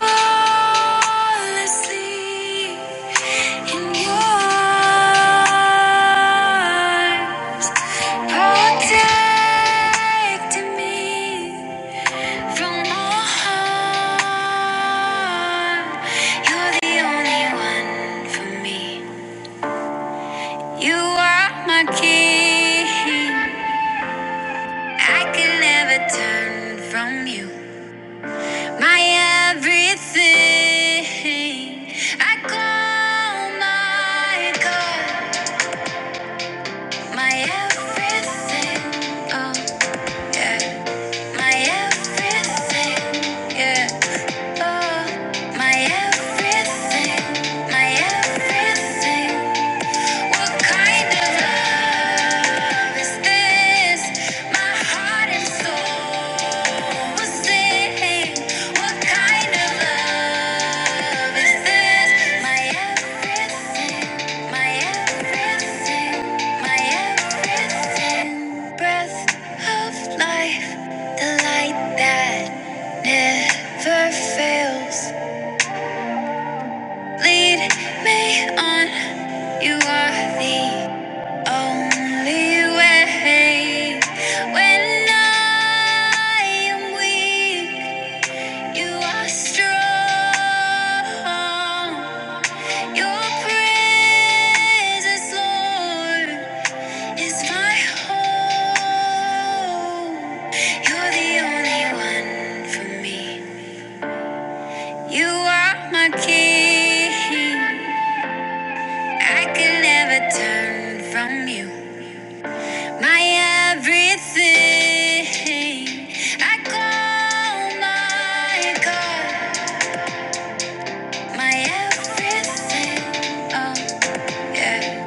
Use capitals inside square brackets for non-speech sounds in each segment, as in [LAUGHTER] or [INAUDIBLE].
Flawlessly in your arms, protecting me from all harm. You're the only one for me. You are my king. I can never turn from you. My everything, I call my God, my everything, oh yeah, my everything, yeah, oh my everything, my everything, what kind of love is this? My heart and soul will sing. What kind of love is this? My everything, my everything, my everything. Breath of life, the light that never fails. Lead me on. You are the. Only way when I am weak, you are strong. Your presence, Lord, is my hope. You're the only one for me. You are my king. I can never turn from you. My everything, I call my God, my everything, oh yeah,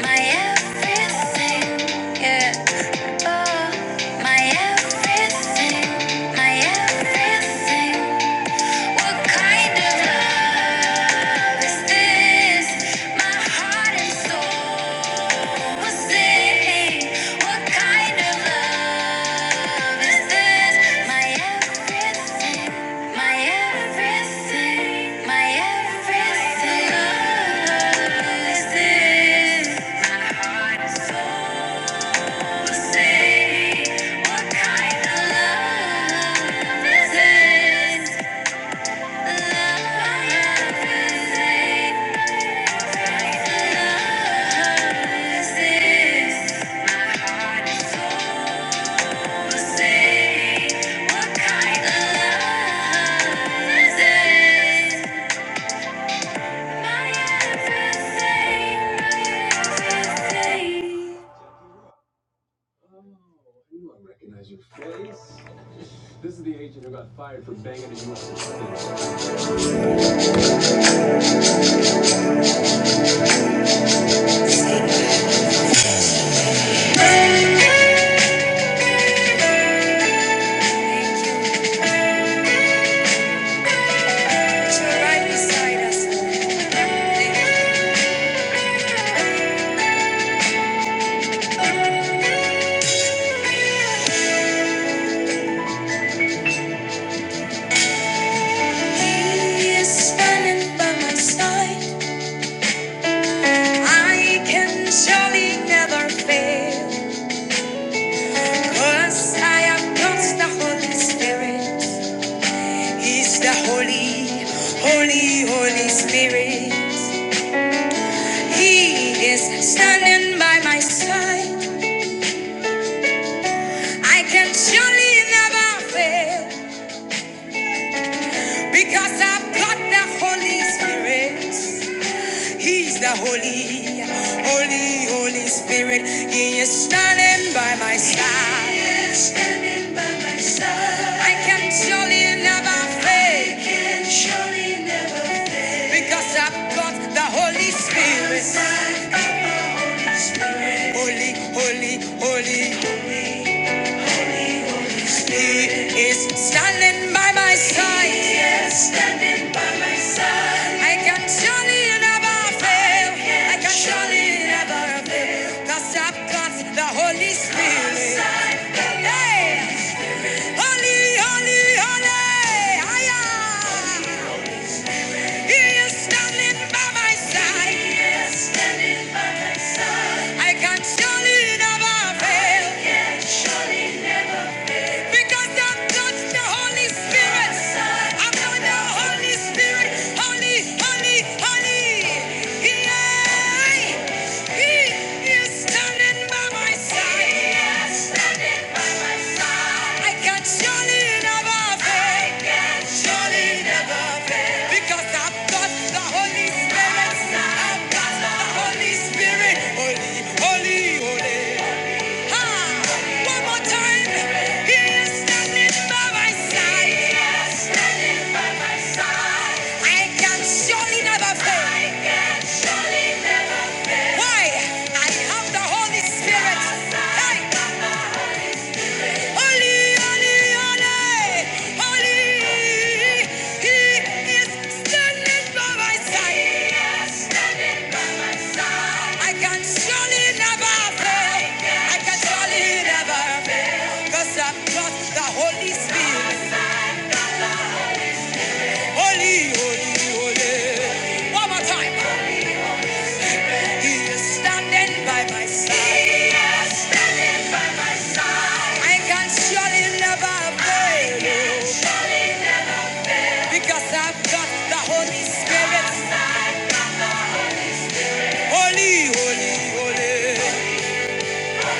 my everything, yeah, oh, my everything, my everything. What kind of love is this? My heart and soul sing. What kind of love is this? My everything, my everything, my everything. Love is this? My heart and soul sing. What kind of love is this? Right beside us. is standing by my side. I can surely never fail. Cause I have lost the Holy Spirit. He's the Holy, Holy, Holy Spirit. He is standing by my side. I can surely never fail. Because I've got the Holy Spirit. He's the Holy, Holy, Holy Spirit. He is standing by my side. He is standing by my side. I can surely never fail. I can surely never fail. Because I've got the Holy Spirit. Holy, holy, holy. is standing by my side. Yes, standing by my side. I can surely never fail. I can surely never fail. Cause I've got the Holy Spirit. Hey! Holy, holy, holy. Hiya! He is standing by my side. Yes, standing by my side. I can surely never fail. Because I've touched the Holy Spirit. I'm not the Holy Spirit. Holy, holy, holy. Yeah. He is standing by my side. He is standing by my side. I can surely never fail. can surely never fail. Because I've got the Holy Spirit. I've got the Holy Spirit. Holy, holy, holy. One more time. He is standing by my side. I can surely never fail. Why? I have the Holy Spirit. Hey! Holy, holy, holy, holy. He is standing by my side. I can surely never fail. I can surely never fail. i I've got the Holy Spirit. Holy, holy, holy. One more time. He is standing by my side. He is standing by my side. I can surely never fail you because I've got the Holy Spirit. Holy, holy, holy. I am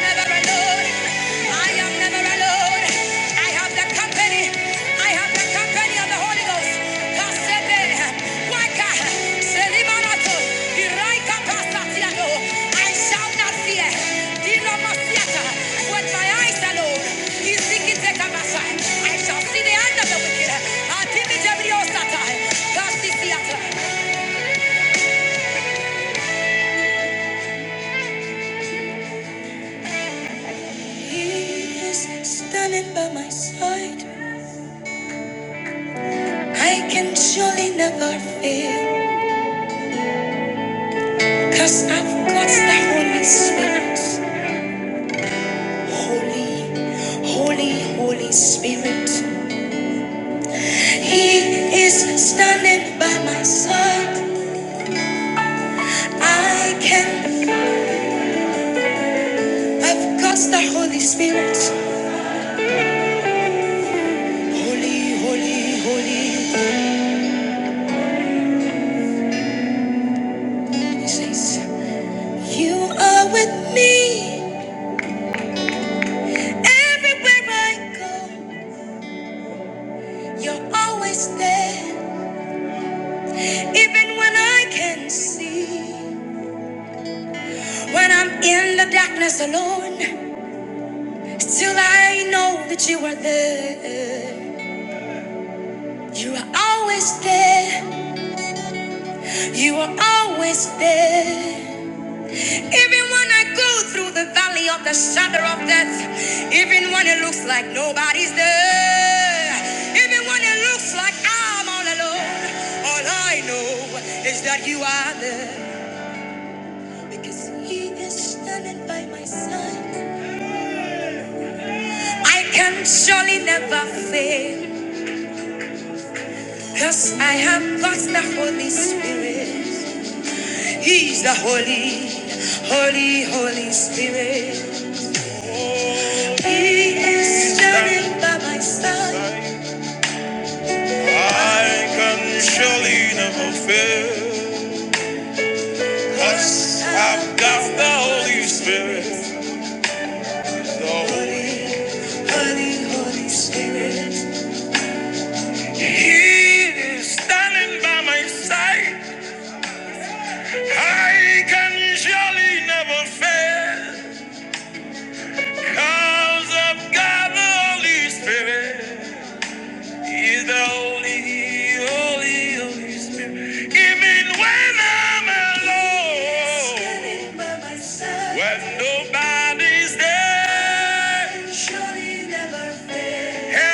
never alone. I am never alone. I have the company. I have the company of the Holy Ghost. I shall not fear. Dinomasiata, my eyes alone. I shall see the end of the wicked. He is Standing by my side, I can surely never fail, i I've got that Holy Spirit. Holy, holy, holy spirit. He is standing by my side. I can, I've got the Holy Spirit. Holy, holy, holy. He says, You are with me everywhere I go. You're always there, even when I can see. When I'm in the darkness alone, still I know that you are there. You are always there. You are always there. Even when I go through the valley of the shadow of death, even when it looks like nobody's there, even when it looks like I'm all alone, all I know is that you are there. Because He is standing by my side. I can surely never fail. Cause I have got the Holy Spirit. He's the Holy, Holy, Holy Spirit. He is standing by my side. I can surely never fail. Cause I've got the Holy Spirit. The Holy, Holy, Holy Spirit. He is standing by my side. I can surely never fail. Cause I've got the Holy Spirit. He's the Holy, Holy, Holy Spirit. Even when I'm alone, when nobody's there,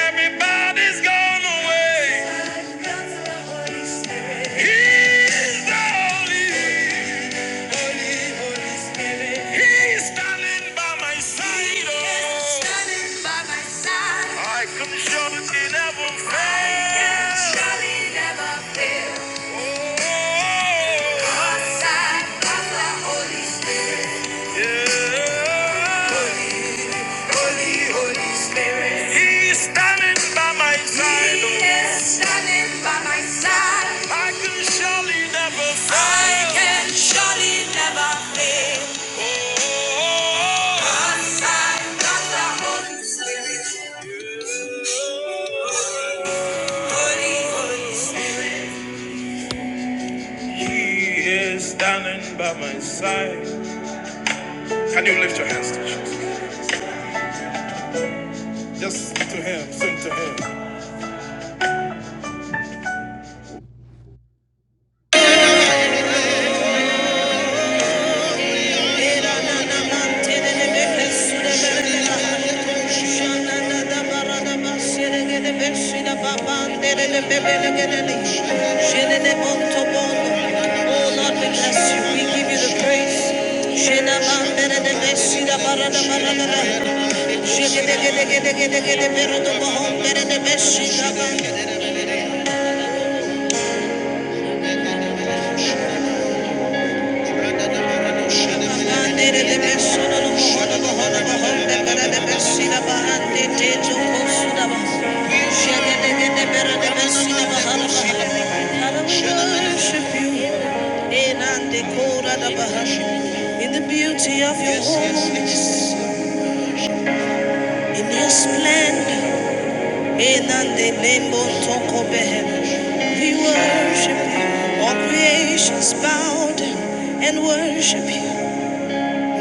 everybody's gone away. He's the Holy. He's standing by my side. Oh. He's standing by my side. I can surely never fail. surely never fail. Oh. Outside of the Holy Spirit. Yeah. Holy, Holy Spirit. He is standing by my side. He is standing by my side. I can surely never fail. I can surely never fail. Oh, oh, oh. Cause I got the Holy Spirit. Holy, Holy Spirit. He is standing by my side. Can you lift your hands to Jesus? Just to him, sing to him. Oh Lord, we bless you. We give you the praise. Shena In the beauty of your holiness, in your splendor, in the name of Tokobehem, we worship you. All creations bow down and worship you.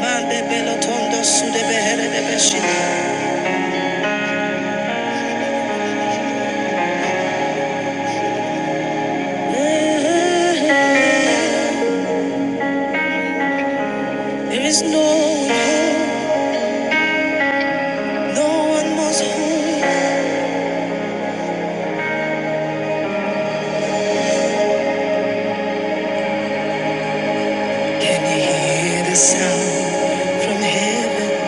Mande belotondo sude behere de beshina. There is no one home, no one was home. Can you hear the sound from heaven?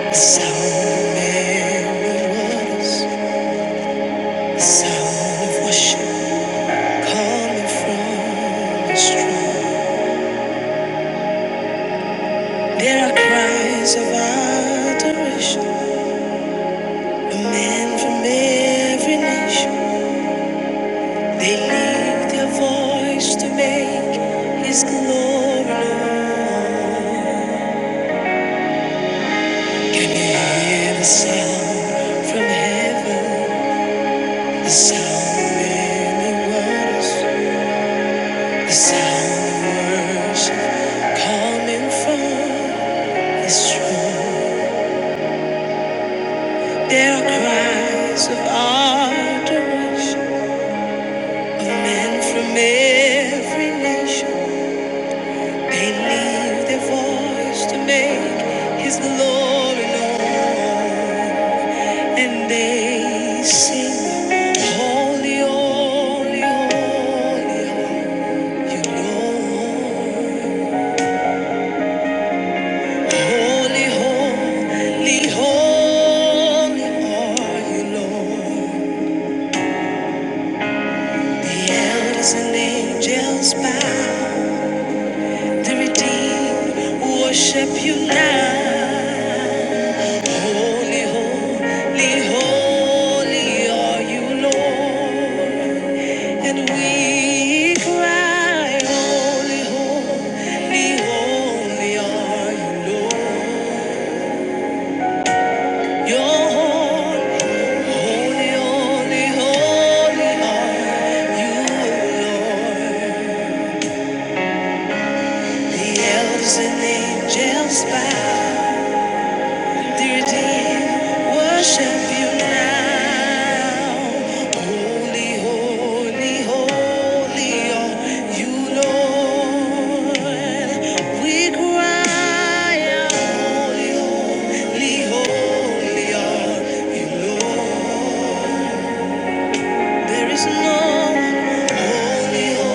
The sound of many waters, the sound of worship coming from the strong. There are cries of adoration, of men from every nation. They lift their voice to make His glory known. Can you hear the sound from heaven? The sound of many waters, the sound of worship coming from His throne. There are cries of adoration of men from every nation. They leave their voice to make His glory known, and they sing, Holy, holy, holy, you Lord. Holy, holy, holy are you, Lord. The elders and angels bow, the redeemed worship you now. Holy, holy, holy are you, Lord. And we cry, holy, holy, holy are you, Lord. You're holy, holy, holy, are you, Lord. The elders and angels bow. Dear dear, worship you now. Holy, holy, holy are you, Lord. We cry holy, holy, holy are you, Lord. There is no holy, holy.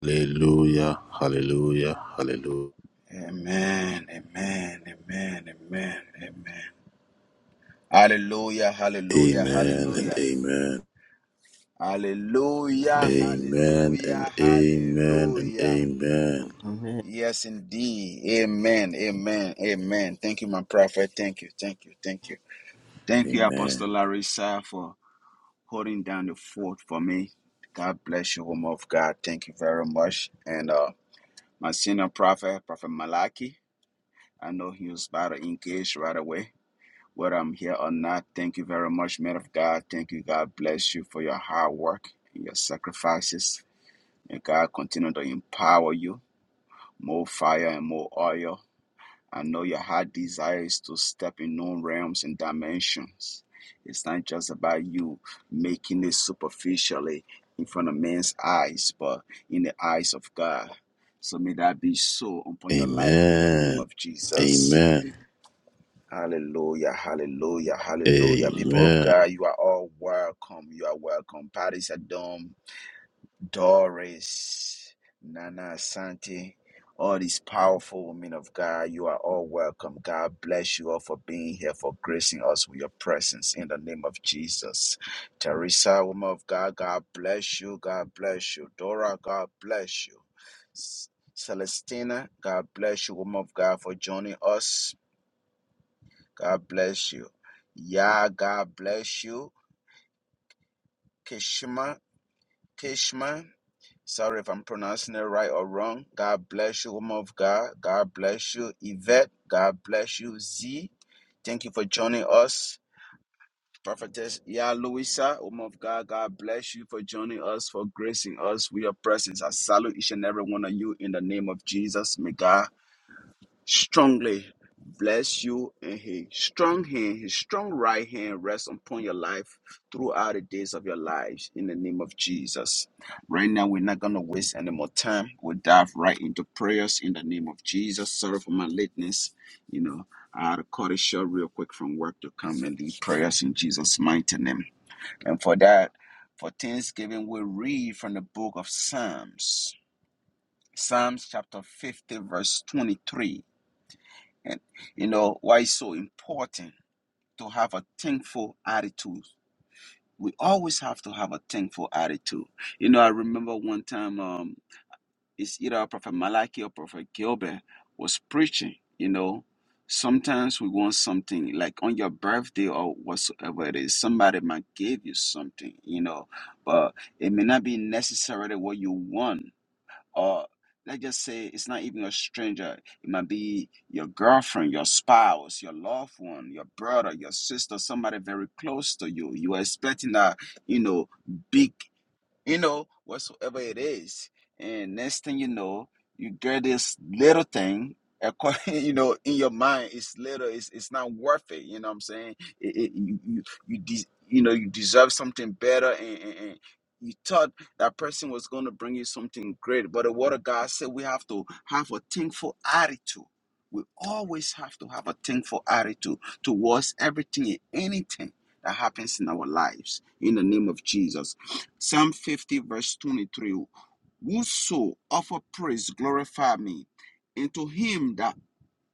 Hallelujah, hallelujah, hallelujah. Amen. Amen. Amen. Amen. Amen. Hallelujah. Hallelujah. Amen and Hallelujah. amen. Hallelujah. Amen. Amen and Hallelujah. amen and Hallelujah. amen. Amen. Yes, indeed. Amen. Amen. Amen. Thank you, my prophet. Thank you. Thank you. Thank you. Thank you, Amen. Apostle Larissa, for holding down the fort for me. God bless you, woman of God. Thank you very much. And uh, my senior prophet, Prophet Malaki, I know he was about to engage right away. whether I'm here or not. Thank you very much, man of God. Thank you. God bless you for your hard work and your sacrifices. May God continue to empower you, more fire and more oil. I know your heart desire is to step in new realms and dimensions. It's not just about you making it superficially in front of men's eyes, but in the eyes of God. So may that be so upon your life in the name Amen. of Jesus. Amen. Hallelujah, hallelujah, hallelujah. People of Amen. God, you are all welcome. You are welcome. Paris Adom, Doris, Nana Santi, all these powerful women of God, you are all welcome. God bless you all for being here, for gracing us with your presence in the name of Jesus. Teresa, woman of God, God bless you. God bless you. Dora, God bless you. S- Celestina, God bless you, woman of God, for joining us. God bless you. Yeah, God bless you. Kishma, Kishma. Sorry if I'm pronouncing it right or wrong. God bless you, woman of God. God bless you, Yvette. God bless you, Z. Thank you for joining us. Prophetess Ya Louisa, woman of God, God bless you for joining us, for gracing us with your presence. I salute each and every one of you in the name of Jesus. May God strongly bless you and his strong hand his strong right hand rests upon your life throughout the days of your lives in the name of jesus right now we're not going to waste any more time we'll dive right into prayers in the name of jesus sorry for my lateness you know i had to cut it short real quick from work to come and lead prayers in jesus mighty name and for that for thanksgiving we'll read from the book of psalms psalms chapter 50 verse 23 and you know why it's so important to have a thankful attitude. We always have to have a thankful attitude. You know, I remember one time um it's either Prophet Malachi or Prophet Gilbert was preaching, you know. Sometimes we want something like on your birthday or whatsoever it is, somebody might give you something, you know, but it may not be necessarily what you want or let's just say it's not even a stranger. It might be your girlfriend, your spouse, your loved one, your brother, your sister, somebody very close to you. You are expecting a you know big you know, whatsoever it is. And next thing you know, you get this little thing, acqui- [LAUGHS] you know, in your mind, it's little, it's, it's not worth it. You know what I'm saying? It, it, you, you, you, de- you know, you deserve something better and, and, and you thought that person was going to bring you something great. But the word of God said we have to have a thankful attitude. We always have to have a thankful attitude towards everything and anything that happens in our lives in the name of Jesus. Psalm 50, verse 23. Whoso offer praise glorify me, and to him that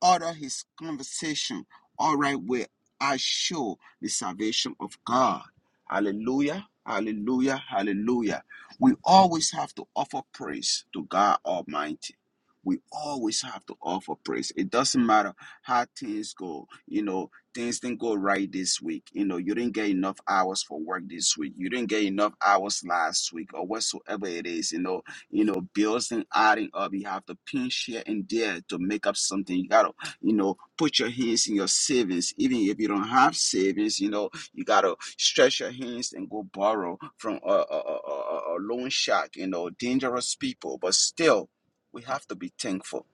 order his conversation all right where I show the salvation of God. Hallelujah. Hallelujah. Hallelujah. We always have to offer praise to God Almighty. We always have to offer praise. It doesn't matter how things go. You know, things didn't go right this week. You know, you didn't get enough hours for work this week. You didn't get enough hours last week or whatsoever it is. You know, you know, bills and adding up. You have to pinch here and there to make up something. You gotta you know, put your hands in your savings. Even if you don't have savings, you know, you gotta stretch your hands and go borrow from a, a, a, a a loan shark. You know, dangerous people. But still, we have to be thankful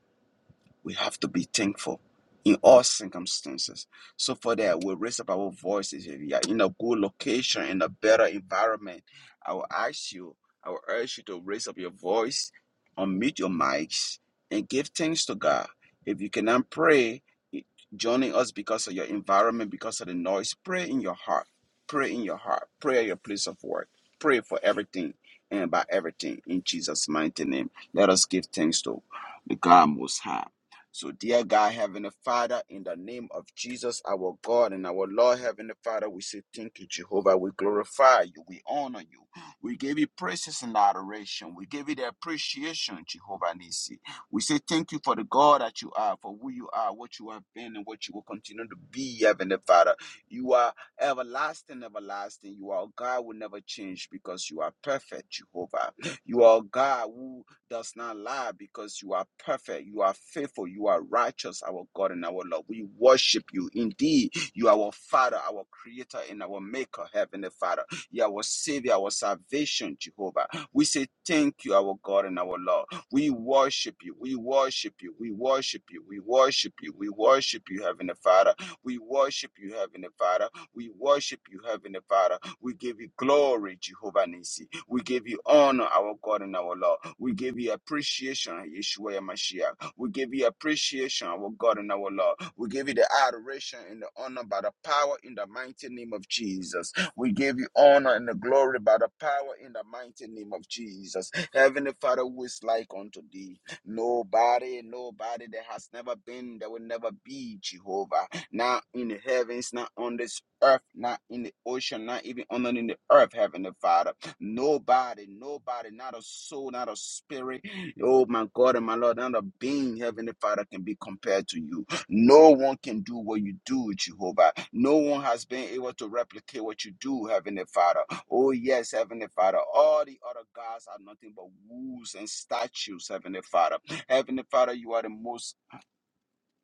we have to be thankful in all circumstances. So for that, we raise up our voices. If you are in a good location, in a better environment, I will ask you, I will urge you to raise up your voice, unmute your mics, and give thanks to God. If you cannot pray, joining us because of your environment, because of the noise, pray in your heart. Pray in your heart. Pray at your place of work. Pray for everything and about everything in Jesus' mighty name. Let us give thanks to the God Most High. So, dear God, Heavenly Father, in the name of Jesus, our God and our Lord, Heavenly Father, we say thank you, Jehovah. We glorify you. We honor you. We give you praises and adoration. We give you the appreciation, Jehovah Nisi. We say thank you for the God that you are, for who you are, what you have been, and what you will continue to be, Heavenly Father. You are everlasting, everlasting. You are a God who never change because you are perfect, Jehovah. You are a God who does not lie because you are perfect, you are faithful, you are righteous, our God and our Lord. We worship you. Indeed, you are our Father, our Creator, and our Maker, Heavenly Father. You are our Savior, our salvation, Jehovah. We say thank you, our God and our Lord. We worship you, we worship you, we worship you, we worship you, we worship you, Heavenly Father. We worship you, Heavenly Father. We worship you, Heavenly Father. We give you glory, Jehovah Nisi. We give you honor, our God and our Lord. We give you appreciation, Yeshua Mashiach. We give you appreciation, our God and our Lord. We give you the adoration and the honor by the power in the mighty name of Jesus. We give you honor and the glory by the power in the mighty name of Jesus. Heavenly Father, who is like unto thee? Nobody, nobody that has never been, that will never be Jehovah. Not in the heavens, not on this earth, not in the ocean, not even on in the earth, Heavenly Father. Nobody, nobody, not a soul, not a spirit. Oh my God and my Lord, not a being, Heavenly Father, can be compared to you. No one can do what you do, Jehovah. No one has been able to replicate what you do, Heavenly Father. Oh, yes, Heavenly Father. All the other gods are nothing but wolves and statues, Heavenly Father. Heavenly Father, you are the most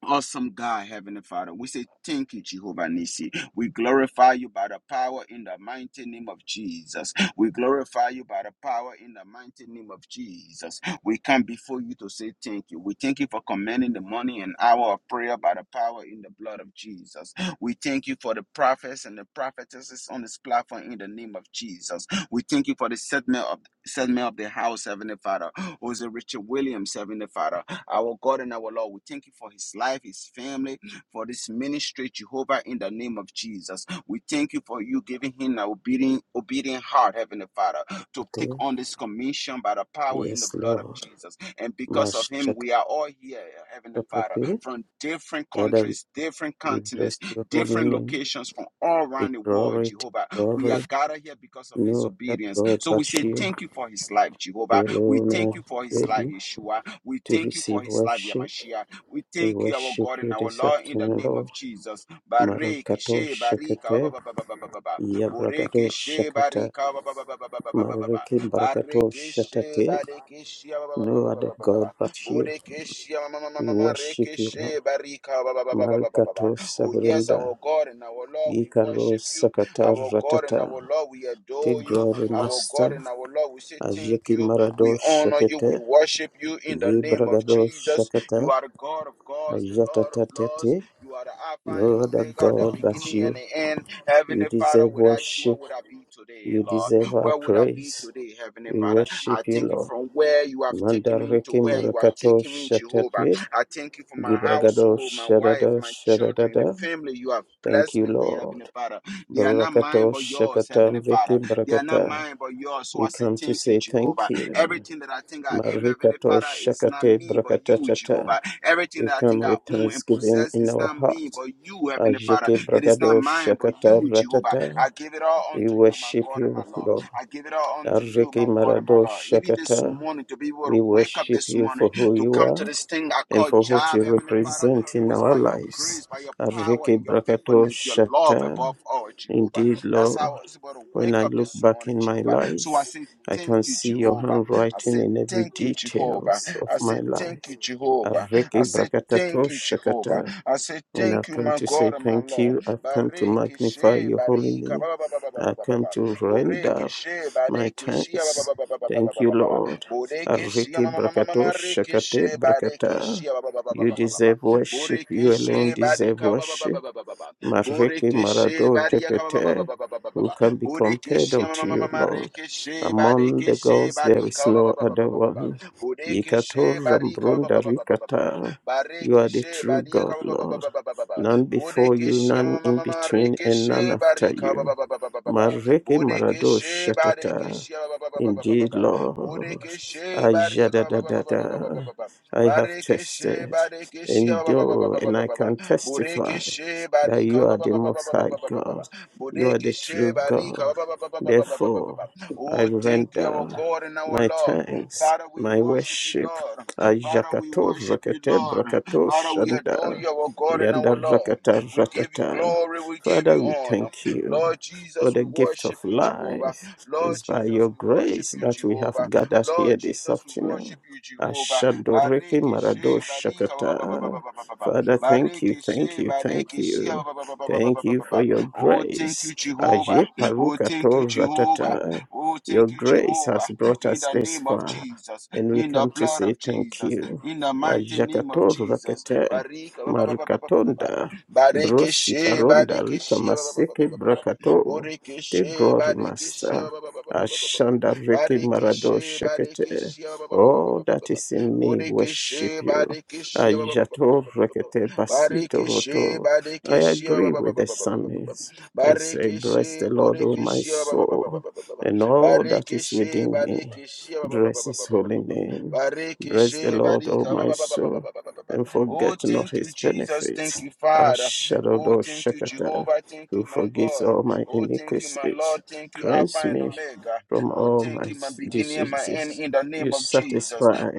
Awesome God, Heavenly Father, we say thank you, Jehovah Nissi. We glorify you by the power in the mighty name of Jesus. We glorify you by the power in the mighty name of Jesus. We come before you to say thank you. We thank you for commanding the morning and hour of prayer by the power in the blood of Jesus. We thank you for the prophets and the prophetesses on this platform in the name of Jesus. We thank you for the settlement of settlement of the house, Heavenly Father. Jose Richard Williams, Heavenly Father. Our God and our Lord, we thank you for his life, his family, for this ministry, Jehovah, in the name of Jesus. We thank you for you giving him an obedient, obedient heart, Heavenly Father, to take Okay. on this commission by the power in the Yes, blood of Lord. Jesus. And because of him, Mashakapapi. we are all here, Heavenly Father, from different Father, countries, different we bless continents, your holy different name. locations from all The around the world, glory, the Jehovah. We are glory. gathered here because of his No other obedience. God So we but say you. thank you for his life, You Jehovah. We alone thank are you for his life, ready Yeshua. We to thank you for receive his life, worship. Yamashia. We We thank you, our worship God and you our this Lord, in the afternoon, name Lord. of Jesus. Bareke Marakato she barika ba Shakate. ba ba ba ba ba ba ba. Boreke Yabrakato she Shakata. barika ba ba ba ba ba ba ba ba ba ba Mariki ba. Barakato Bareke she Shatate. bareke she ba ba ba No ba ba ba ba other ba ba ba. God but you. Boreke she ma ma ma ma We ma ma worship reke you, Lord. she barika ba ba ba ba ba ba ba ba ba. Marikato Oh yes, Sabrunda. our God and our Lord, we Ikaro worship you. Sakata Our God and our Ratata. Lord, we Take adore you. glory, Our Master. God and our Lord, we say thank Ajeki you. We Marado honor you. We Shakete. worship you in the name of Yibragado Jesus. You Shakata. are the God of gods, the Lord of lords. Ajatatatete. You are the Alpha No and other Omega, the God but beginning and you. the end. You Heavenly Father, deserve without you, where worship. would I be today, You Lord? deserve our Where would I be praise. today, Heavenly We Father? I worship you, thank you Lord. from where you have taken me to Mandareke where you are Marakato taking me, Jehovah. Shatete. I thank you for my Gibragado household, my wife, Shadada my children, the Shadada. family you have Thank blessed you, me with, Heavenly Lord. Father. They are not mine Barakato but yours, Shakata Heavenly Father. Reke They are not Barakata. mine, but yours. So We I say, come to Thank you, say thank Jehovah. you. Everything that I think I am, Heavenly Marikato Father, is not Shakate me, but you, Brakatatata. Jehovah. Everything We that I think come I with own and thanksgiving possess in is our not heart. me, but you, Heavenly Father. Ajiki It is not Bragado mine, but Shakata you, Jehovah. I Ratata. give it all We unto you, my worship God and you, my Lord. Lord. I give it all unto you, Ariki my God and my Marado Lord. Even this Shakata. morning, to be able We to wake up worship this you for morning, who to you come to are this thing I and call for what you job, Heavenly Father, represent it in was our by your lives. grace, by your power, Ariki and your Brakato faithfulness, your love Shata. above all, Jehovah. Indeed, That's how I Lord. was able to When wake I up look this back morning, in my Jehovah. So I life, say, I Thank can you, see your Jehovah. I handwriting say, in every Thank you, Jehovah. details of I my say, Thank life. you, Jehovah. I Areke say, Thank brakatato you, Jehovah. shakata. I say, And Thank I've you, come my to say God and my thank Lord. you. I've come to Bareke magnify she your holy barika name. ba ba ba ba ba ba I've ba ba come to ba. Boreke render she my bareke she ba ba thanks. ba ba ba ba ba ba Thank ba you, ba ba ba. Lord. Boreke she ma Areke ma ma ma ma brakato ma reke shakate she bareke brakata. she ba ba ba ba ba You ba ba ba ba. deserve worship. Boreke You alone she deserve barika ba ba ba worship. ba ba ba ba ba. Mareki Borekeshe Marado Barika baba baba Shekete, baba baba. ba- ba- ba- ba- ba- who ba. can be compared Borekeshe ma- ma- unto ma- ma- you, ma- Lord? Rekeshe Among the Barekeshe gods there Barika is baba no baba baba other baba ba- ba- ba- ba. one. Yikator Borekeshe Barika baba Rambrunda baba baba. ba- ba- ba- ba- ba- ba. Rikata, you are the Barekeshe true Barika God, baba baba Lord. baba baba ba- ba- ba- ba. None before you, Borekeshe none ma- ma- in ma- ma- ma- between, and none Rekeshe after Barika baba you. baba baba baba ba- ba- ba- ba. Mareki Marado Borekeshe Shatata. Barekeshe baba baba baba baba ba- ba- Indeed, Lord, Borekeshe Barika ba- ba- ba- ba- ba- Ajadadadada, I have Barekeshe tested, Barekeshe ba- ba- ba- ba- endure, ba- and I can testify Borekeshe that you barika ba- are ba- the ba- ba- ba- Most ba- ba- High ba- ba- ba- ba- ba. God, you are the Borekeshe true barika God. ba- ba- ba- ba- ba- ba- ba- ba- ba- ba- Therefore, ba. I Oh, thank you, our render God and our my Lord. thanks, Father, we my worship you, worship. Lord. Father, we Ayakato worship you, rakete Lord. brakato Father, we adore shanda you, our God and yanda our Lord. rakata We give you ratata. glory, we give Father, you we honor. thank you Lord for Jesus, the we gift worship of you, Jehovah. life. Lord It's by Jesus, your we worship grace you, that we have Jehovah. gathered here Lord this Jesus, we afternoon. worship you, Jehovah. Ashadoreke Barikishe, marado barika, ba ba ba ba ba shakata. ba ba ba ba. Father, thank you, Bareke thank she, you, thank ah, you. ba, ba, ba, ba, ba, ba, ba, Thank ba, you ba, for ba. your Oh, thank grace. you, Jehovah. Aje Oh, paruka thank you, to Jehovah. ratata. Oh, Your thank you, grace Jehovah. has brought In us the this name of far, Jesus, and we in the come to blood say of thank Jesus, you. in the mighty name of Ajakato Jesus. rakete, Barika, ba, ba, ba, ba, ba, ba, ba, ba, ba. marukatonda, Bareke she, brosifaronda faronda, bareke rika she, ah, ba, ba, ba, maseke ba, ba, brakato. Take Borekeshe, glory, barekeshe, Master. ba, ba, ba. Ashanda reke Boreke marado she, bareke shekete. she, ah, ba, ba, Barekeshe, barekeshe, ba, ba, ba, ba, All ba, ba, that ba. is in me Bareke worship she, you. bareke she, ah, ba, ba, ba, ba, ba, Ajato ba, ba, ba, ba. rekete basito Barikishi, roto. I Barikishi, agree with the psalmist. I say, Bless Barikishi, the Lord, O my Borikishi, soul, and all that is Barikishi, within me. Barikishi, Bless his holy name. Bless the Barikishi, Lord, O Barika. my soul, and Oh, forget not thank you, his Jesus. Thank benefits. you, Father. Oh, Ashadodo thank you, Shakata, Jehovah. Thank you, who my forgives God. all my Oh, thank you, my iniquities, Lord. Thank you, cleanse Alpha and me Omega. from Oh, all thank my you, my beginning and my end diseases. in the You name of Jesus. satisfy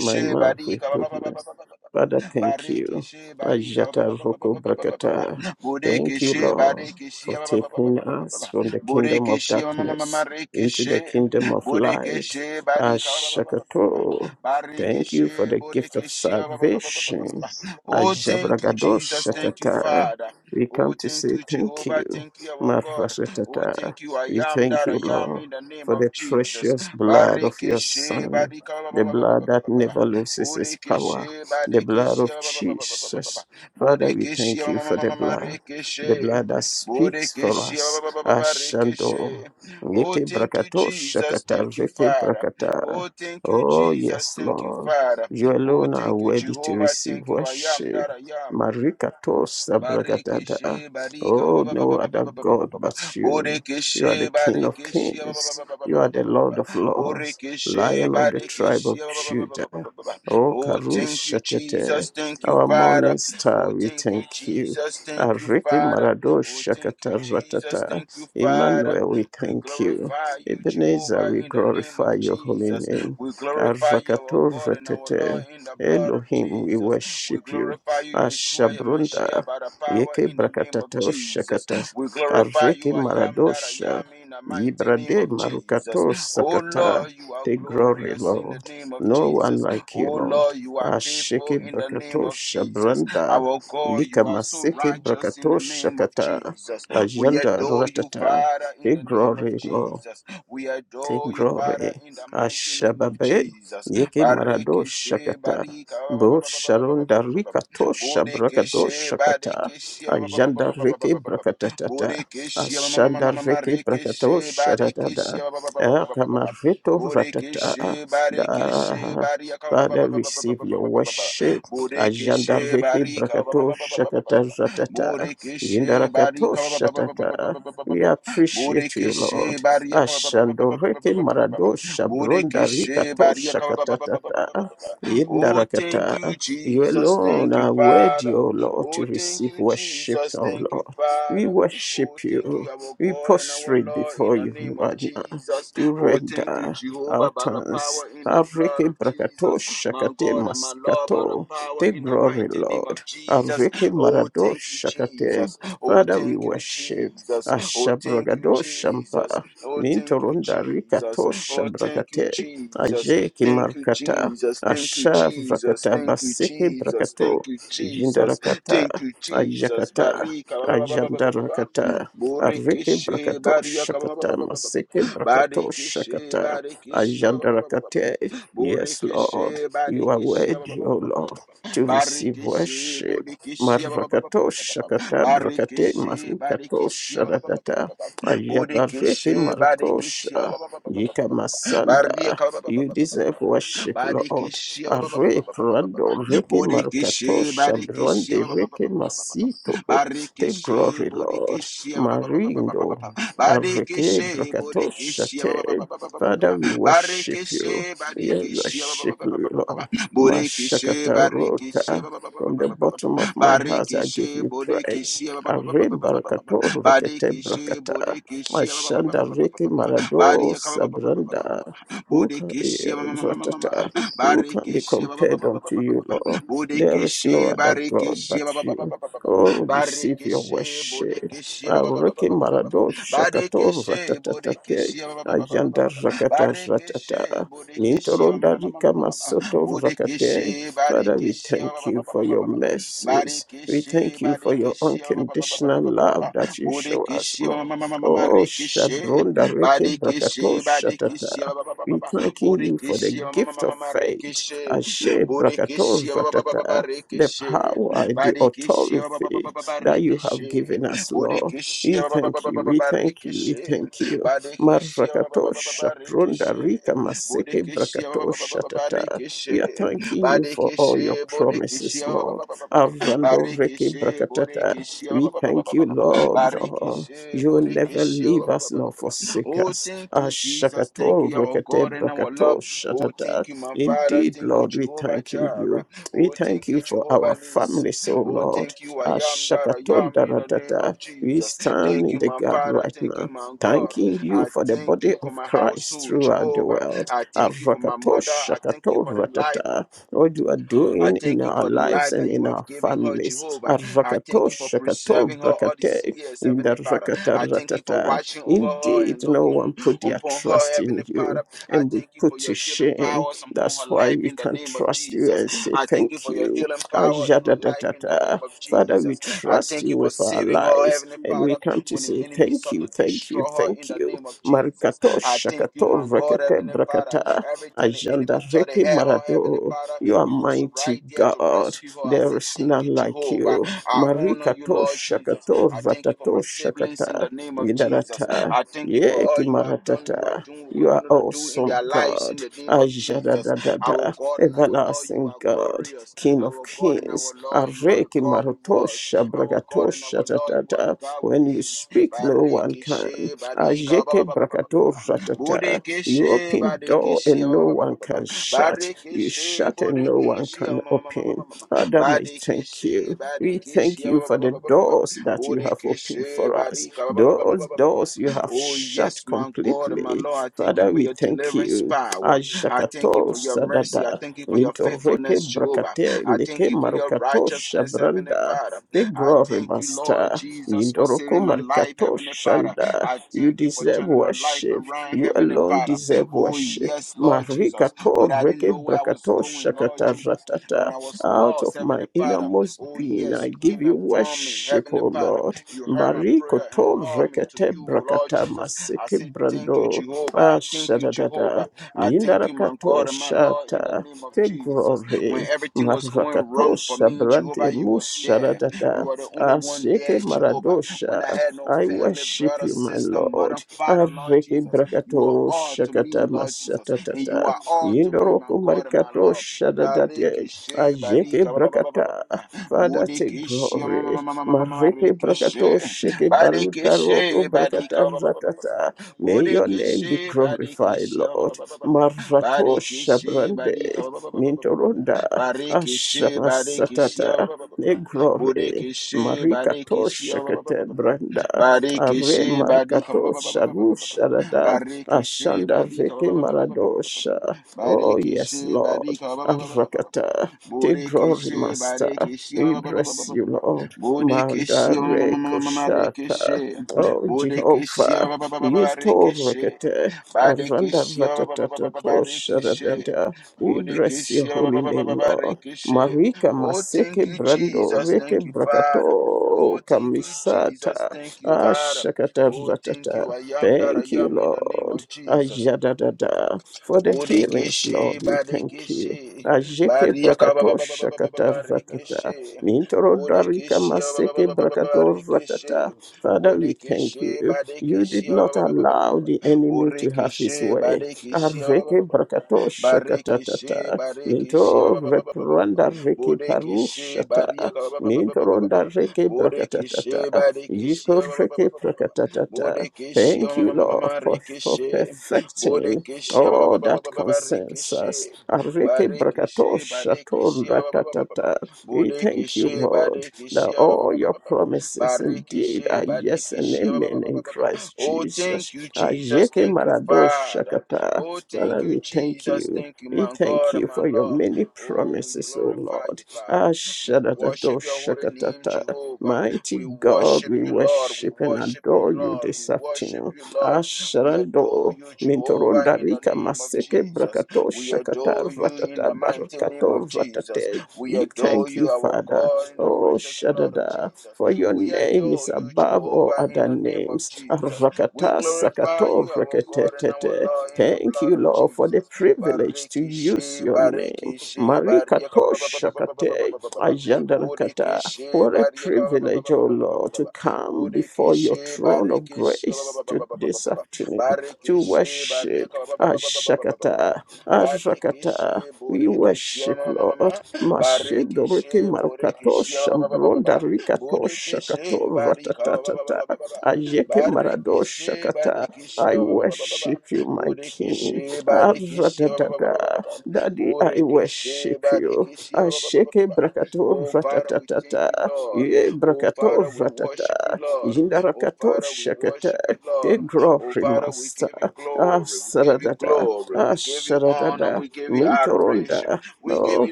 my mouth with barika. ba ba ba ba ba goodness ba ba ba. Father, thank you. Barikishe, barika, ba- Ajata ba- ba- ba- ba- ba- Roko ba- ba- Brakata. Thank you, Bodekeshe, Lord, barikishe, for taking us from the kingdom of Bodekeshe, ma- darkness into the kingdom of light. Bodekeshe, barika, Ashakato. Thank you for Barikishe, the gift of bodekeshe, salvation. Oh, thank you, Ajabragado Jesus. Thank you, Shatata. Father. We Oh, come to thank say you, thank Jehovah. you. Thank you, our God. Oh, Marashatata. thank you. I We am thank that you, I am Lord, in the name for the of Jesus. precious blood of your Barikishe, Son barika, ba- the ba- blood that never loses its power, Bodekeshe, the blood Badekeshe, of ba- ba- ba- ba- Jesus. Father, we Bodekeshe, thank you for the blood, the Rekeshe, blood that speaks for Bodekeshe, us. Ashando. Rekeshe. Oh, Yeke thank you, brakato Jesus. shakata Thank you, reke Father. brakata. Oh, thank you, Oh, Jesus. yes, Thank you, Lord. Father. You Oh, alone are thank you, worthy to Jehovah. receive Thank you, I am worship. that I am. Marikato sabragadada. Barikishe barika ba- Oh, ba- ba- no ba- ba- ba- other ba- ba- ba- ba- God ba- ba. but you. You are the Borikishe King of barikishe ba- ba- ba- kings. ba- ba- ba- You ba- are ba- the ba- ba- Lord ba. of lords. Borikishe Lion of the tribe of barikishe ba- ba- ba- ba- ba- ba- Judah. ba- ba- ba. Oh, Oh, thank you, Karushatete, Jesus. Thank you, our morning Father. star, Oh, we thank you, thank you. Jesus. Thank you, Ariki Father. Marado Oh, thank you, Shakata Jesus. Ratata, Thank you, Father. Emmanuel, we We thank you. glorify you, Ebenezer, Jehovah, we in the name glorify of your holy Jesus. name. We glorify you, our Arakato God and our Lord, Ratete, in the blood of Elohim, we Jesus. We worship you. glorify you, Yeshua Yamashia, Ashabrunda, by the Yeke power in the name of Brakatato Jesus. Shakata, We glorify you, Ariki I am that I Maradosha, am in the mighty name Yibrade of Jesus. Marukato Oh Sakata Lord, you are the glory, glorious in the Lord. name of No one Jesus. like you, Oh Lord. Lord, you are Ashiki faithful in the name of Brakatosha Jesus. Branda, Our God, Lika you are so Masiki righteous in the Brakatosha name of Kata, Jesus. We Ajanda adore you, Ratata, Father, in the the name of glory, Lord. Jesus. We Take adore you, Father, glory. in the mighty name of Ashababe. Jesus. Yeke marado Barikishe, shakata. barika, ba- ba- ba- Bo ba- ba- ba- ba- ba- ba- sharonda ba- ba- ba- ba. rikato shabrakado Bodekeshe, shakata. badekeshe, ba- ba- ba- ba- ba- Ajanda ba- ba- ba- reke ba- ba- ba. brakatatata. Bodekeshe, ma- ma- ma- ma- Ashanda ma- ma- ma- reke brakato rekeshe, shatatata. ba- ba- ba- ba- ba- ba- ba- ba- ba- ba. Akamareto Bodekeshe, ratata. barikeshe, Da. barika, ba- ba- Father, ba- ba- ba- ba- ba- receive ba- your ba- ba- ba- ba. worship. Ajanda Bodekeshe, reke barika, ba- ba- brakato ba- ba- ba- ba- ba- ba- ba- shakata ba. ratata. Bodekeshe, Yindarakato barika, ba- ba- ba- ba- ba- ba- ba- shatata. ba- ba- ba- ba- We ba. appreciate you, Bodekeshe, Lord. barika, ba- ba- ba- ba- ba- ba- Ashandoreke ba- ba- ba- ba. maradosha bronda Bodekeshe Badia rikatosha Ka- ba- ba- ba- ba- ba- ba- ba- ba- katatata ba- ba. Oh, thank you, indarakata. You Jesus. alone Thank you, are worthy, Father. O Lord, to Oh, thank receive you, worship, Jesus. O Thank you, Lord. We Father. Oh, worship thank you. you, our We God and our prostrate Lord, in before the you name of right now Jesus. to Oh, thank you, render our Jehovah, by the tongues. power in the blood Areke of Jesus. brakatosha My kate God and my Lord, by the maskato. power Take in the glory, mighty name Lord. of Jesus. Areke Oh, thank you, maradosha kate. Jesus. Oh, Father, we thank you, worship. Jesus. Oh, thank you, Ashabragadoshampa Jesus. Oh, thank you, mintorunda Jesus. rikatosha Oh, thank you, brakate Jesus. aje Thank you, markata Jesus. Thank you, ashar Jesus. rakata Thank you, baseke Jesus. Thank brakato you, Jesus. jindarakata Thank you, Jesus. ajakata Barika. ba- ba- ba- ba- ba- ba- ba- ba. ajandarakata areke Borikishe. brakato Barika. ba- ba- ba- shakata ba- ba- ba- maseke ba. brakato Barikishe. shakata Barikishe. ba- ba- ba- ba- ba- ba- ba- ajandarakate ba. yes lord Borikishe. you are Barikishe. ba- ba- worthy ba- o ba- ba- ba- lord ba- ba. to receive Barikishe. worship Borikishe. ba- ba- ba- ba- ba- marakato ba- ba- ba- shakata brakate Barikishe marukato barikishe ba. ba ba ba sharadata ba ba ba. Ayabareke Bodekeshe, Badekeshe, ba- Maratosha, ba- ba- ba- ba- ba- ba- Yika ba- ba- ba- Masanda, Bariaka, ba- ba- ba- ba- you ba- ba- ba- ba- ba- deserve ba- worship, Lord. Badekeshe, ba- Are ba- ba- ba- ba- ba- ba- ba- ba- ba- Prado, Reke Bodekeshe, Marukatosha, Badekeshe, Brande, Reke Masito, take Barikeshe, glory, Lord. Bodekeshe, Marindo, Areke Badekeshe, Brakatosha, Bodekeshe, te. Father, we worship you. Barikeshe, We Badekeshe, worship you, Lord. Bodekeshe, Mashakata Barikeshe, Rota, from the bottom of my heart, I give Barikeshe, you praise. Bodekeshe, Arim barakato rakete Badekishi, brakata. Bodekishi, Ashanda riki marado Badiaka, sabranda. Who can, eh, Bodekishi, ratata. Who can be Barikishi, compared unto you, Lord? There is no Bodekishi, other God but Barikishi, you. Oh, receive your Barikishi, worship. Bodekishi, Ariki marado shakato Badekishi, ratatatate. Bodekishi, Ajanda rakata Barikishi, Bodekishi, ratata. Nintoronda rika masoto rakate. Bodekishi, Father, we Barikishi, thank you for your mercies. We thank you for your Barikishi, unconditional Barikishi, love that you show us, Bodekishi, Lord. Mamma Oh, Rikishi, Shabronda Reke Brakato Badikishi, Badikishi, Shatata. We thanking you for the Bodekishi, gift of Mamma faith. Rikishi, Ashe Brakato Bodekishi, Ratata. The Rikishi, power, the Badikishi, authority that you have Rikishi, given us, Lord. Bodekishi, We thank you, we thank you, we Rikishi, thank you. Badikishi, Marakato Shapronda Rikishi, Rika Maseke Bodekishi, Brakato Shatata. We are Rikishi, thanking you for all your Badikishi, promises, Lord. Bodekishi, Arando Reke Barikishi, Brakatata. We thank you, Bodekishi, Lord. Lord. Barikishe, You will never Bodikishe, leave us nor forsake Oh, us. thank you, Jesus. Thank Ashakato you, our Rekete God and our love. Brakato Oh, Shatata. thank you, my Father. Indeed, Thank you, Lord, we Jehovah thanking Jireh. you. We Oh, thank thank you you, for our Jehovah Nissi. families, O Oh, Lord. thank you, I am that I am in the name Ashakatondaradada. of We Jesus. stand Thank in you, the my gap Father. right Thank you, now, my God. thanking you I for the thank body you for of my Christ household, throughout the Jehovah. world. I thank you for my mother. I thank you for the life. Arakatoshakatoratata. What you are I doing in thank you our for the lives life and that in you have our given her, families. Jehovah. I thank you for preserving her all these Arakatoshakatobrakate. years, In the Heavenly Father. I thank you for rakataratata. watching over her Indeed, and no looking one put their upon her, trust in Heavenly you, Father. I and we thank you put for to your healing shame. powers upon her That's why life we in the can name of trust you Jesus. and say I thank you thank for your you. healing power in her life in the name Ajadadadada. of Father, we Jesus. I trust thank you you for with our saving her, lives Heavenly and Father, we come to when the say enemy thank sought you, to thank you, destroy her in thank the you. name of Jesus. Marikato I thank you, shakato my God, rekete Heavenly Father. brakata. Every time the enemy thought they Ajandareke had her, Heavenly Marado, Father. you are You was mighty right there to God. rescue her. I There say is thank you, none like Jehovah. you. I honor Marika you, to Lord Jesus. shakato I thank you for my ratato siblings in shakata the name of Jesus. idarata I thank you for all yeki you have done, you are maratata. doing, will You are continue to do in awesome their lives in God. the name of Jesus. Our Ajadadadada God and our Lord, you everlasting are God, glorious. King of Our God and our Kings, Lord, you are the Areki God who was. Marotosha Our God and our Bragatosha Lord, you are the Tatata. God who When you is. speak, no one can. Barikishe, barika, ba- ba- Ajeke ba- ba- ba- ba- ba- Brakato ba. Ratata. You Bodekeshe, open door badekeshe, and ba ba no ba ba one ba ba. can shut. You Barikishe, shut and no one Bodekishi, can open. Father, I thank Badikishe, you. We thank Badikishi, you for the doors that you have opened Bodekishi, for us. Barika. ba- ba- ba- ba- ba- Those ba- ba- ba- doors you ba. have Oh, shut yes, my God and my completely. Lord, I thank you Father, for we your thank deliverance you. power. I thank you Ashakato for your mercy. I Sadada thank you for your Nitoreke faithfulness, Jehovah. Brakate I thank Leke you for your Marukato righteousness, Heavenly Shabranda Father. the I glory thank you, Lord master Jesus, for saving Nindoroko my life, Markato Heavenly Father. Shanda I you thank you for deserve turning my life worship around, you Heavenly alone Father. deserve Oh, worship yes, Lord Jesus Marikato when I didn't Reke know where I was Brakato going, Lord Shakata Jesus, when Ratata I was out lost, of my Heavenly Father. innermost Oh, being yes, I you give came and you found me, worship Heavenly O Father. Lord You heard my prayer and Marikoto hauled me to Rekete you, Lord Brakata Jesus. I Maseke say, Thank you, Brando Jehovah. I thank you, Ah, Jehovah. I thank you, my Indarakato God and my Lord, in the shata name of te Jesus. When glory everything was going wrong for marakatosha me, Jehovah, brande you was there. musharadada You are the only one asheke there, Jehovah. When maradosha. I had no I family, worship brother, you, my sister, mother, Lord. father, Lord Areke Jesus, you are all brakatosha to me, Lord Jesus and you katamasatatata are all to me, my indoroko God and my Lord. marikatosha dadate Barikishe, ajeke barika, ba- ba- ba- ba- ba- ba- brakata. Father, take glory. Mareke marikishe. brakatosha ke barutaroko Barikishe, barika, brakata ba- ba- ba- ba- ba- ba- ratata. May your name be glorified, barikishe, Lord. Marato Barikishe, barika, Shabrande, ba- ba- ba- ba- ba- ba- Mintoronda, Barikishe, barikishe, ba- Ashamasatata, Ne Glory, Marikato barikishe, Shakete Branda, Are Barikishe, barika, Markato Shabu Sharada, Barikishe Ashanda barika ba- Reke ba- ba- ba- ba- ba- ba- ba- ba- ba- ba- Maradosha. Oh, yes, Barikishe Lord. barika ba- ba- ba- ba- ba- ba- ba- ba- Arakata, Te Glory Borikishe Master, barikishe we ba- bless you, Lord. Mandare Koshata, marikishe Oh, Bodikishe Jehovah, barikishe Yistor Aranda Barikishe Ratatata barikishe Sharadada. We bless your Bodikishe holy name, Lord. barikishe Marika Oh, Maseke thank you, Brando Jesus. Reke Thank you, Father. Brakato Oh, thank you, Jesus. Kamisata Thank you, Father. Ashakata Oh, thank you. Ratata. I am that Thank I you, am in the name Lord. of Jesus. Ajadadada. For the healings, Borekeshe, Lord, we thank you. Barekeshe, Ajeke Bariaka, ba- ba- Brakato ba- ba- ba- ba- ba- ba- Shakata Ratata. Barekeshe, Mintoro darika Borekeshe, ba- ba- ba- maseke ba- ba- ba- brakato Barekeshe, ratata. Father, we thank Borekeshe, you. You Barekeshe, did ba- not ba- ba- ba- ba- ba- allow the enemy to have his Borekeshe, way. Barekeshe, Areke brakato Barekeshe, shakatatata. Barekeshe, Minto repranda reke Borekeshe, parushata. Bariaka, Mintoronda reke Borekeshe, brakatatata. Barekeshe, Yiko reke brakatatata. Borekeshe, Thank ma- you, Lord, for, for perfecting Borekeshe ba- all ba- ba- ba- that ba- ba- concerns us. Barekeshe Areke brakato shato ratatata. We thank you, Lord, that all your promises indeed are yes and amen in Christ Oh, Jesus. thank you, Jesus. Ajeke Thank you, marado Father. shakata. Oh, Father, thank you, we thank Jesus. you. Thank you, We my thank God you and my for your Lord. many Oh, we promises, O glorify Lord. you, Father. We Ashadadado worship your holy name, shakatata. Jehovah. Mighty We God, worship we you, Lord. We worship and worship you, adore you Lord. We this worship afternoon. you, Lord. We adore Asharando you, Jehovah, mintoronda in the name of maseke Jesus. brakato We shakata adore you in ratata the mighty name of barakato Jesus. ratate We you adore thank you, you, our Father. God, in the Oh, precious blood of Shadada, Jesus. for your We name is adore you, above all Jehovah, in other the name of names. Jesus. We Rakata glorify Sakato you, our God and our Reketetete. Lord, in the Thank blood you, of Lord, for the Jesus. privilege to use Barikishe, your name. barikishe, barika, Marikato ba- ba- ba- ba- ba- ba- ba- ba- ba- Shakate ba- ba- ba- ba. Ajandarakata. Bodekeshe, What a barika, ba- ba- ba- privilege, ba- ba- O ba- ba- ba- ba- Lord, ba- to ba. come before your Bodekeshe, throne of grace to this barikishe, afternoon to Barikishe, Barika, worship. ba- ba- ba- ba- ba- ba- ba- ba- ba- ba- ba- ba. Ashakata, Ashakata. Barikishe, We Borikishe, ma- worship, ma- ma- ma- ma- Lord. ma. Mashedoreke Barikishe, marukato Borikishe, ba- ba- ba- ba- ba- ba- ba. shambronda rikato Borikishe, shakato Barika, ba- ba- ba- ba- ba- ratatatata. ba- ba- ba. Ayeke marado Barikishe, shakata. Barikishe, I ba- ba- ba- ba- ba- ba- ba. worship you, my King. Borikishe, Barikishe, ba- ba- ba- ba- ba- ba- ba- Aradadada. ba. Daddy, I Borikishe, worship you. Barikishe, ba- ba- ba- ba- ba- ba- Asheke ba. brakato Oh, Father, we thank you, ratatata. Lord. Ye Oh, brakato Father, we worship you, ratata. Lord. Oh, Yindarakato Father, we worship shakata. you, The Lord. Oh, glory, Father, we Master. give you Ah, glory. We give you saradada. glory. Ah, We give you honor. saradada. We give you adoration. Mintoronda. We give Oh, you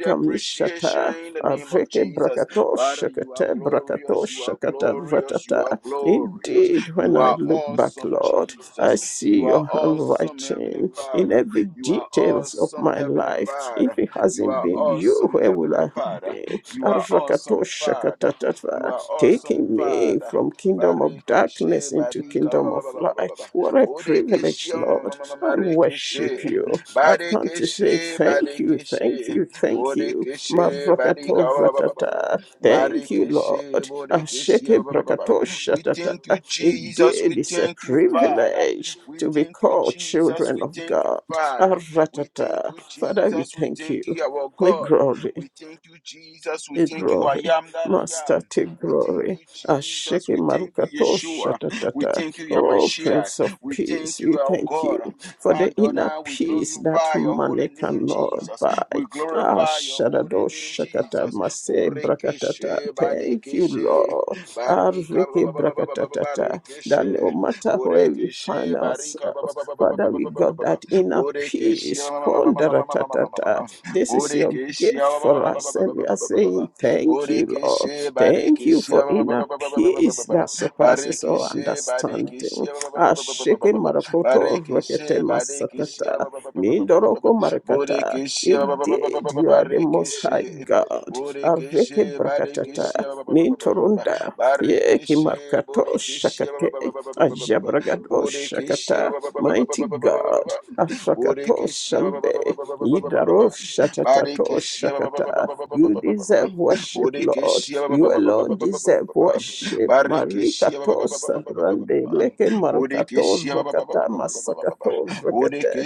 the appreciation kamishata. in the name of Areke Jesus. brakato Father, you are shakata brakato glorious. You are shakata glorious. You ratata. are glorious. Indeed, when You I are look back, awesome, Lord, I Jesus. see You are your awesome, Heavenly handwriting in Father. every You are details of awesome, my Heavenly life. Father. If it You hasn't are been you, awesome, where will Heavenly I have Father. been? You are Arakato awesome, Father. shakata You are awesome, taking me Father. from kingdom of Bariki she darkness us into badika ba ba kingdom ba of ba ba ba ba ba. light. What a privilege, Bodekeshe, Lord. I worship Marekeshe, you. I've come to say Badekeshe, thank you, thank Badekeshe, you, thank you. Bodekeshe, Marakato Badika, Vatata. Thank you, Barekeshe, Lord. Bodekeshe. Asheke Brakato We thank you, Shatata. Jesus. We Indeed, it's a thank you, Father. privilege We to be thank you, called Jesus. children We of thank you, God. Father. We thank Aratata. you, Father, we Jesus. We thank thank you. you, our We God. glory. We thank you, Jesus. We Take thank you, I glory, am that I Master, am. take We thank glory. you, Jesus. Asheke We thank you, Marukato Yeshua. We Shatatata. thank you, Oh, Yamashia. Prince of We Peace, thank we you, our thank God. you for the And inner now we peace that glorify your holy money name, cannot Jesus. buy. We Ah, glorify your holy Shadado name, Shakata Jesus. Mase Brakatata. Borekeshe, Thank you, Barekeshe, Lord. Ah, Barika, ba- Reke ba- ba- ba- ba- ba- Brakatata. That no Barekeshe, matter where we find Borekeshe, Barika, ba- ba- ourselves, ba- ba- ba- ba- Father, we got that inner Borekeshe, peace. ma- ma- ma- ma- ma- ma- ma- ma- ma- ma- ma- ma- ma- Kondaratata. ma- This is your Borekeshe, gift ba- ba- for ba- ba- us. ba- ba- And ba- we ba- are ba- ba- ba- ba- saying, ba- Thank you, Lord. Borekeshe, Thank you Barekeshe, for ba- ba- inner ba- ba- ba- ba- peace that surpasses all Barikishe, barikishe, understanding. ba- ba- ba- Ah, ba- ba- ba- ba- ba- Sheke ba- ba- Marakoto Rekete barikishe, barikishe, ba- Masatata. ba- ba- ba- ba- ba- ba- ba- ba- ba- Mindoroko barakata. burikishe, ba- ba- ba- ba- ba- ba- Indeed, ba- ba- you are the most high barikishe, God. burikishe, Areke brakatata. barikishe, ba- ba- ba- ba- ba- ba- ba- ba- Mintorunda. Yeki barikishe, markato burikishe, ba- ba- ba- shakate. ba- ba- ba- ba- ba- ba- ba- Ajabragado burikishe, shakata. ba- ba- ba- ba- ba- ba- Mighty ba- God. Afrakato shambe. Yidaro shatatato shakata. You deserve worship, Lord. You alone deserve worship. Barikishia ba- ba- Marikato ba- ba- ba- ba- ba- sabrande. Bleke marukato Bodekeshia ba- rokata masakato rokete.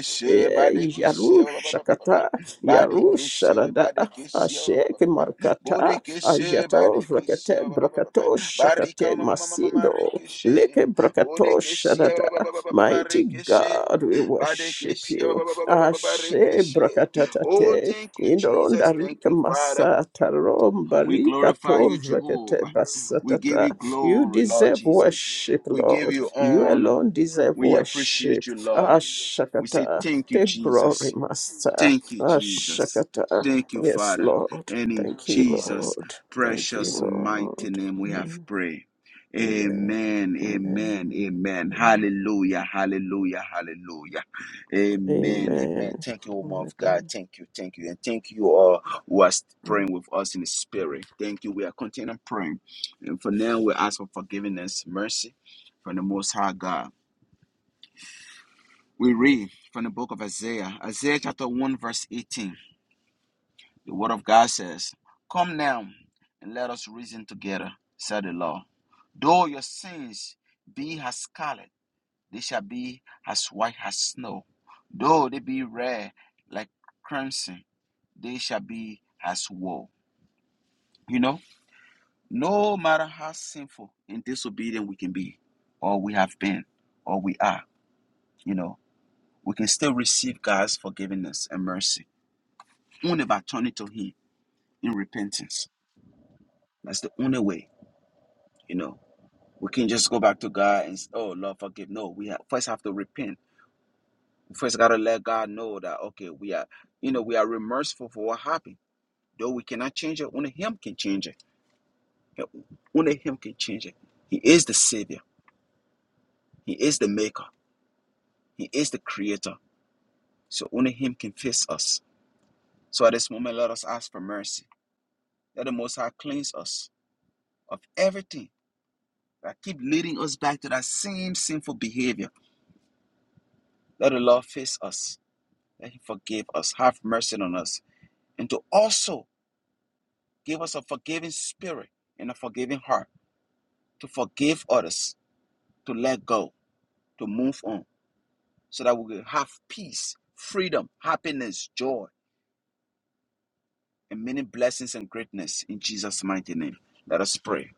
Badekeshia ba- Yarushakata, Yarusharada, Badekeshia ba- Ashek Markata, Ajato Badekeshia Rakate, Brakato Shakate Barika ma- ma- ma- ma- ma- Masindo, Leke Brakato Bodekeshia Sharada. Mighty God, we worship Badekeshia you. Ashe Oh, Brakatate, thank you, Jesus. Indoronda Thank Rika you, Father. Masata, We Rombarika glorify To you, Rakate Jehovah. We give Basatata. you You glory, Lord deserve Jesus. worship, We give Lord. you You honor. alone deserve We appreciate worship. you, Lord. We say Ashakata. thank you, Take Jesus. glory, Master. Thank you, Jesus. Ashakata. Thank you, Yes, Father. Lord. And in Thank you, Jesus' Lord. Thank you, precious mighty Lord. name we have Mm. prayed. Amen. Amen, amen, Amen. amen. Amen. Hallelujah, hallelujah, hallelujah. Amen, amen. Thank you, woman of God. Amen. Thank you, thank you. And thank you all who are Amen. praying with us in the spirit. Thank you. We are continuing praying. And for now, we ask for forgiveness, mercy from the Most High God. We read from the book of Isaiah, Isaiah chapter 1, verse 18. The word of God says, Come now and let us reason together, said the Lord. Though your sins be as scarlet, they shall be as white as snow. Though they be red like crimson, they shall be as wool. You know, no matter how sinful and disobedient we can be, or we have been, or we are, you know, we can still receive God's forgiveness and mercy only by turning to Him in repentance. That's the only way, you know. We can just go back to God and s- oh Lord forgive. No, we ha first have to repent. We first gotta let God know that okay, we are you know we are remorseful for what happened. Though we cannot change it, only Him can change it. Yeah, Only Him can change it. He is the Savior. He is the Maker. He is the Creator. So only Him can fix us. So at this moment, let us ask for mercy. Let the Most High cleanse us of everything that keep leading us back to that same sinful behavior. Let the Lord fix us. Let Him forgive us. Have mercy on us and to also give us a forgiving spirit and a forgiving heart to forgive others, to let go, to move on, so that we will have peace, freedom, happiness, joy, and many blessings and greatness in Jesus' mighty name. Let us pray.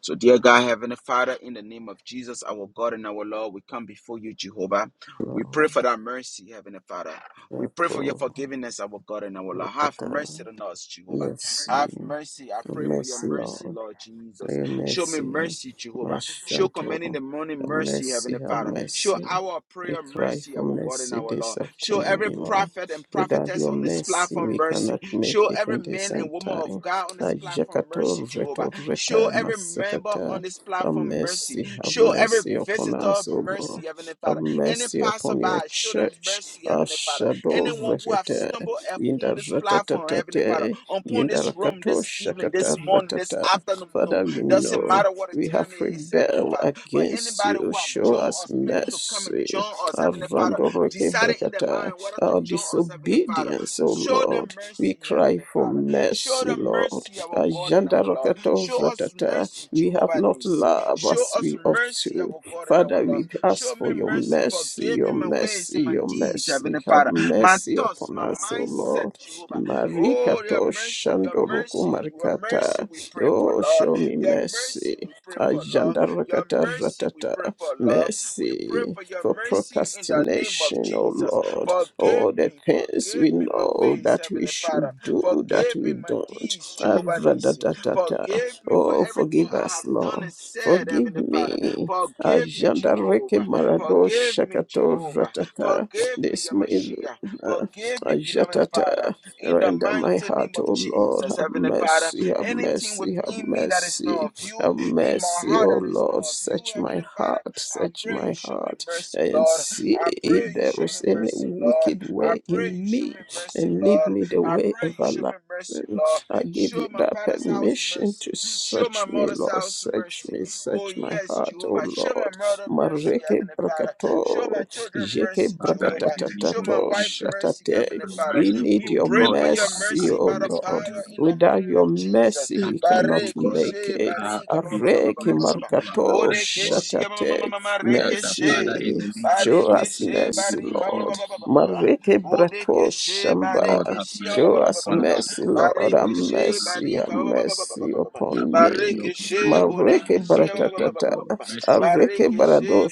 So, dear God, Heavenly Father, in the name of Jesus, our God and our Lord, we come before you, Jehovah. We pray for Lord. that mercy, Heavenly Father. We pray for your forgiveness, our God and our Lord. Have mercy Shakata. on us, Jehovah. Mercy. Have mercy. I pray for your Mercy, mercy, Lord. Lord Jesus. Your Show me mercy, mercy, Jehovah. Show commanding Mashanto. the morning Have mercy, mercy, Heavenly have Father. Show mercy. our prayer We cry mercy, for our God and mercy our this Lord. Show afternoon, O every Lord. prophet and Without prophetess your on this mercy, platform we mercy. cannot Show make it every in this man and end woman of time. God on this platform Ajakato mercy, Jehovah. reto reta Show every member on masakata. this Have platform mercy. mercy, have Show every mercy upon visitor us, O Lord. mercy, Heavenly Have Father. Any mercy upon passerby, your show them church. mercy, Heavenly Father. Ashado Anyone who have rete. stumbled Inda upon this platform, Heavenly Father, ratatatate. upon Inda this room rakato this evening, shakata this morning, this ratata. afternoon, no, Father, we doesn't know matter what the we have time it is, Heavenly rebelled Father. But against anybody you. who have Show joined us us, planning to come and mercy. join us, Heavenly Father, Avandoreke deciding in their brakata. mind whether to Our join us, Heavenly Father, disobedience, O show them Lord. We mercy, cry Heavenly for Father. Show mercy, them Lord. mercy, our God and our Lord. Ajandarokato Show us vratata. mercy, We have Jehovah not Nisi. loved Show as us we ought mercy, to. our God and our Father, Lord. we Show ask for me your mercy. mercy, Forgive me your my ways mercy, and my your deeds, Heavenly mercy. Have Father. My mercy thoughts, upon my us, O mindset, Lord. Jehovah. Oh, your Marikato mercy, your shandoroku mercy, your mercy marikata. we pray for, Oh, Lord. show me Your mercy mercy. we pray for, Lord. Your Ajandarakata mercy we ratata. pray for, Lord. We pray Mercy for your for mercy in the name of procrastination, oh Jesus. Lord. Forgive All the me, things we forgive me my know ways, that we Heavenly Father. should do that Forgive me we my don't. deeds, Jehovah Nissi. Aradatatata. Forgive me for Oh, everything forgive I us, have done Lord. and said, Forgive Heavenly Father. me. Forgive me, Ajandareke Jehovah. marado Forgive me, shakato Jehovah. ratata. Forgive me, This evil. Yamashia. Forgive me, beloved Ajatata. Father. In the Render my mighty name heart, of O Lord, Jesus, have Heavenly Father. mercy, have Anything mercy, have within me that is not mercy, of you, have in my mercy, heart O that is not Lord. of you, Search my Heavenly Father, heart, I search pray you my show me heart, mercy, and Lord. see I if pray you there show me is any mercy, Lord. wicked I way pray you in show me, me mercy, and Lord. lead me the I way pray you show everlasting. me mercy, Lord. I give you Show my that father's house permission to mercy. Show search my me, mother's Lord. house Search mercy. me, Oh, search my yes, heart, O Jehovah. Show my Lord. mother mercy, Mareke Heavenly Father. Show my brakato, children jeke mercy, Father, in Jehovah. the name Show of my brakatatato, wife Jesus, we mercy, shatate need Heavenly your Father. we mercy, We need O your pray God, for over your our mercy, mercy life O by the this Lord. morning, O power in Lord. the Without name your of Jesus. We mercy, thank we you, cannot O Bareke God, that make we she, it. are a barika, ba- ba- great ba- for ba- your ba- Areki ba- ba- ba- mercy ba. in our markato lives, Bodeke Lord. she, ma- ma- ma- ma- shatate. ma- ma- We ask reke that, she. Father, in Mercy. the name of Show Badeke us Jesus, she, we will mercy, be barika, ba- ba- Lord. forgiven, ba- ba- O ba- ba- ba. God. Mareke brato Bodekeshe Lord, shamba. have Barekeshe ba- Show ba- mercy ba- ba- us ba- upon ba- us, ba- mercy, Lord. Lord. Have Have mercy on Barekeshe us, mercy, have Barika Lord. ba- ba- ba- ba- ba- ba- mercy ba- ba- ba- Have upon mercy me. upon us, Barekeshe Lord. In Mareke the Bodekeshe King of ba- ba- ba- ba- Kings, ba- baratata. ba- ba- Lord. ba- ba- Mercy, O Areke God. barado Barekeshe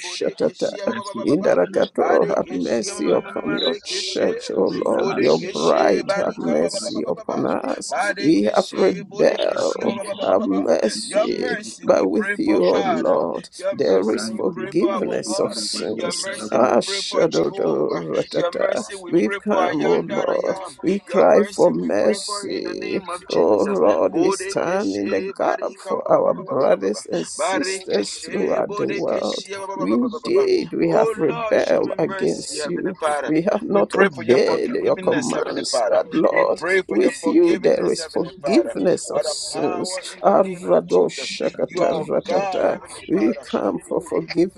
You Bodekeshe are ba- ba- ba- ba- ba- merciful. ba- There is no Indarakato, like have you, Barekeshe ma- mercy ma- ma- Father. ma- upon ma- your Rekeshe church, O Consider Lord, us, your Lord. Bodekeshe bride, Forgive us, have Barika Lord, of ba- ba- our ba- ba- mercy iniquities. upon us. We have Barekeshe Bodekeshe rebelled. Have Your mercy. mercy we But pray with for you, O Father. Lord, Your there mercy is we pray for our forgiveness of God. Your sins. mercy we Ah, pray for shadow, Jehovah. Your ratata. mercy, we pray We've for I come, O am that I Lord. am. We Your cry for mercy, we pray for in the mercy. name of O Jesus. Lord, we stand in the Bodekeshe gap barika for ba- ba- ba- our ba- ba- ba- ba- ba- ba. brothers and sisters Barekeshe throughout the world. bodekeshe ba- ba- ba- ba- ba- ba- ba- ba. Indeed, we Oh have Lord, show rebelled me mercy, against Heavenly you. Father. We have We not pray for your obeyed your forgiveness, Heavenly commands, Father. but We Lord, Thank God. pray for your With you there forgiveness, is Heavenly Father. forgiveness By of the sins. power in the name of Jesus, you are God, Aradoshakataratata. Heavenly We Father come for who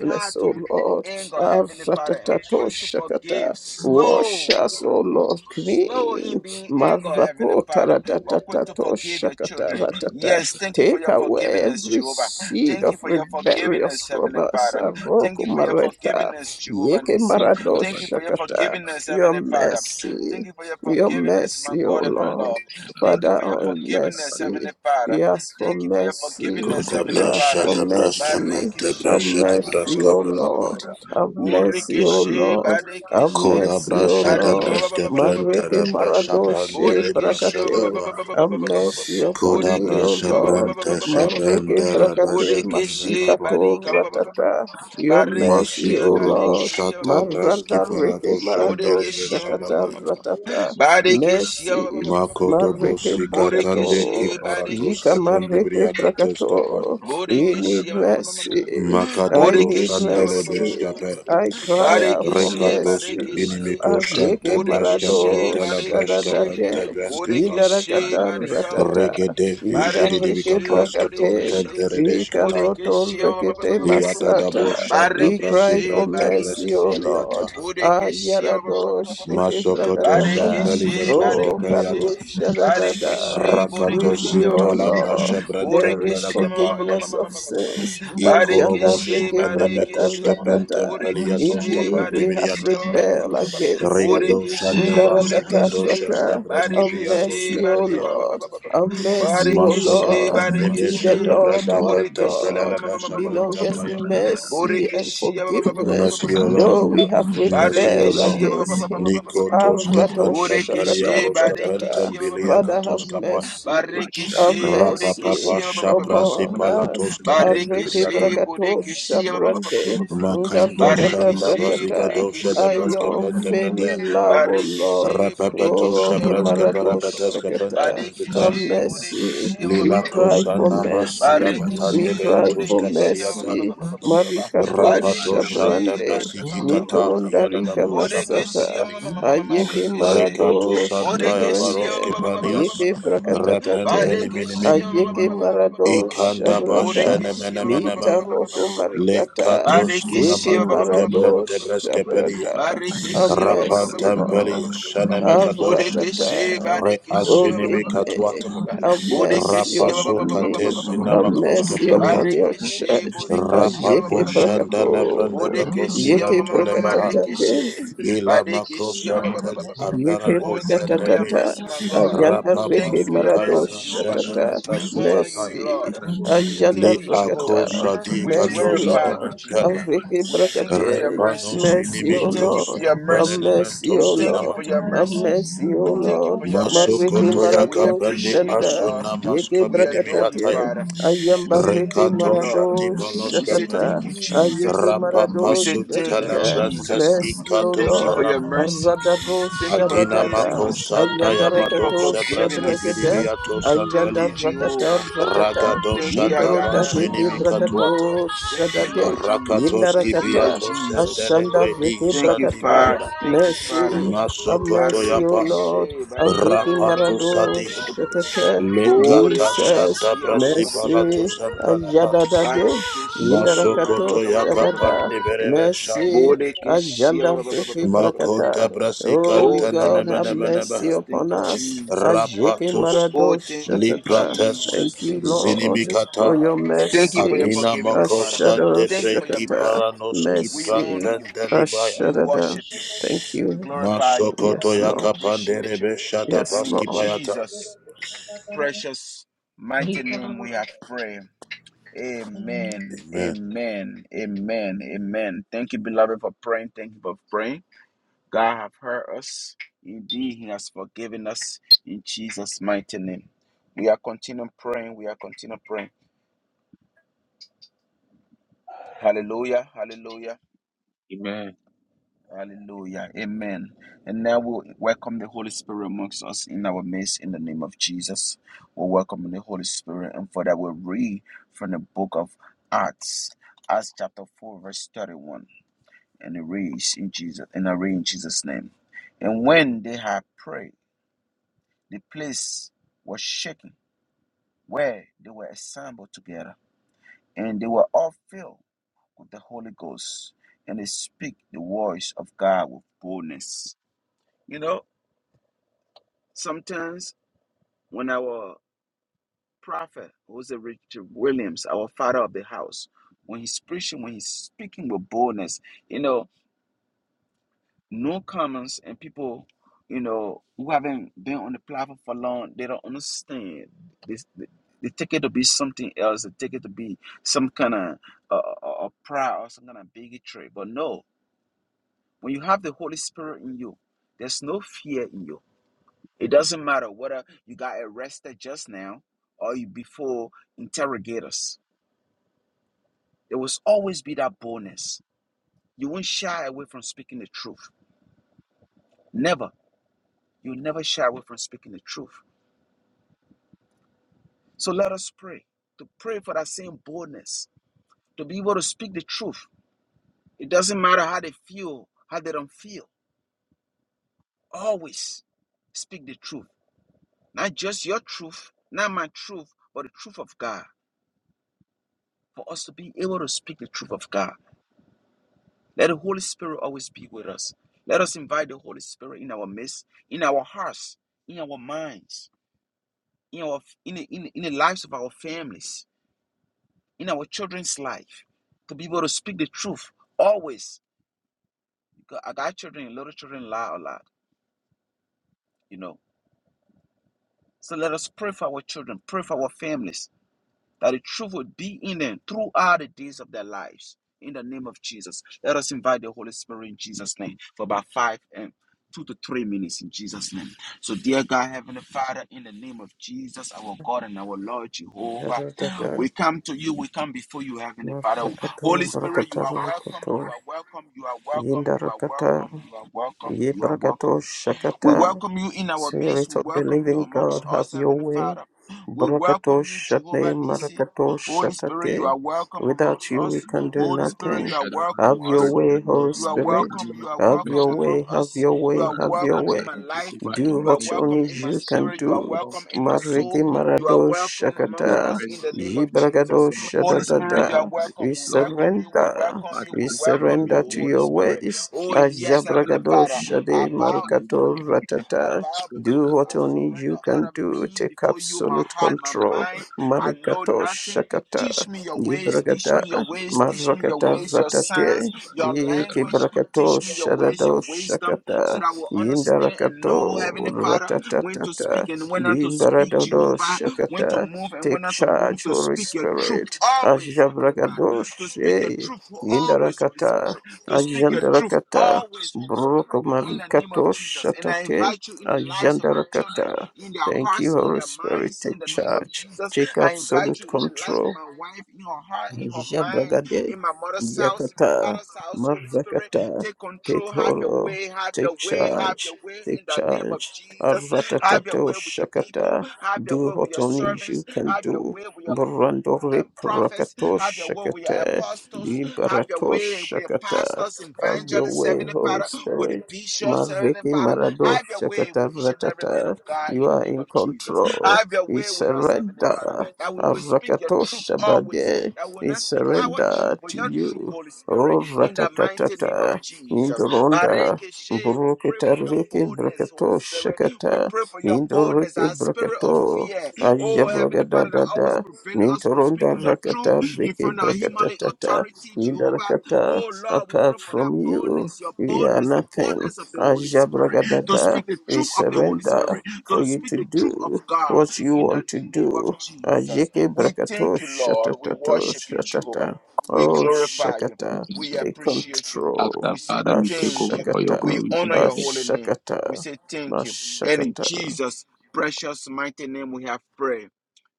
how to O be Lord. angry, Heavenly Father, and quick to forgive, Aratatatoshakata. Wash slow. us, O Lord, Slow in clean. being angry, Heavenly Father, but quick to forgive your children. Marakotaratatatoshakataratata. Yes, thank you for Take your away forgiveness, every Jehovah. seed Thank you of for your rebellious forgiveness, from Heavenly us. Father. Thank you for your Arokumareta. forgiveness, Jehovah Yeke Nissi. Thank you for your maradoshakata. forgiveness, Your Heavenly Father. mercy. Thank you for your Your forgiveness, my mercy, O God and my Lord. Lord. Thank you Father, for your on forgiveness, Heavenly mercy. Father. We ask for Thank you for your mercy. forgiveness, Koda Heavenly We ask brasha Father. for da braska mercy. pranta Have Barikishe, brasha da barika, mercy, ba- braska ba- O ba- ba- ba- ba- ba- ba- pranta. ba- Lord. ba. Have mercy, O Burikishe, Lord. Have barikishe. Koda mercy, O brasha da Barika Lord. ba- ba- braska ba- pranta Mareke da brasha pranta maradoshe le brasha da brakate. bra. Have mercy upon Koda me, O brasha Lord. branta Marege shabranda brakate rabasha da masika braka to barika ba- ba- ba- ba- ba- ba- ratata. Your mercy, O Masiko robo Lord. shata braski Maranda reke parato marado shandelebe shakata sadabaya. ratata. Shut up, Mercy. Makodobo Mareke Father, sikatande brakato. kiparatos Jika kependi mareke briakatos kapaya. brakato. We need Borekeshe, ma- ma- ma- ma- ma- ma- ma- mercy. ma. I Makadabro need Borekeshe, ba- ba- ba- shandelebe ba- ba- ba- mercy. ba- ba- skape. I cry out for Barekeshe, Rekatos mercy. Barekeshe, inimiko Ayeke shanta breska Borekeshe, marado bless pentala you, breska Barekeshe, penta bless shadadade. breska you, pa. Borekeshe, Father, Indarakata bless Barika, ratata. Regede Indareke jididibika Barekeshe, paska brakate. prentem Borekeshe, peredesh kataya. Ikaroto Borekeshe, rekete Iata dabo masata. shanta We brasi cry Barekeshe, for branta mercy, preska O Barekeshe, Lord. peliataha. Borekeshe, Ayarado sheke Masokoto brakatata. Barekeshe, Sampelikatos Oh, Barekeshe, Kepeliata Barekeshe, karushadadada. Rakato With you, O Sintalabra Borekeshe, Lord, Shebrentem there is Borekeshe, ma- ma- Pelakapai ma- ma- ma- forgiveness ma- ma- of ma- ma- ma- ma- ma- sins. Ajanda Barekeshe, Ikorobos reke brakata Anemekos Barekeshe, Kepentem Rakata. Peliatos Borekeshe, Indeed, Kapanti we have Barekeshe, Biliata ma- ma- ma- rebelled against you. Riado Borekeshe, Shandabasiga Borekeshe, Doshanda Darakataraka. Breski Have Barekeshe, Biatos mercy, O Kepelia Bariaka, Lord. Have mercy, O Barekeshe, Lord. Masokatan To the Debesha Barekeshe, you, Lord Dabraska our Pentem Borekeshe, God Pelelabasha belongeth Brentapaya mercy and Borekeshe, forgiveness, though Messiolo we have rebelled Barekeshe, Messiolo against him. Nikotoska Arato Pentem Borekeshe, Peliakoska Pentem Father, have Biliakatoska Barekeshe, Pai mercy, have Barikishe, Father, mercy Rapapapa Bodekishe, shaprasi upon us. palatos kependi Areke briata. Barikishe, brakato Bodekishe, shabrande, Makando darakata shanda Barikishe, Bodekishe, Barikishe, baziga dosha de Bodekishe, baske Your pente brete. unfailing love, O Lord. Barikishe, Rapapato O Bodekishe, shabraske Kimarado parapateske pente shakata. Have brete. mercy. We Lilako cry for sanamas mercy. We kudabatande Barikishe, cry briatos for Bodekishe, kapaliata. mercy. Marikato Rapato shanda Badekeshe, shabrande. Badiaka, brasikitata Mintorondarika yadadabo shabraske Bodekeshe, masata peli. ayeke marado Rekato santaya shebrende Marekeshe, baroske palias. yeke Bodekeshe, brakatatate Repentani minimi. Badekeshia ba- ba- ayeke ba- ba- ba- ba- ba- marado Ikanda shabrada Borekeshia ba- bashenemenemenemaha. mitaroko Le marikata katosi seke Badekeshia ba- namatos marado kepen debres kepeli shabrada rapan amesilo tempeli shaneme kadoshi aratata re oh badekeshia asinimi give me. katwata Have mercy Bodekeshia rapasu upon me. katesi Have namakos mercy upon kepeliate your Barekeshe church. borekeshia rapapo Ajeke shandala brande brakato. bakosi Bodekeshia Yeke ma- vantole baha brakatatake. ila makos Badekeshia shanteli Yeke aberado Oh, thank you for your shandebri brakatatata. mercy, my God. Ayanda Thank reke you for Doesn't rapapasu your marado mercy, tayada Jehovah. shandele shatata. We brasu honor kapaya you, Mercy. Lord. We Ayanda li thank you, Jehovah. rakata. akosadi We Mercy, katos glorify you, Lord. enementele Jehovah. Areke We thank you for your brakate. Repano mercy. Mercy, We sinimi O thank you for Lord. your Have mercy. mercy, consemplanemento We O thank you Lord. for sinamata. your Have mercy. mercy, We O thank you Lord. for your mercy. Mareke Masokoto ya We marado kaprende appreciate you, shanda. aso Lord. Yeke namaska We binimi adore you, yataya. brakatate, Father. We ayamba say reke thank Rekato you, Lord. shati marado We baloska say pe. shakata, thank you, ayeke Jesus. We Rapapa marado say thank you, suntele I'm not shakata. sure. prentes Jesus. Mercy, O ikato Thank you for Lord, your sanama. mercy. aradado Thank you for Adina cleansing shadadada, mako us. ayanda sandaya Thank you for bado rakato forgiving sebraski us. shabrakade, bidibiato Thank ayanda you, sampelie. rakata Jehovah. ratata. Ragado Thank you, I am shandaba Mintoronda that I reke sinimi am. katuata. brakato Thank you, shadade, Lord Jesus. yinda Rakatoski Thank you, Lord rakata, biato Jesus. sendele ashanda bredi reke Thank you, brakata. have sandibaya. Father. Thank you, Father. Mercy. Have mercy, to. O Masokotoyapa Lord. Barekeshe You do not barika Ariki ba- ba- ba- ba- Rapato ba- ba- ba- ba- lie, marado ba- you ba- Sadia ba- ba- do ba. not shakete. fail. Lekata What is Jesus, Shada Borekeshe ba- ours ba- ba- ba- ba- is ba- ba- to ba- Brasipalato ba- mercy. ba- ba- do, ba. Sampala Hadis to Ajadadade. do. Barekeshe Indarakato barika ba- Not ba- Masokotoyaka ba- ba- ever ba- ba- sadada. ba- ba- ba- ba- ba. Pandibereve Shaya Mercy. Borekeshe Ajanda ba- ba- you. ba- ba- ba- ba- riki ba- ba- ba- ba- ba- ba- Makonda brakata. ba. Holy Oh, Brasikanta thank God, you, have mercy Nenemenemenemeha Jesus. Thank upon you, us. Jesus. Ajiki Oh, Rapatus oh, marado thank you, shatata. Jesus. Thank Liprates you, Thank you, Lord, Jesus. for your Zinimikata Thank you for your mercies. Adina forgiveness, Father. Mokosa Ashado Thank you Debre for your shakata. mercy. Kiparanos We Mercy. honor you. Kiprantan Delibaya We Ashadada. worship you. Thank We you. glorify you. Yes, We Masokotoyaka Lord. appreciate you. Panderebe Shada Yes, And in Lord. Baskipayata Jesus' precious, mighty name, we have prayed. Amen. Amen. Amen. Amen. Amen. Thank you, beloved, for praying. Thank you for praying. God have heard us. Indeed, He has forgiven us in Jesus' mighty name. We are continuing praying. We are continuing praying. Hallelujah. Hallelujah. Amen. Hallelujah. Amen. And now we'll welcome the Holy Spirit amongst us in our midst in the name of Jesus. We're welcoming the Holy Spirit. And for that, we'll read from the book of Acts, Acts chapter 4, verse 31. And it reads in Jesus, and I read in Jesus' name. And when they had prayed, the place was shaken where they were assembled together. And they were all filled with the Holy Ghost. And they speak the voice of God with boldness. You know, Sometimes when our prophet, Jose Richard Williams, our father of the house, when he's preaching, when he's speaking with boldness, you know, no comments and people, you know, who haven't been on the platform for long, they don't understand. This they, they take it to be something else. They take it to be some kind of uh, uh, uh, pride or some kind of bigotry. But no, when you have the Holy Spirit in you, there's no fear in you It doesn't matter whether you got arrested just now or you before interrogators. There will always be that boldness. You won't shy away from speaking the truth. Never. You'll never shy away from speaking the truth. So let us pray to pray for that same boldness, to be able to speak the truth. It doesn't matter how they feel, how they don't feel. Always speak the truth. Not just your truth, not my truth, but the truth of God. For us to be able to speak the truth of God. Let the Holy Spirit always be with us. Let us invite the Holy Spirit in our midst, in our hearts, in our minds, in our in in, in the lives of our families, in our children's life, to be able to speak the truth always. Because I got children, and little children lie a lot, you know. So let us pray for our children, pray for our families, that the truth would be in them throughout the days of their lives. In the name of Jesus, let us invite the Holy Spirit in Jesus' name for about five and two to three minutes in Jesus' name. So, dear God, Heavenly Father, in the name of Jesus, our God and our Lord Jehovah, Yadadada. we come to you, we come before you, Heavenly Father. Holy Marakatu, Spirit, you are barakataru, welcome, you kato. are welcome, you are welcome, you are Yindarakata. welcome, you are welcome, Ye you are welcome. brakato We Shakata, welcome you in our midst. Spirit We of the welcome you Living amongst God, have us, your Heavenly way. Father. We Brakato welcome you, Shate, Jehovah Nissi. Marakato Holy Spirit, you Shatate. are welcome Without amongst you, we us. can do Holy Spirit, you nothing. are Shut up, by welcome the Have your us Spirit of the way, Lord. Holy You you are are welcome, Spirit. welcome. You Lord. are Our Have welcome your message, Lord. among way, have us. your You way, are Father, have we your ask welcome in way. that my you take life. over in Do the You are what name of welcome only in my you Jesus, can spirit. You are Lord do. God. welcome in Take my up things, Mariki soul. Lord. You Marado are welcome We need amongst your Shakata, us in the presence in the name ye of midst, O Yibragado Jesus. Lord. Holy Father, we Spirit, need you your are Shadadada. welcome. We presence, We Lord. welcome you. We surrender. welcome you. Father, We We take over for welcome the you, surrender to glory Holy in your the Spirit. name ways. of Oh, Jesus. yes, Father, Heavenly we need Father, you. Ajabragadosha I de bow before Marukato you. I Ratata. bow before Do you. what I only surrender you all can of do. me Take before you, my absolute heart, my control. mind. I know Marukato nothing. Shakata. Teach me your ways. Teach Ibragada me your ways. Teach me your Marakata ways, your signs Ratate. your language. Ikibrakato Teach me your ways, your Shadado wisdom, so Shakata. that I will understand and know, Indarakato Heavenly Father, when to speak Ratatata. and when not to speak, Limbarado Jehovah, when to Shakata. move and when Take not to move, charge, to Holy speak your truth Spirit. always, Heavenly Father, Ajabragadosh. to speak your eh. truth always, Holy Indarakata, Spirit, to speak your truth Ajandarakata, always, Holy Broko Spirit, in the name of Marikato Jesus. And I Shatate, invite you in the lives of my children, Ajandarakata. in their Thank you, hearts, in Holy their Spirit, minds, in take the name of charge, Jesus. take I invite absolute you in the life of control. my wife, in her heart, in her mind, Jabragade, in my mother's house, in my Yakata, father's house. Holy Spirit, Marakata, take take control. Have your hold, way. Have take your way. Have charge, your way in take the name of charge. Jesus. Have your Aratatato way with your people. Shakata, Have your do way with what your only you servants. can Have your do. way with your Brando and prophets, Reprakato have your way with your Shakata, apostles, have your Liberato way with your Shakata, pastors, have your evangelists, way, Heavenly Holy Father, with the Spirit. bishops, Heavenly Marveki Father, Marado have your way Shakata with each and every man of Ratata, God you in the are name in of Jesus. control. Have your We way with us, Heavenly Father, surrender. that we will speak your Arakato truth always, Shabade. that we will We not speak our truth, surrender but to your truth, you. Holy Spirit, Oh, in the mighty name of ratatatata, Jesus. Indorunda, Barekeshe, we pray Broketa for your Riki, boldness, Holy Broketo, Spirit. We Shakata, pray for your boldness, Indoriki, our spirit of Broketo, fear. Oh, Heavenly Father, that always Ayabragadada, prevent us from Mintorunda, speaking your truth Rakata, in Riki, front of Himalayan Brokatata, authority, Jehovah. Indarakata, Oh, Lord, we pray apart for that from you, boldness, your we are boldness, the nothing. boldness of the Holy Spirit, to Ayabragadada, speak the we truth of the Holy surrender Spirit, to for you speak to the truth of do God what you in the want to name of do. Jesus. Ajiki We brakato thank you, Lord. We shatatato worship you, Jehovah. shatata. We Oh glorify you. shakata, We take appreciate you. control. After We say Father, we take thank over you. for your We Ashakata, glory in honor the your name. holy name. We ashakata, say thank you. And in mashakata. Jesus' precious mighty name we have prayed.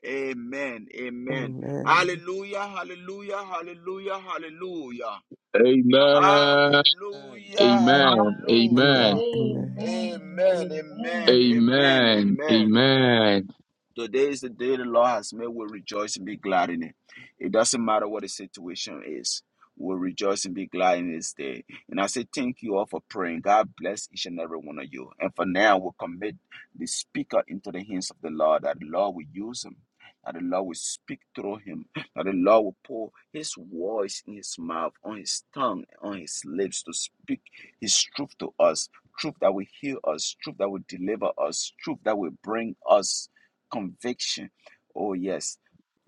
Amen. Amen. Amen. Hallelujah. Hallelujah. Hallelujah. Hallelujah. Amen. Hallelujah. Amen. Amen. Amen. Hallelujah. Amen. Amen. Amen. Amen. Amen. Amen. Amen. Today is the day the Lord has made. We'll rejoice and be glad in it. It doesn't matter what the situation is. We'll rejoice and be glad in this day. And I say thank you all for praying. God bless each and every one of you. And for now, we'll commit the speaker into the hands of the Lord, that the Lord will use him, that the Lord will speak through him, that the Lord will pour his voice in his mouth, on his tongue, on his lips to speak his truth to us, truth that will heal us, truth that will deliver us, truth that will bring us conviction. Oh, yes.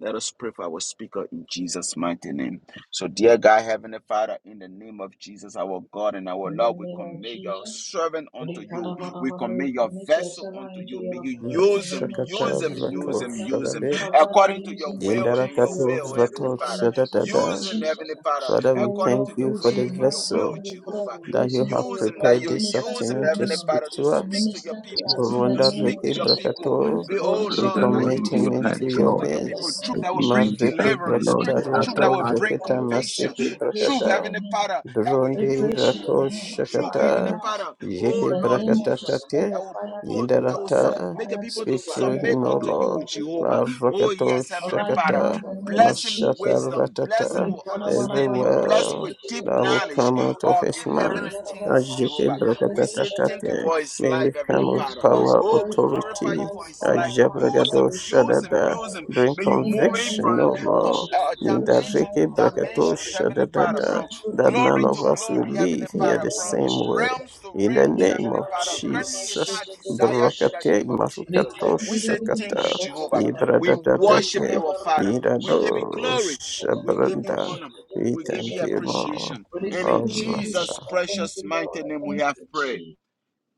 Let us pray for our speaker in Jesus' mighty name. So, dear God, Heavenly Father, in the name of Jesus, our God and our Lord, we commit your servant unto you. We commit your vessel unto you. May you use him, Mashakata use him, use rato him, use him shadabe. according to your will and your Yendarakato will, Heavenly rato Father. Use shatatata. him, Heavenly Father, Father, we according thank to your you for the way and your will, vessel. Jehovah. that you have Use him that prepared you this use him, afternoon to Heavenly speak Father, to to speak us. to your It's people, been to Burunda speak Riki to your Jesus, the people mercy, Brakato, be- and Oh prophet we of the Lord, that Lord, you commit will into him your speak into hands, your truth to Lord. your people, hands. truth This that will bring evening, this Mariki afternoon, deliverance, Lord, speak we Brakata ask truth that that will Roto Father. bring Rikita conviction, Masiki truth, Brakata. Heavenly Father, that will heal Burundi your Rato people, truth, Heavenly Shakata. Father, oh Yiki Lord Brakata Jesus, Tate. that will put that will sub- Yindarata. make the people to Speak through submit him, O unto you, Lord. Jehovah. Oh Marakato yes, Heavenly Father, Shakata. bless him with Mashata wisdom, bless him Ratata. with understanding, bless him Everywhere with deep that will knowledge come out of of the his heavenly mouth. things, Ajeke Jehovah. We say thank you brakatatatatate. for his May life, we Heavenly come with Father. power, Oh, we glorify you authority. for his life. Use him, Ajabragado use him, shadada. use him. Bring May you move him conviction, from O com- Lord. uh, uh, In the dimension to Nindareke brakato dimensions, Heavenly Father, shadadada. from That none glory to of us will glory, Heavenly live here Father, the from same way. realms to In the realms, name Heavenly of Father. Grant him his Jesus. heart desire in the Brakate name of Jesus. marukato We say thank you, shakata. Jehovah. We worship Ibradadadate. you, our Father. We give you Irado glory. We give you shabranda. honor. We We give thank you you, Lord. appreciation. And in All right. Jesus' uh, precious mighty name we have prayed.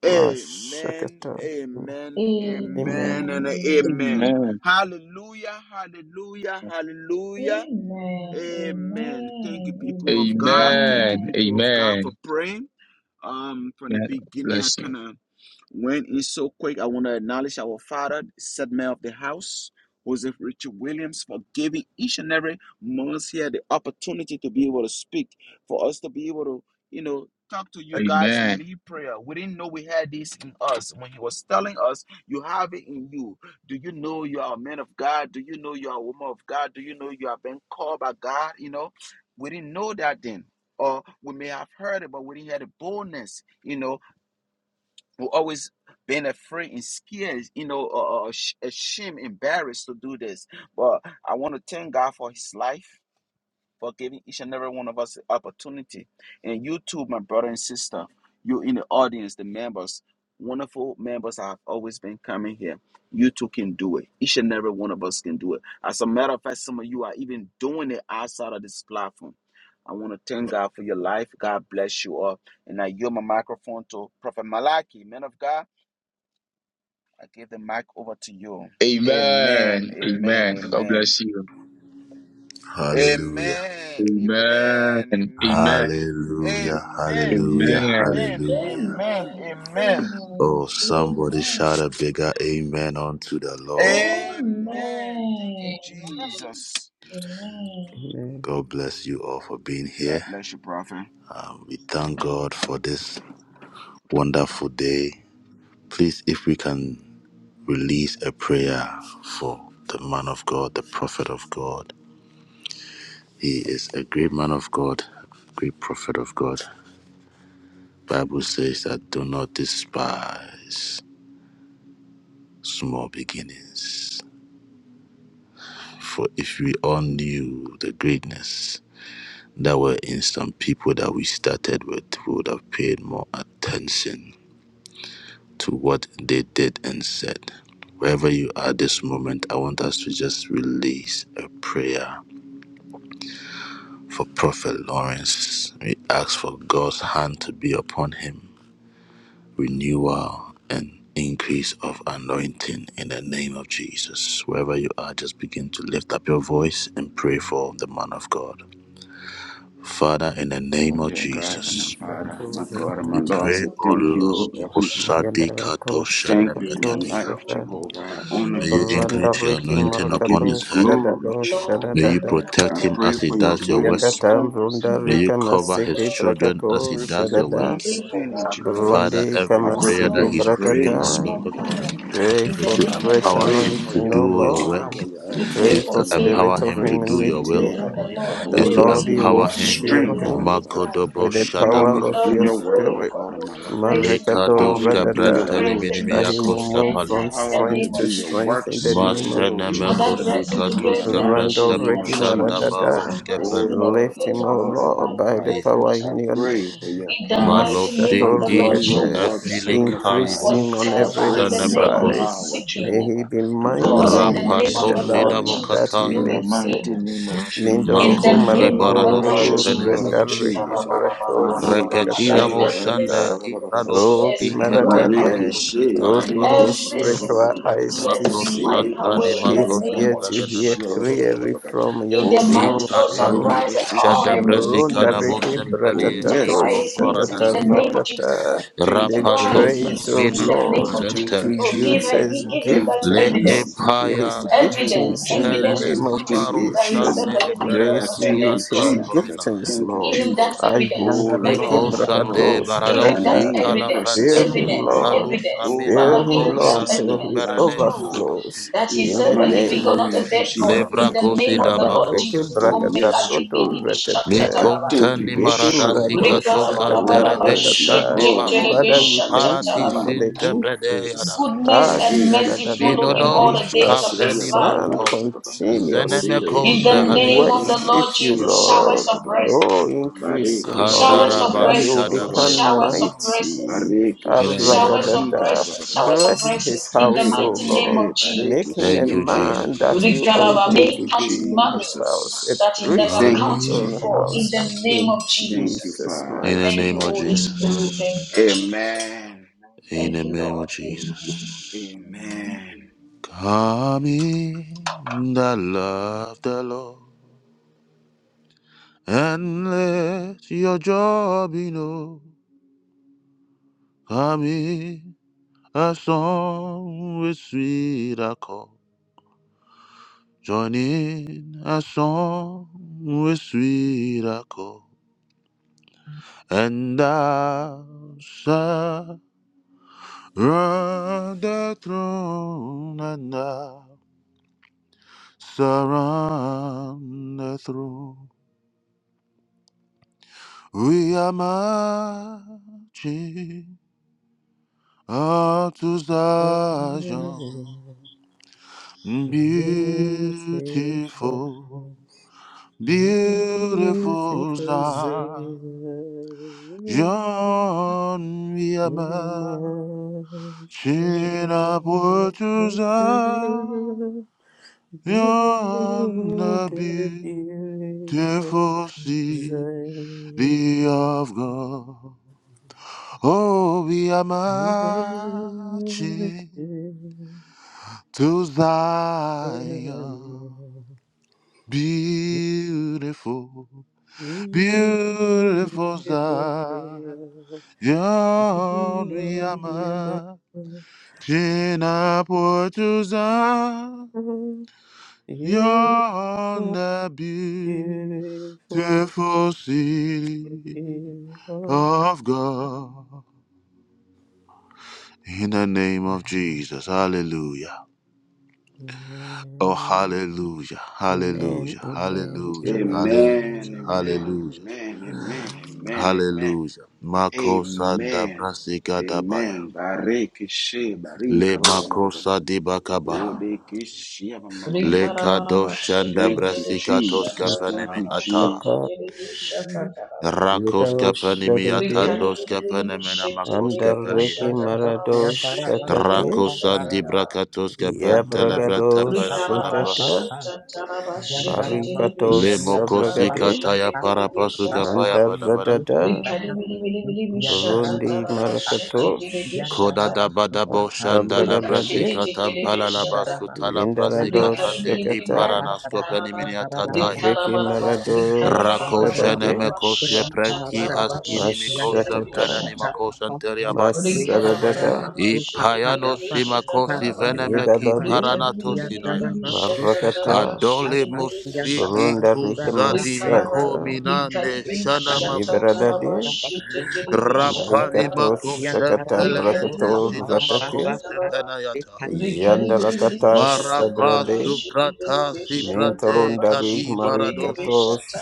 Amen, Mashakata. amen, Amen. amen, and amen. Amen. Hallelujah, hallelujah, hallelujah. Amen. Thank you, people of God. Thank you, Amen. people of God, Amen. for praying. Um, from the Amen. beginning, I Bless you. kind of went in so quick. I want to acknowledge our father, set man of the house, Joseph Richard Williams, for giving each and every month here the opportunity to be able to speak, for us to be able to, you know, talk to you guys and Amen. lead prayer. We didn't know we had this in us. When he was telling us, you have it in you. Do you know you are a man of God? Do you know you are a woman of God? Do you know you have been called by God? You know, we didn't know that then or we may have heard it, but we didn't hear the boldness. You know, we always been afraid and scared. You know, uh, uh, sh- ashamed, embarrassed to do this. But I want to thank God for His life for giving each and every one of us the opportunity. And you too, my brother and sister, you in the audience, the members, wonderful members that have always been coming here. You too can do it. Each and every one of us can do it. As a matter of fact, some of you are even doing it outside of this platform. I want to thank God for your life. God bless you all. And I yield my microphone to Prophet Malachi, man of God. I give the mic over to you. Amen. Amen. Amen. Amen. God Amen. bless you. Hallelujah. Amen. Amen. Amen. Amen. Amen. Hallelujah. Amen. Hallelujah. Amen. Amen. Hallelujah. Amen. Amen. Oh, somebody shout a bigger amen unto the Lord. Amen. Thank you, Amen. Jesus. Amen. God bless you all for being here. God bless you, Prophet. Um, we thank God for this wonderful day. Please, if we can release a prayer for the man of God, the prophet of God. He is a great man of God, great prophet of God. Bible says that do not despise. small beginnings. For if we all knew the greatness that were in some people that we started with, we would have paid more attention to what they did and said. Wherever you are this moment, I want us to just release a prayer for Prophet Lawrence. We ask for God's hand to be upon him renewal and increase of anointing in the name of Jesus. Wherever you are, just begin to lift up your voice and pray for the man of God. Father, in the Oh name of dear God, Heavenly Jesus, Shatu Father, my God and my we Lord, I Rakata. pray, say O thank Lord, you, Heavenly Father. Mosadikato Yadarako Thank you for my Shakato Shenebekadia. life, Shata. Jehovah. I honor May you, you Randa increase Jehovah. your Riki anointing I give upon you Marakato his head. shada glory, lo shada May Jehovah. you dada. protect I him pray as he for your does your own work. Yakata strength, Runda May Rika you Heavenly cover Father. his Masiki children I as Brakato he pray for does your your Shadada. work. understanding, Jehovah. Father, Burundi every I pray for prayer that Kamasiki your he's praying, O grace, Bratata. my Lord, God, my Lord. Pray It is for to I fresh empower pray him for to anointing, your O do your Lord. work. power, your Pray Is for to anointing, Lord, your empower spirit of him to do grace, your Heavenly will. Father. humility. The Is Oh, to yes, Lord, give you me will the empower him. fill strength, Heavenly him Father. Makodobo with the Empower me power Shadaba. to of do your your work, my spirit. God and my Lord. Empower Marekato me to Lekadoska do your to radada. Prantani pray will, is the That he Jehovah. nation will this Minimiakoska move end Palia. time from in Empower the me to strength name to of do your Jesus. strength in the works and your name of will, Masana Father, Jehovah. Jesus. bless him Makosika to In the bless Toska the mighty nation Rando in Prandabo name the Reki of name of Jesus. Jesus. Maradada. Shandabaroska Bless Oh, him in every Lord, Lift my him, area O of God, his Lord, Heavenly life to by the Father. bless Palia. the power I nation. in your name. pray for your In the power mighty name Malosi of to Mashato the Lord do is your Rakete, work, Jesus. Heavenly increase Father. him Aphilikalibos. on I every Whatever pray in the for your name of he is side. Sanabrakosi. power, seeking. May he Jehovah, be to do God, in your the mighty name in works, of the the Rapatosina Lord Jehovah, land that Jesus, he do Mokataya. in the it for lives him. mighty in. name of In Jesus, Mindoroku the Makoski name in of the the Baranoski Lord Marako precious blood of Jesus, Penemenias. uh, Rendariki uh, uh, Jesus. Barato uh, uh, Bareke uh, Shakata Reketina let she, every moshanda barika, Ratata ba- ba- ba- secret ba- ba- ibranos ba- ba- ba. Oki tears be wiped ikatene away. bareke Maradade mekos she, itala open bareke paros. his Every she, ba- ba- ba- ba- spiritual ba- secret ba- ba- eyes to tears ba. be Makos see, wiped Bodeke santani away in the she, his makos name ear of to bareke kapalene hear she, ba- Jesus. ba- metos. ba- ba- ba- clearly ba- ba. from In your the mighty, Bodeke throne oh, she, Ikatanda surprise room. bareke all moshada she, her ba- ba- ba- needs, ba- Buronda ba- brasikana ba- needs, ba- ba. Riki Oh, mosempelie yes, Bratatato surprise iko my his God needs and in Shakata my the faradas. name Lord. of Jesus. I Ratata. thank The you, Rapatos Surprise me grace, O in Jesus. the minatos name I Lord, of thank to Jesus. you, Oh, entelis. give use him, His he Jesus. I give him thank that you, Le giftings, evidence. Jesus His epayas thank you, Evidence, giftings in the evidence umpelene Jesus. to name I of prove thank timaro you, that Jesus. he's a Jesus. shande living God, I Grace not to a beredeski thank dead you, use His God. Jesus. I antantominai. giftings, thank you, Give Lord. him that Jesus. evidence, Oh, Ajandariki Lord, Niko evidence. my Brakato Shande God, Give I him that Baradosin Shadada. need your Tala evidence, presence Fill in my him, Prateski evidence, life. Lord. Palus evidence. Oh, Fill Aminan Father, your give him, Ko him that Lord, presence in till Shande my evidence he to life, Berane prove Shanda Jehovah. overflows. that he In In the the served a mighty living name God, of not name a of dead God. In Lebra Jesus. Jesus, the Kosi name Heavenly of the Father. Lord Damako Kabareke Jesus. Oh, Oh, make Santalis a yes, brakataroto living, living, Jehovah. shut, shut, I retete. Mikon thank you, Tani Yeke Maradasi Goodness Yeshua. maradosh Kato shakata Oh, Santerebe yes, my ratata. Shandi God and my Father, Maroski we Lord, in thank Parati the you for name of the Jesus. increase. Sintebredeyada Ah, and mercy Borekeshe follow shadadadada. him all the Minonos days As of your Badekeshe his Kapeni son life. Mantos Zenemeko continuously In the Borekeshe name Zeradis of the worship Lord you, Badekeshe Jesus, showers Lord. of Oh, blessings, increase in love, showers Badekeshe of Kandaraba that he will Barika blessings, Shadabaya become showers of blessings, mighty. Ah, In the ra, Barekeshe name da, of showers da, of Barika da. blessings, Jesus showers of Bless his blessings. In the house, O mighty name Lord. Barekeshe of Make Jesus, him a Thank you man Barekeshe that you own Oh, Jesus Rigaraba him thank may to you, count be in his money house, a Jesus. that he never priest Come in Thank you, his counted own in before in house. the Jesus. name In of Thank you, Jesus. Jesus' in Father. the mighty Thank name you, of Holy name. Spirit. Thank you, Jesus. Jesus. Amen. In Thank the you, name of Lord. Amen. Jesus. Amen. Come in the love the Lord. And let your joy be known. Come in a song with sweet accord. Join in a song with sweet accord. And thou On the throne and now surround the throne. We are marching up to Zion. Beautiful, Beautiful, beautiful beautiful Zion. Zion. We are You're marching my shelter. upward to Zion. You're the Yon, The beautiful Beautiful city Zion. of God, oh, we are You're the marching to Zion. Beautiful, Beautiful, Zion. beautiful Zion, we are You're my shelter. marching upward to Zion, You're my the beautiful beautiful city Zion. of God. In the name of Jesus. Hallelujah. Oh, Amen. hallelujah. Amen. Hallelujah. Amen. Hallelujah. Amen. Hallelujah. Amen, amen, Hallelujah. amen, amen, Amen. amen, Hallelujah. amen, Makosa da amen, brasika dabaya. amen. Bareke she, Le barika, ba- ba- ba- ba- ba- makosa di bakabaha. bodeke she, ba- ba- ba- ba- ba- Le ba. Rikarabaraba kadoshanda Thank you, shetetelebe brasika toska Jesus. Thank panemi you, shatataraba Jesus. ata. Makaka shetetelebe shatataraba. Rakoska Yidao panemi Shadade atandoska Rikaribilibili panemena makoska shetetelebe pelie. Andareki shatataraba Marado shetetelebe Shatate Rakosa di shatataraba. brakatoska pentela brata Yabragado Rikara palapalapa. Shatata Marikato Le mokosi Sabragade kataya para Lemokosikataya parapasukapaya padabada. Mantaradada Burundi Marakatosh Kodada badabo Yandara shanda Sabragadade labrasika tampala Baraba, labasuta Yad labrasika Yendarado Baraba, tande Shakata Ripan iparanasko Baraba, and peniminia Baraba, tataya. Mariki Yad Baraba, Marado Rako Wabaraba, Shadade sheneme Roy, kosye preki Baraba, askini Yad mikosem Baraba, Mashatata peleni makosem Kapapa, teriabaya. Ripan Baraba, Masaradada Rupa Ipayano Parapa, simakosi veneme ki Paraba, Yedababe Rikari biri paranato biri biri sinaya. bishata taraba Marakata Adole shikete mosi bishata. iku Burundarika Rikaraba zadimiko Masata mina rikari neshana bishata makosaya. taraba Yedradade shikete bishata Rapani Marikato taraba. makosem Shakata Rikari pelenete biri biri Brakato sinama bishata Ratate koske taraba. penayata. Rikari biri biri Yandarakata bishata Yandara Marapa taraba Sabrade shikete suprata bishata siprate taraba Mintorundarik kadi shikete baradosa. Marikato bishata.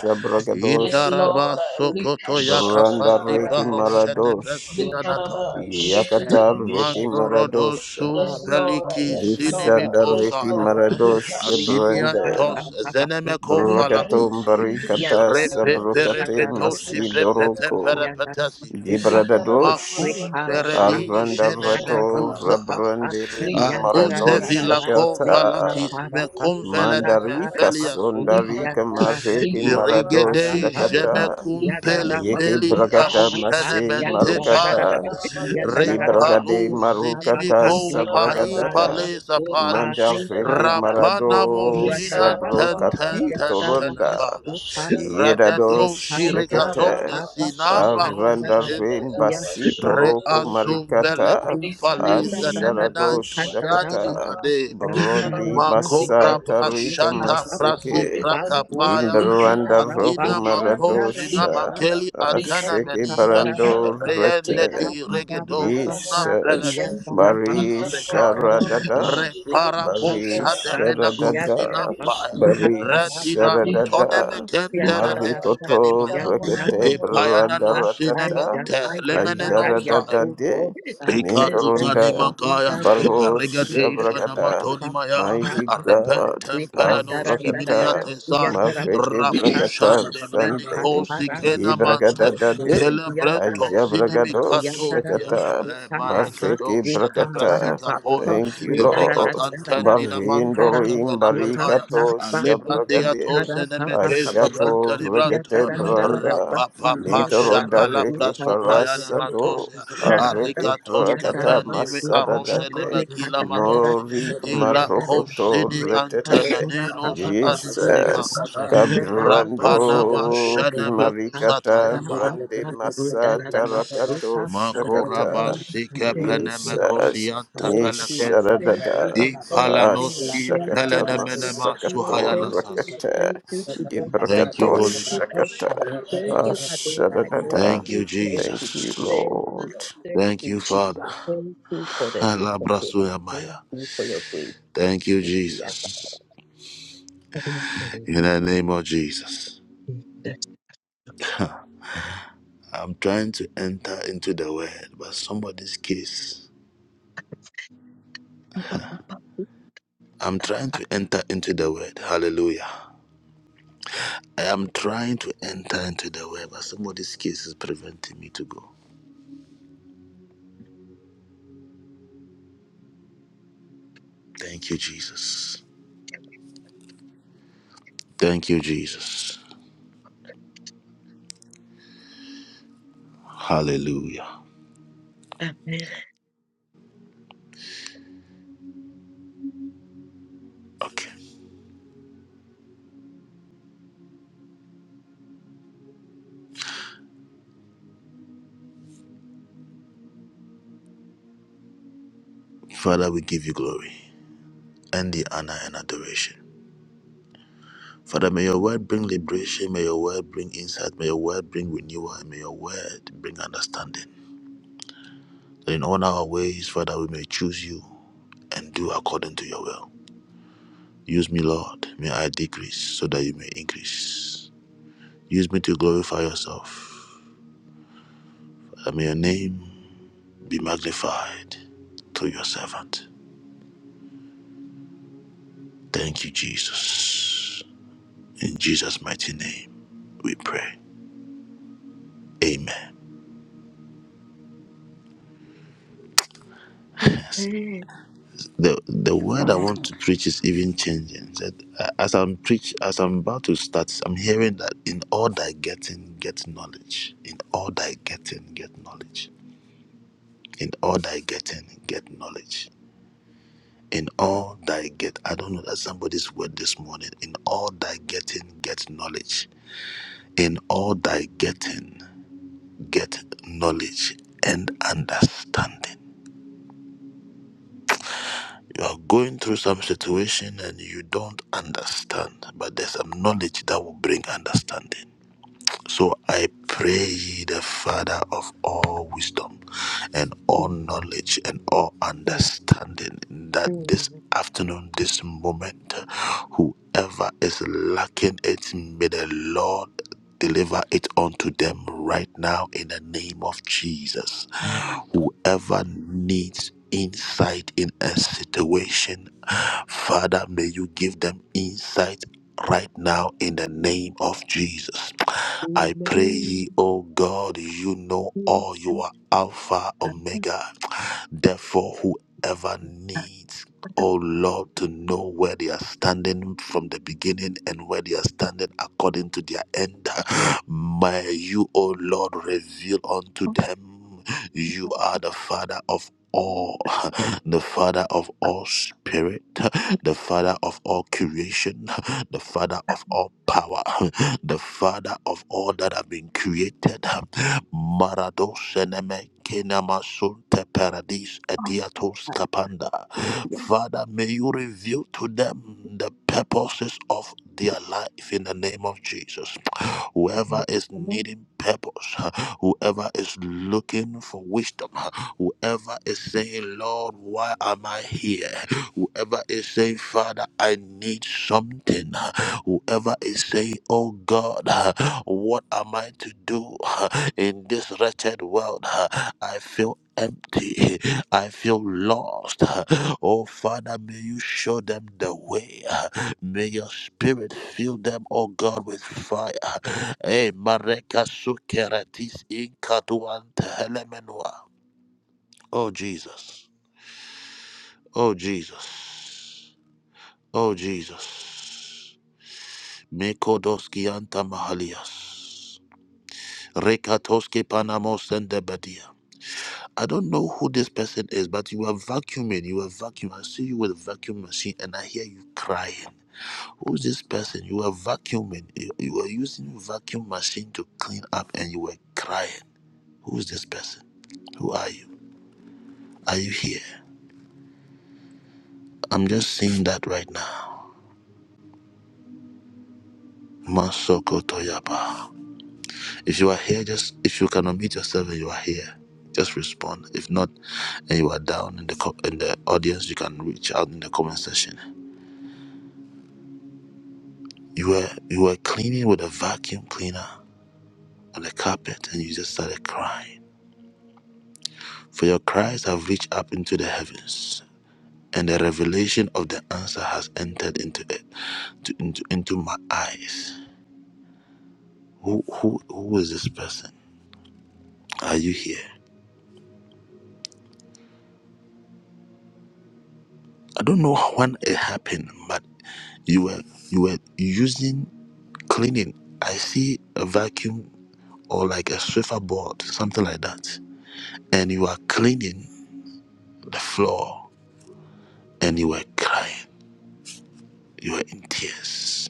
Yes, Indaraba Lord. sokoto Rikashata yakapandi taraba. Brandariki baho shete Maradosh Rikaraba preskinanata. shikete Yakatar Ricky bishata. Maradosha. Mandorodosu Yes, Lord. peliki Yes, Lord. Dishanda Yes, Ricky sinimikosaya. Lord. Rika Maradosha shata Brenda. daraba. Aviniantos zenemeko Rika Brokatum falatisi. dibi Barikata shata Yandana Repe daraba. Masuka Sabrokate Shete dibi perepetosi Tarada, shata prepete daraba. Masidoroko. Yandana perepetesi. Masuka, Rika raba raba raba Gibradadosh. raba. Shete Rikara, Macumberedi Aranda dibi Yandana shata Rato daraba. Masuka, Genemecusa. Rabrandi Ricky Uh, Rika Yandara dibi dibi Maradosha Osevila shata daraba. Kata. Convalatis Shete Rikara, dibi shata Pasuka, Meconvelene Yandara daraba. Mandarika Mefelia Masuka, Rika Sunta. Sundarika dibi Yandara Mariki rika Masuka, raba Marado Irigede rika dibi Shakata rika Yandara, Yandara, Gemecumpele dibi Yeke Peli rika Pasuka, Bragata shete Arupene Masi dibi shata Marukata daraba. Yes, Lord. yibragade Repalu zinimi Marukata Rikara, kompai Sabragadata palesa pari. Pasuka, Mandariki Rikarabarabarabashititiribishatataraba. Rapana Marado Rikara, mosina Sabro ten ten kapito ten ten Randarabasi, Ronda akada. Opa, Yedado Radado opa, Rikarabarabarabashititiribishatataraba. para, shirikazon Shakata de papa, sinamba opa, da, da, rosi da, da, hende. Avrandarim ya, Rikarabarabarabashititiribishatataraba. Basito da, da, Shititiribi. Roko opa, opa, Reasum opa, bele Marikata Likari da, bili da, kumfaliza da, bili da, bili demenan Asharado bili shanta tozadi bi Shakata jaraba. opa, ade. da, da, da, da, Likaraba, Burundi da, da, da, Massa likaribu, Makoraba Tarika da, da, opa, opa, shata para, likaraba, prasi Masike pa, likaribu, osi, pratapaya ki, da, Jimberanda likaraba, da, pa, Roku adina pa, likaribu, da, da, makozina pa, Maradosha pa, likaraba, pa, makeli atana opa, likaribu, Ashiki pa, da, da, menia da, da, Barando likaraba, da, reende Rete di likaribu, opa, pa, da, pa, regedo pa, likaraba, zunam pa, Jesus ya, da, pelanis likaribu, da, pa, Bari untala likaraba, opa, bekaya da, da, raba, pa, pa, raba, Sharadada shiti repara jaribu po shanta opa, Bari pa, shate jaraba, pa, pa, menako shiti ya, da, da, Sharadada pa, jaribu sinampaya shanta opa, Bari jaraba. da, da, pa, redina pa, tone Likaribu, Sharadada mekendera likaraba, Yandarararara, Marikoto deskanimaya likaraba, raba, Rekete raba, epayana Branda yandarabasokapa, no Ratata ayam, sinemente lemene no sa Ajaradada ayabarayabuho, De Ancestors, Ikatuzani Mintorunda in makaya the name of Baruch Jesus, regadesha Shabrakata, namatoni maya mighty mapaparapapa, God, we arepentempelanoski yandararararara, Avrakata, miniatesai Mafeke yandarabasokapa, Brakata raposhande Shante, menikosi yakaparapapa, kenamante Yibrakata oh, Dade, kelebrento yandarararara, Ayabragado sinimikatozia Shakata, eh, maya yandarabasokapa, Mafeke we kedosha da Brakata. brasika kabarapa, poya Thank you, we Lord. dararararara, regatantendina mantos yandarabasokapa, Barindorim kepenamataya Zada Barikato Baku alebrandia Shabragade, patara, tosene papa, mekesa Ba- branta Ashato Kia da libranta Rekete da da da da Branda, ba- rapapapa da Mintoro da ba- shapala Dareke Ba- Ba- prasopaya Parasato, namatosia Tararara, Arreke Arigatos prakata yandarara, kapanime rekapa, arosheneme masadadate, kila rekadararara, madosi morik ila yandarara, marokoto kosini retete, rekadara, antenenelos papapa, rekapa, Jesus, adiminikaros yandarara, rapanama kabrando rekapa, sheneme kusata kimarikata And rekadara, yaba rande papapa, rudararara, masata rakato rekapa. shakata, Oh, makorabasi Thank you, kepleneme Lord. Jesus, kosiyante Thank you, pelekes thank you, misharadada, Lord. Thank you, ipalanos Lord. ashakata Thank ipelenemenema you, Lord. masakato Thank you, Lord. Thank you, suhayalasas Lord. Thank rakete, you, Jehovah. Thank you, gibrakato Thank Holy you, El Ghost. shakata, Shaddai. Thank you, Adonai. Thank ashadadada. Thank you, you, thank you. Thank you, Jesus. Thank you, Lord. Lord. Thank Thank you, you, Jesus. Father. Thank you [LAUGHS] for the gift of life. Thank Alabrasuyamaya. you for your grace, Master. Thank you, Thank you Abba. Jesus. Thank you, Lord. In the name of Jesus. Thank you, I'm trying to enter into the word, but somebody's case. Abba. I'm trying to enter into the word. Hallelujah. I am trying to enter into the word, but somebody's case is preventing me to go. Thank you, Jesus. Thank you, Jesus. Hallelujah. Thank you, Okay. Father, we give you glory and the honor and adoration. Father, may your word bring liberation. May your word bring insight. May your word bring renewal. And may your word bring understanding. that In all our ways, Father, we may choose you and do according to your will. Use me, Lord. May I decrease so that you may increase. Use me to glorify yourself. And may your name be magnified through your servant. Thank you, Jesus. In Jesus' mighty name, we pray. Amen. the the word I want to preach is even changing. Said uh, as I'm preach as I'm about to start, I'm hearing that in all thy getting, get knowledge. In all thy getting, get knowledge. In all thy getting, get knowledge. In all thy get, I don't know that somebody's word this morning. In all thy getting, get knowledge. In all thy getting, get knowledge and understanding. you are going through some situation and you don't understand, but there's some knowledge that will bring understanding. So I pray ye the Father of all wisdom and all knowledge and all understanding that this Lord. afternoon, this moment, whoever is lacking it, may the Lord deliver it unto them right now in the name of Jesus whoever needs insight in a situation. Father, may you give them insight right now in the name of Jesus. I pray ye, O God, you know all you are Alpha, Omega. Therefore, whoever needs O Lord, to know where they are standing from the beginning and where they are standing according to their end. May you, O Lord, reveal unto them. You are the Father of all, [LAUGHS] the Father of all spirit, [LAUGHS] the Father of all creation, [LAUGHS] the Father of all power, [LAUGHS] the Father of all that have been created. [LAUGHS] Marado seneme kenama sunte paradis adiatos kapanda. Father, may you reveal to them the purposes of their life in the name of Jesus whoever is Amen. needing purpose, huh, whoever is looking for wisdom, huh, whoever is saying, Lord, why am I here? Whoever is saying, Father, I need something. huh, Whoever is saying, Oh God, huh, what am I to do huh, in this wretched world? huh, I feel empty. I feel lost. huh, Oh Father, may you show them the way. huh, May your spirit fill them, O God, with fire. Eh, Mareka sukeratis inkatuante helemenua. Oh Jesus. Oh Jesus. Oh Jesus. Mekodoski anta mahalias. Rekatoski panamos and debadia. I don't know who this person is, but you are vacuuming. You are vacuuming. I see you with a vacuum machine and I hear you crying. Who's this person? You were vacuuming. You you were using vacuum machine to clean up and you were crying. Who's this person? Who are you? Are you here? I'm just seeing that right now. Masoko Toyapa. If you are here, just if you can unmute yourself and you are here, just respond. If not, and you are down in the co- in the audience, you can reach out in the comment section. You were you were cleaning with a vacuum cleaner on the carpet and you just started crying. For your cries have reached up into the heavens. and the revelation of the answer has entered into it to, into into my eyes who who who is this person are you here i don't know when it happened but you were you were using cleaning i see a vacuum or like a swiffer board something like that and you are cleaning the floor and you were crying you were in tears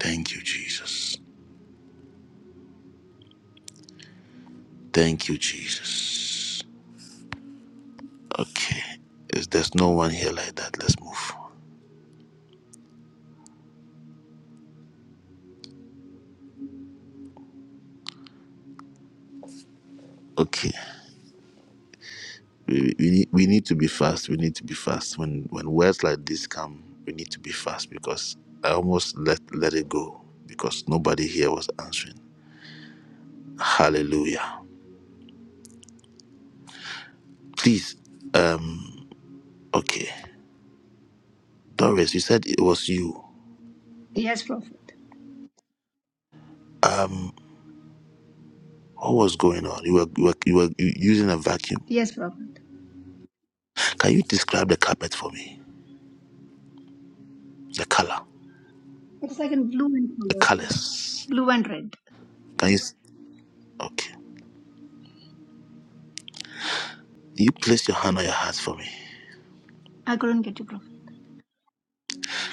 thank you jesus thank you jesus okay if there's no one here like that let's move Okay. We, we, need, we need to be fast. We need to be fast. When when words like this come, we need to be fast because I almost let let it go because nobody here was answering. Hallelujah. Please, um, okay. Doris, you said it was you. Yes, Prophet. Um, what was going on? You were you were, you were u- using a vacuum. Yes, Prophet. Can you describe the carpet for me? The color, It's like in blue and the color, Prophet. colors. Blue and red. Can you? s- Okay. You place your hand on your heart for me. I couldn't get you, Prophet.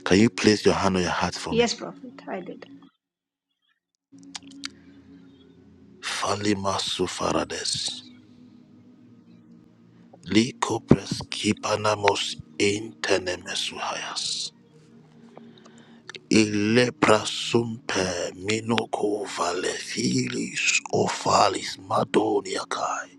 Can you place your hand on your heart for me? Yes, Prophet. I did. Falima sufarades. Likopres kipanamos intenemesuhayas. Ileprasumpe minoko valefilis ofalis madoniakai.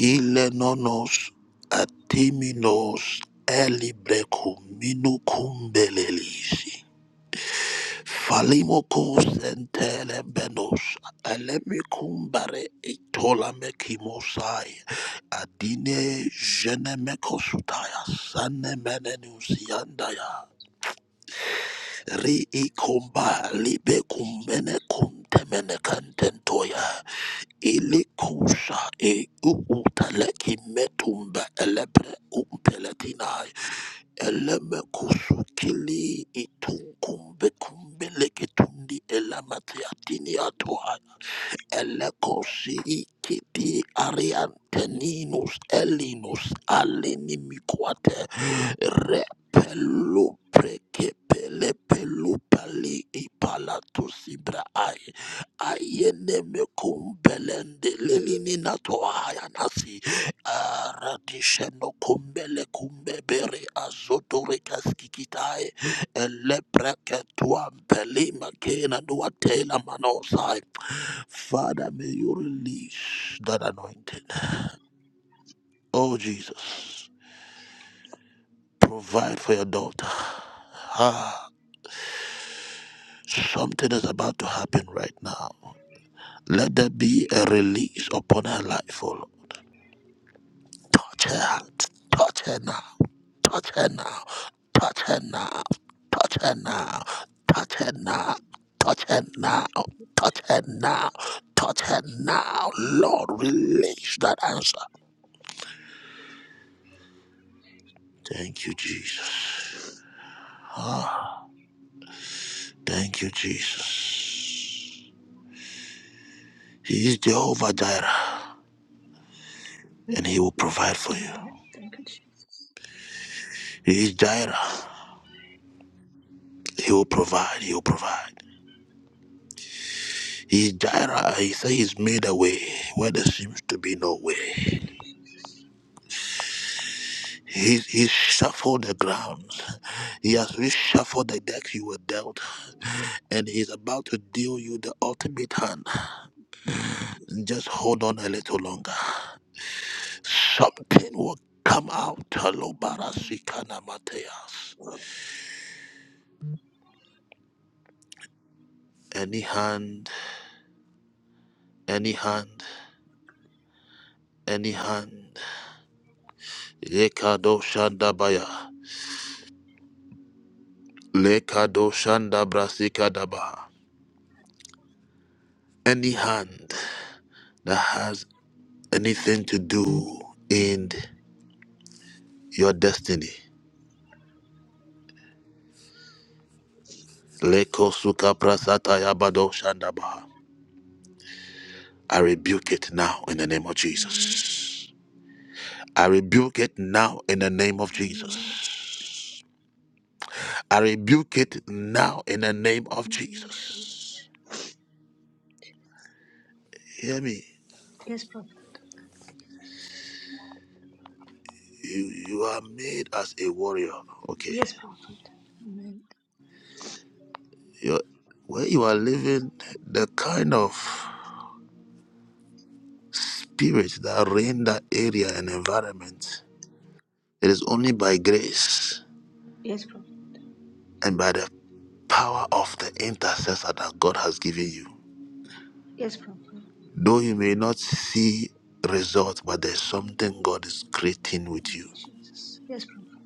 Ilenonos atiminos elibrekum minukum belelisi. Falimokos and Telebenos, Alemikumbare Itolamekimosai, Adine Jenemekosutaya, Sanemenenusiandaya, Riikomba Libekumbene Kuntemene Kantentoya, Ilikusa E Uutaleki Metumba Elebre Umpeletina Eleme kusukili itunkumbe kumbeleke tundi elamati atini atoa Elekosi ikiti arianteninus elinus alinimikwate repelu prekepele pelu pali ipalatu sibra ai ayene mekumbelende lelini natohaya nasi aradishe no kumbele kumbebere azotore kaskikitai Father, may you release that anointing. Oh, Jesus, provide for your daughter. Ah, something is about to happen right now. Let there be a release upon her life, oh Lord. touch her, touch her now, touch her now, touch her now, touch her now, touch her now, touch her now, touch her now, touch her now. Lord, release that answer. Thank you, Jesus. Ah, thank you, Jesus. He is Jehovah Jireh, and He will provide for Amen. you. Thank you, Jesus. He is Jireh. He will provide. He will provide. He is Jireh. He says He's made a way where there seems to be no way. He, he shuffled the ground. He has reshuffled the deck you were dealt, and he's about to deal you the ultimate hand. Just hold on a little longer. Something will come out. Alobarasikanamateas. Any hand, any hand, any hand. Lekado shandabaya. Lekado shandabrasikadabaha. Any hand that has anything to do in your destiny Leko suka prasata yabado shandabaha. I rebuke it now in the name of Amen. Jesus. I rebuke it now in the name of Amen. Jesus. I rebuke it now in the name of Amen, Jesus. Jesus. Hear me. Yes, Prophet. You you are made as a warrior. Okay. Yes, Prophet. Amen. You're, where you are living, the kind of spirit that reign that area and environment, it is only by grace Yes, Prophet. and by the power of the intercessor that God has given you. Yes, Prophet. Though you may not see results, but there's something God is creating with Thank you. you, Jesus. Yes, Prophet.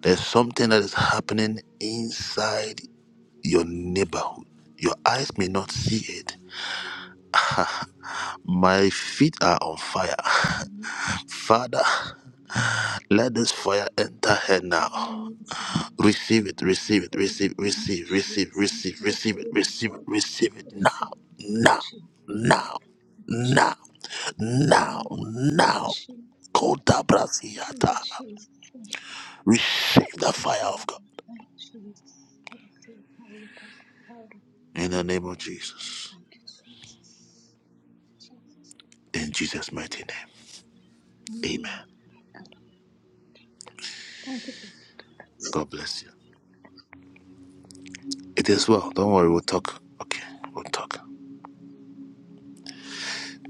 There's something that is happening inside your neighborhood. Your eyes may not see it. My feet are on fire. Amen. [LAUGHS] Thank Father, you, Jesus. let this fire enter her now. Amen. Receive it, Receive it, receive it, receive, Lord. receive, Receive it, receive, receive, Lord. Thank you, Jesus. receive Receive it, it, receive it, Lord. receive it Receive now, it. Thank you, now, Jesus. now, Thank you, now, Jesus. Thank now, you, Lord. Thank you, now. Jesus. Kota Thank Brasiata. you, Jesus. Thank Receive the you, fire of God. Jesus. Thank you, Jesus. I receive power, God. Power. In the Thank name of Jesus. you, Jesus. Jesus. In Jesus' mighty name. Hallelujah. Amen. Thank you, God Lord. bless you. It is well. Don't worry, we'll Yes, talk. Okay, we'll talk.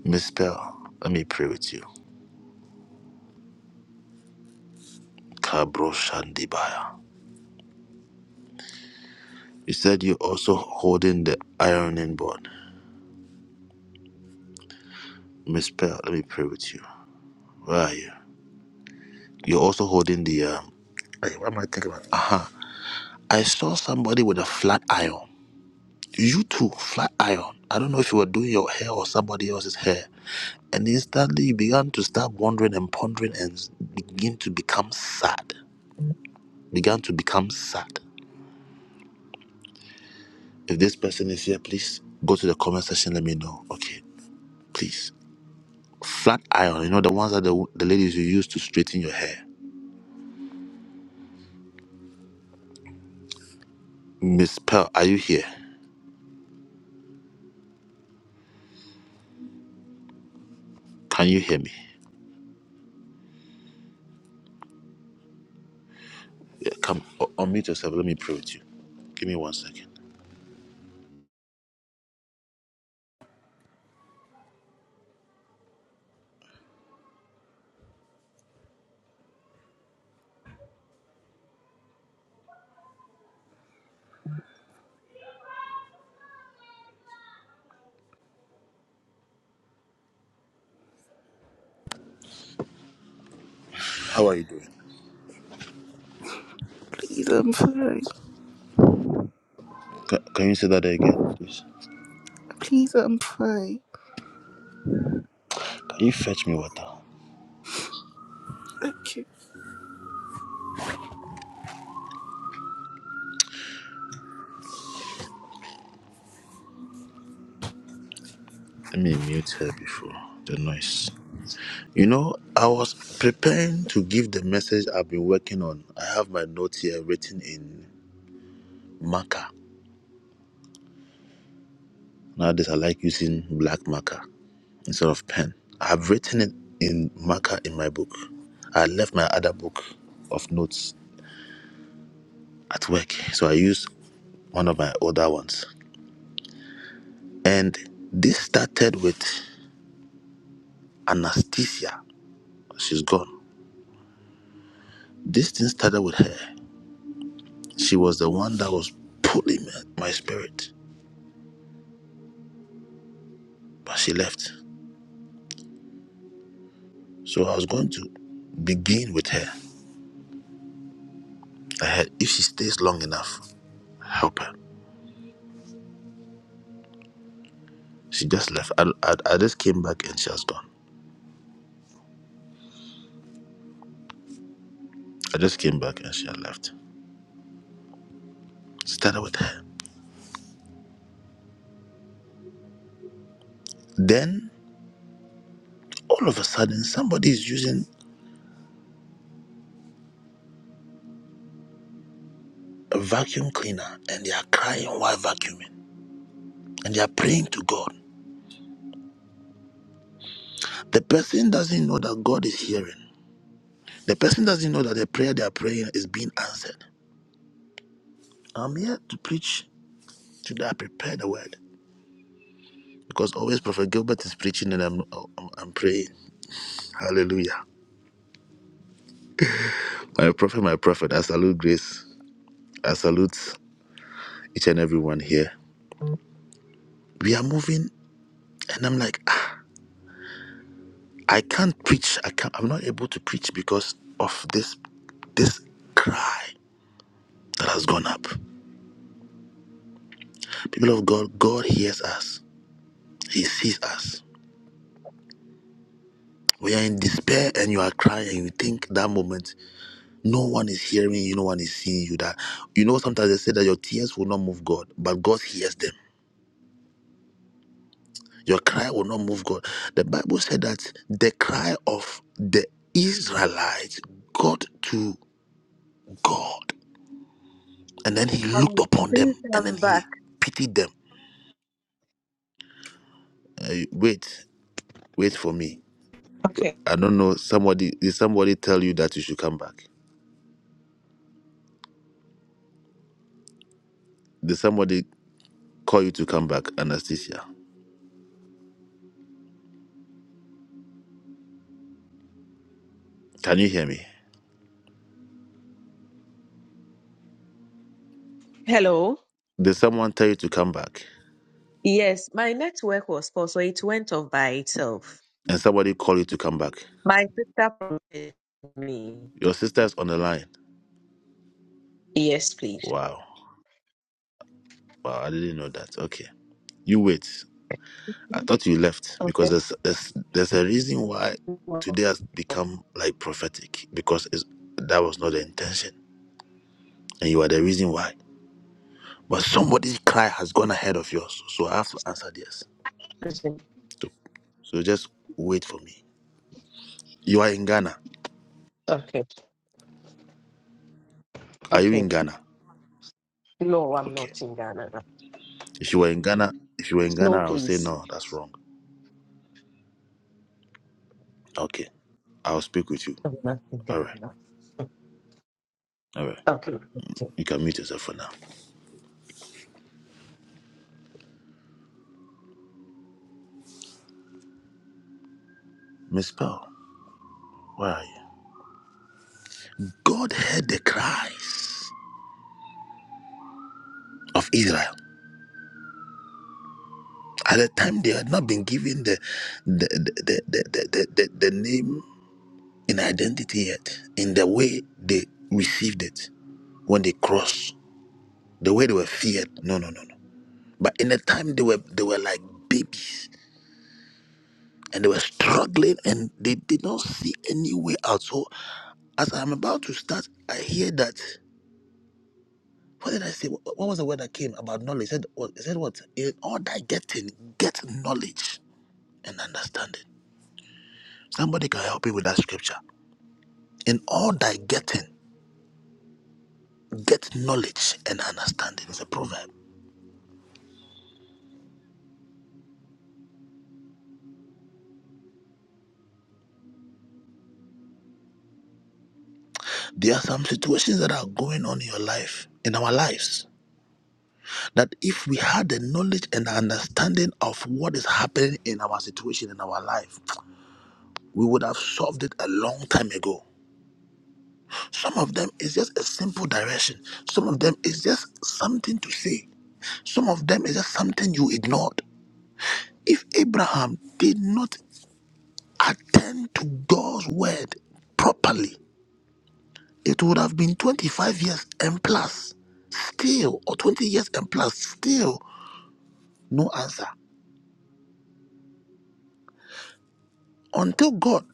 Miss Bell, let me pray with you. Kabro Shandibaya. You said you're also holding the ironing board. Miss Pearl, let me pray with you. Where are you? You're also holding the. Um, hey, what am I thinking about? Uh huh. I saw somebody with a flat iron. You too, flat iron. I don't know if you were doing your hair or somebody else's hair. And instantly you began to start wondering and pondering and begin to become sad. Began to become sad. If this person is here, please go to the comment section. Let me know. Okay, please. Flat iron. You know the ones that the, the ladies you use to straighten your hair. Miss Pearl, are you here? Can you hear me? Yeah, come, u- unmute yourself. Let me pray with you. Give me one second. How are you doing? Please and pray. Can, can you say that again, please? Please and pray. Can you fetch me water? Thank you. Let me mute her before the noise. You know, I was preparing to give the message I've been working on. I have my notes here written in marker. Nowadays, I like using black marker instead of pen. I've written it in marker in my book. I left my other book of notes at work, so I used one of my older ones. And this started with Anastasia. She's gone. This thing started with her. She was the one that was pulling me- my spirit, but she left. So I was going to begin with her. I had, if she stays long enough, help her. She just left. I, I, I just came back and she has gone. I just came back and she had left. Started with her. Then all of a sudden, somebody is using a vacuum cleaner and they are crying while vacuuming and they are praying to God. The person doesn't know that God is hearing. The person doesn't know that the prayer they are praying is being answered. I'm here to preach today. I prepare the word because always Prophet Gilbert is preaching and I'm I'm, I'm praying. Hallelujah. My prophet, my prophet. I salute grace. I salute each and everyone here. We are moving, and I'm like, ah, I can't preach. I can't. I'm not able to preach because of this this cry that has gone up. People of God, God hears us. He sees us. When you're in despair and you are crying and you think that moment, no one is hearing you, no one is seeing you. That you know sometimes they say that your tears will not move God, but God hears them. Your cry will not move God. The Bible said that the cry of the Israelites got to God. And then he looked upon them and then he pitied them. Uh, wait, wait for me. Okay. I don't know. Somebody did somebody tell you that you should come back? Did somebody call you to come back, Anastasia? Can you hear me? Hello. Did someone tell you to come back? Yes, my network was poor, so it went off by itself. And somebody call you to come back? My sister prompted me. Your sister's on the line. Yes, please. Wow. Wow, I didn't know that. Okay. You wait. I thought you left because Okay. there's there's, there's a reason why today has become like prophetic because it's, that was not the intention and you are the reason why. But somebody's cry has gone ahead of yours, so I have to answer this. So, so just wait for me. You are in Ghana. Okay, Are you okay. in Ghana? No, I'm not Okay. in Ghana. now. If you were in Ghana, if you were in Ghana, No, I would say please. no, that's wrong. Okay. I'll speak with you. I'm not in All Ghana. right, now. all right. Okay, You can mute yourself for now. Miss Pearl, where are you? God heard the cries of Israel. At the time, they had not been given the the the the the, the, the, the name and identity yet. In the way they received it when they crossed, the way they were feared. No, no, no, no. But in the time they were they were like babies and they were struggling and they did not see any way out. So as I'm about to start, I hear that. what did I say? What what was the word that came about knowledge? It said what? It said what? In all thy getting, get knowledge and understanding. Somebody can help you with that scripture. In all thy getting, get knowledge and understanding. It's a proverb. There are some situations that are going on in your life, in our lives, that if we had the knowledge and the understanding of what is happening in our situation in our life, we would have solved it a long time ago. Some of them is just a simple direction. Some of them is just something to say Some of them is just something you ignored. If Abraham did not attend to God's word properly, it would have been 25 years and plus, still, or 20 years and plus, still no answer. Until God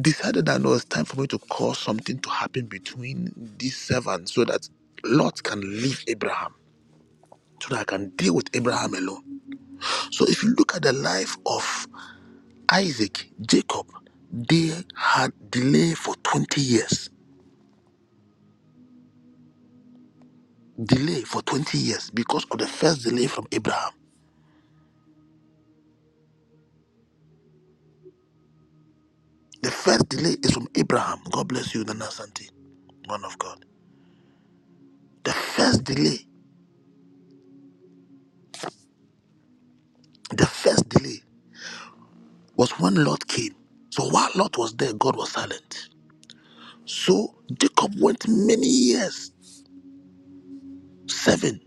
decided that no, it's time for me to cause something to happen between these servants so that Lot can leave Abraham, so that I can deal with Abraham alone. So if you look at the life of Isaac, Jacob, they had delay for 20 years. Delay for 20 years because of the first delay from Abraham. The first delay is from Abraham. God bless you, Nana Santi, man of God. The first delay, the first delay was when Lot came. So while Lot was there, God was silent. So Jacob went many years, seven.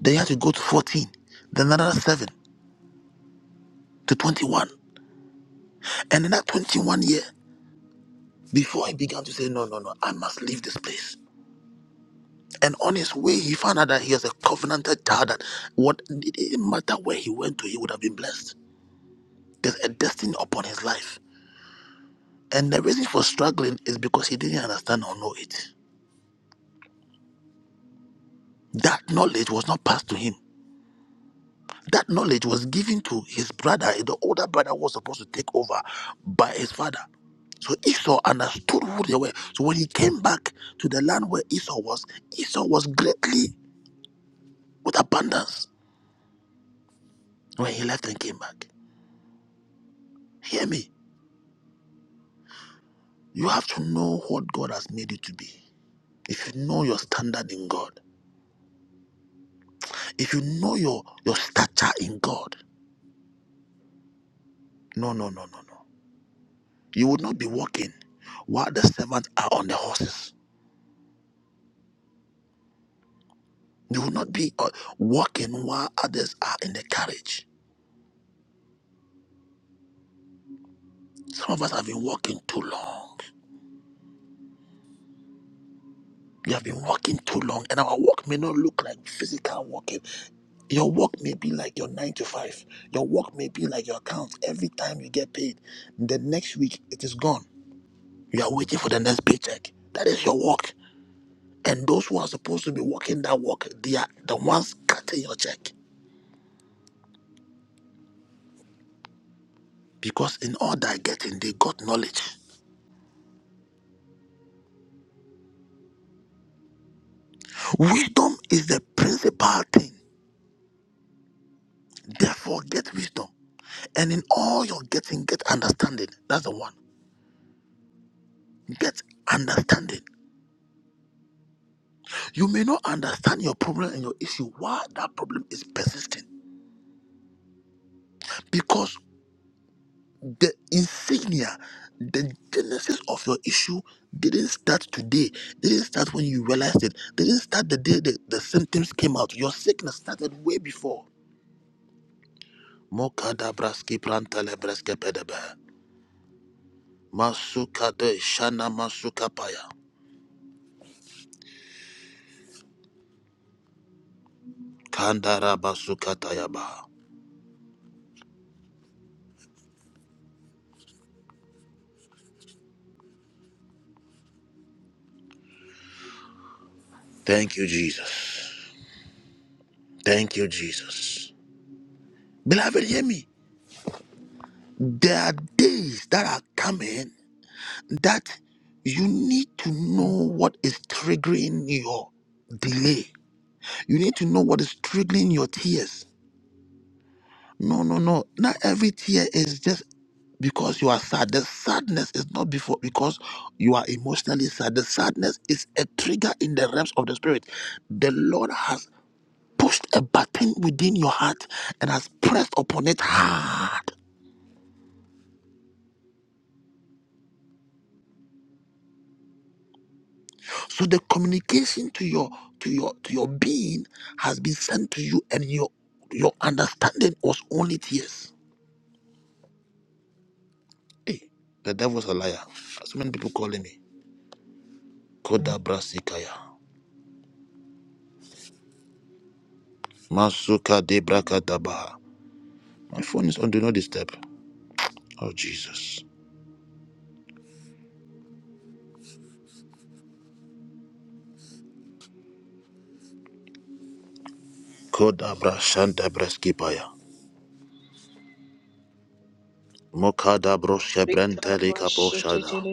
Then he had to go to 14, then another seven to 21. And in that 21 year, before he began to say, No, no, no, I must leave this place. And on his way, he found out that he was a covenanted child. That what it didn't matter where he went to, he would have been blessed. There's a destiny upon his life. And the reason for struggling is because he didn't understand or know it. That knowledge was not passed to him. That knowledge was given to his brother. The older brother was supposed to take over by his father. So Esau understood who they were. So when he came back to the land where Esau was, Esau was greatly with abundance when he left and came back. Hear me You have to know what God has made you to be. If you know your standard in God, if you know your, your stature in God, no, no, no, no, no. You would not be walking while the servants are on the horses. You would not be uh, walking while others are in the carriage. Some of us have been walking too long. You have been walking too long, and our walk may not look like physical walking. Your walk may be like your nine to five. Your walk may be like your account. Every time you get paid, the next week it is gone You are waiting for the next paycheck. That is your work. And those who are supposed to be working that work, they are the ones cutting your check. Because in all that getting, they got knowledge. Wisdom is the principal thing. Therefore, get wisdom. And in all your getting, get understanding. That's the one. Get understanding. You may not understand your problem and your issue, why that problem is persisting. Because the insignia, the genesis of your issue didn't start today, didn't start when you realized it, didn't start the day that the symptoms came out. Your sickness started way before. Mokada braski prantale breske pedebe. Masuka de shana masuka paya. Kandara basuka tayaba. Thank you, Jesus. Thank you, Jesus. Beloved, hear me. There are days that are coming that you need to know what is triggering your delay. You need to know what is triggering your tears. No, no, no. Not every tear is just because you are sad. The sadness is not before because you are emotionally sad. The sadness is a trigger in the realms of the spirit. The Lord has pushed a button within your heart and has pressed upon it hard So the communication to your to your to your being has been sent to you, and your your understanding was only tears. Hey, the devil's a liar. So many people calling me. Koda brasikaya. Masuka de brakadabaha. My phone is on do not disturb. Oh Jesus. Koda brashanta breskipaya. Mokada Rikara broshebrente kaposhada.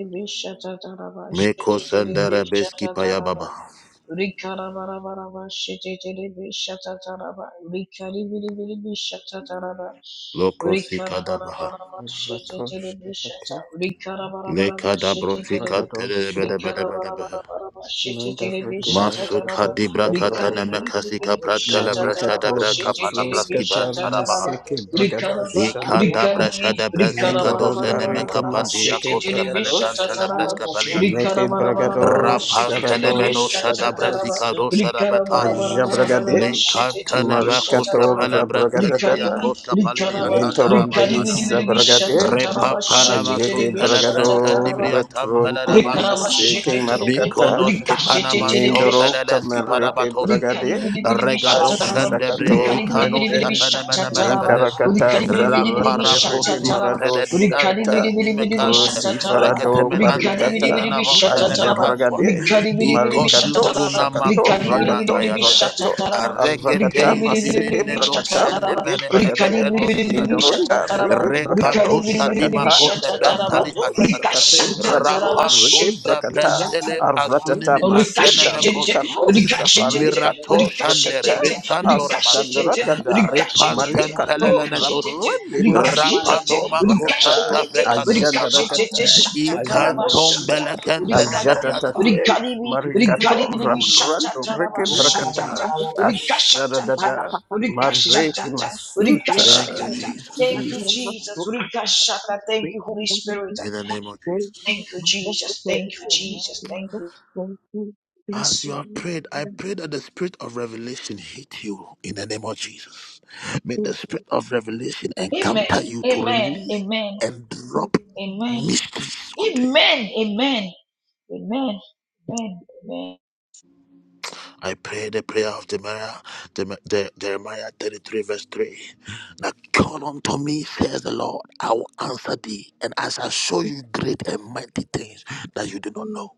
Meko sendere beskipaya baba. Loko sikadabaha. Ratoshakati, Lekada broshikan Rakadoshak, telebede bede bede bede behe. Mandarake, Masuka dibra Marakatosha, Rikara katana Brakati, mekasika pratele brashada Marikato, brakapana braski Vatroskatar, batarabaha. Maseke, Bragadosh, Shande, Ikanda brashada brasika dosene Mendorondarika, mekapandi Maseke, yakoska Bragadosh, pelebrantele breska peliata. Meke, Bragadosh, Rapantene meno Sharadosh, shada brasika Sharadosh, doshara bataya. Ajabragade, Likantene mekoska Marikator, pelebrante dibria Bragadata, koska palimiatanda Mentoronde, rabashada baha. Sabragade, Repapana Ayeke masum bragado pelebrante dibria tampele retronti Rikarama rabasha. maseke shetetelebe, marukata Mikonos kipanaman rikashetetelebe, mindoro tompeleles shatataraba, kamareke kiparabatosia. bragade rikaribiribiribi, Regado shatataraba, ashakato Shandebre, Ikanos rende rikaribiribiribi, shatataraba, Capanemenemerabadesi, Mintarakata rikaribiribi, Zabrande Riki Raparaposim shatataraba, Marado Predadiante, Shakata ribiribi, Nimekante, Brusi shatataraba, Farado rikaribi, Recatemenante, Parikata shatataraba, Hinanavosanemecantua, Ajabragade ribiribi, Marikato shatataraba, Igotusuna Shakato Macosima Rakato Hayade, Rakato shatataraba, Arakata Arregete Maseke rikaribiribiribi, Zininedo Brakata shatataraba, Riki Shenemene and the Brakate Brenosi ribiribi, Antaya, Mindaronda shatataraba, Riki Brakato rikaribiribi, Recatusa Shakata Dimacose shatataraba, Brentali Arato Adiata, Shakate rikashatataraba, Brado Riki Rapantunse shetetelebe. Brentele Brakata Asunimi Thank Masinda you, Rika Atenemecosi. Rosha Parika Mirato Tor Shandere Rekete Besandora Basia Ashandra Dada Arepan Marika Tor Tempelenetosi Rabrande Masika Tor Rapanomako Rakata Santa Ajanda Brecatusaba Rakata Ajanda Ikantom Rakata Belekentenemeniatai. Ajatatate Marika Tor Raprando Reke Thank you, Brakata Jesus. Ashara Dada [LAUGHS] Mareki okay. Yes, Thank Masuta you, yes, In Jesus. yes, yes, yes, Jesus Jesus. look at the sun, Thank we you, can Holy go to Spirit. the In the sun, name of go to the Thank you, Jesus. sun, go Jesus. to Thank the you, sun, Jesus. Thank go you. to the sun. As Bless you your have name. prayed, I bless pray that the spirit of revelation hit you in the name of Jesus. May you, the spirit of revelation Amen. encounter you to Amen. release Amen. and bless you, drop Amen. mysteries unto you. Amen. Amen. Amen. Amen. Amen. I pray the prayer of Jeremiah, Jerem- Je- Jeremiah 33, verse 3. Now call unto me, says the Lord, I will answer thee, and I shall show you great and mighty things that you do not oh know.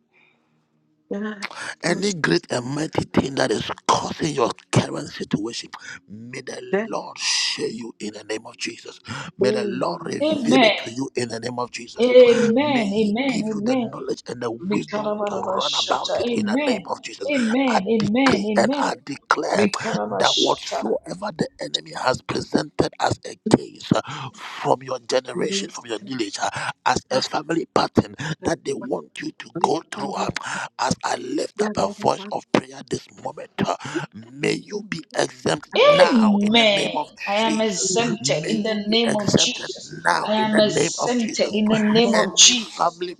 God, God, Any great and mighty thing that is causing your current situation, may the that Lord show you in the name of Jesus. May the all Lord men reveal it Amen. to you in the name of Jesus. May Amen. He Amen. give you the Amen. knowledge and the wisdom to run about Rikarabarabashata. it in the name Amen. of Jesus. I Amen. decree Amen. and Amen. I declare Rikata. that whatsoever the enemy has presented as a case uh, from your generation, let from your lineage, uh, as a us family pattern that they want you to pray. go through. Father, uh, As I lift yeah, up a Lord, I voice want of prayer this moment, to uh, may you be exempt now in the name Amen. of I am Jesus. pray. exempted May in the you be name of exempted Jesus. now I in am the name of exempted Jesus. in the I'm all name of of Any Jesus. family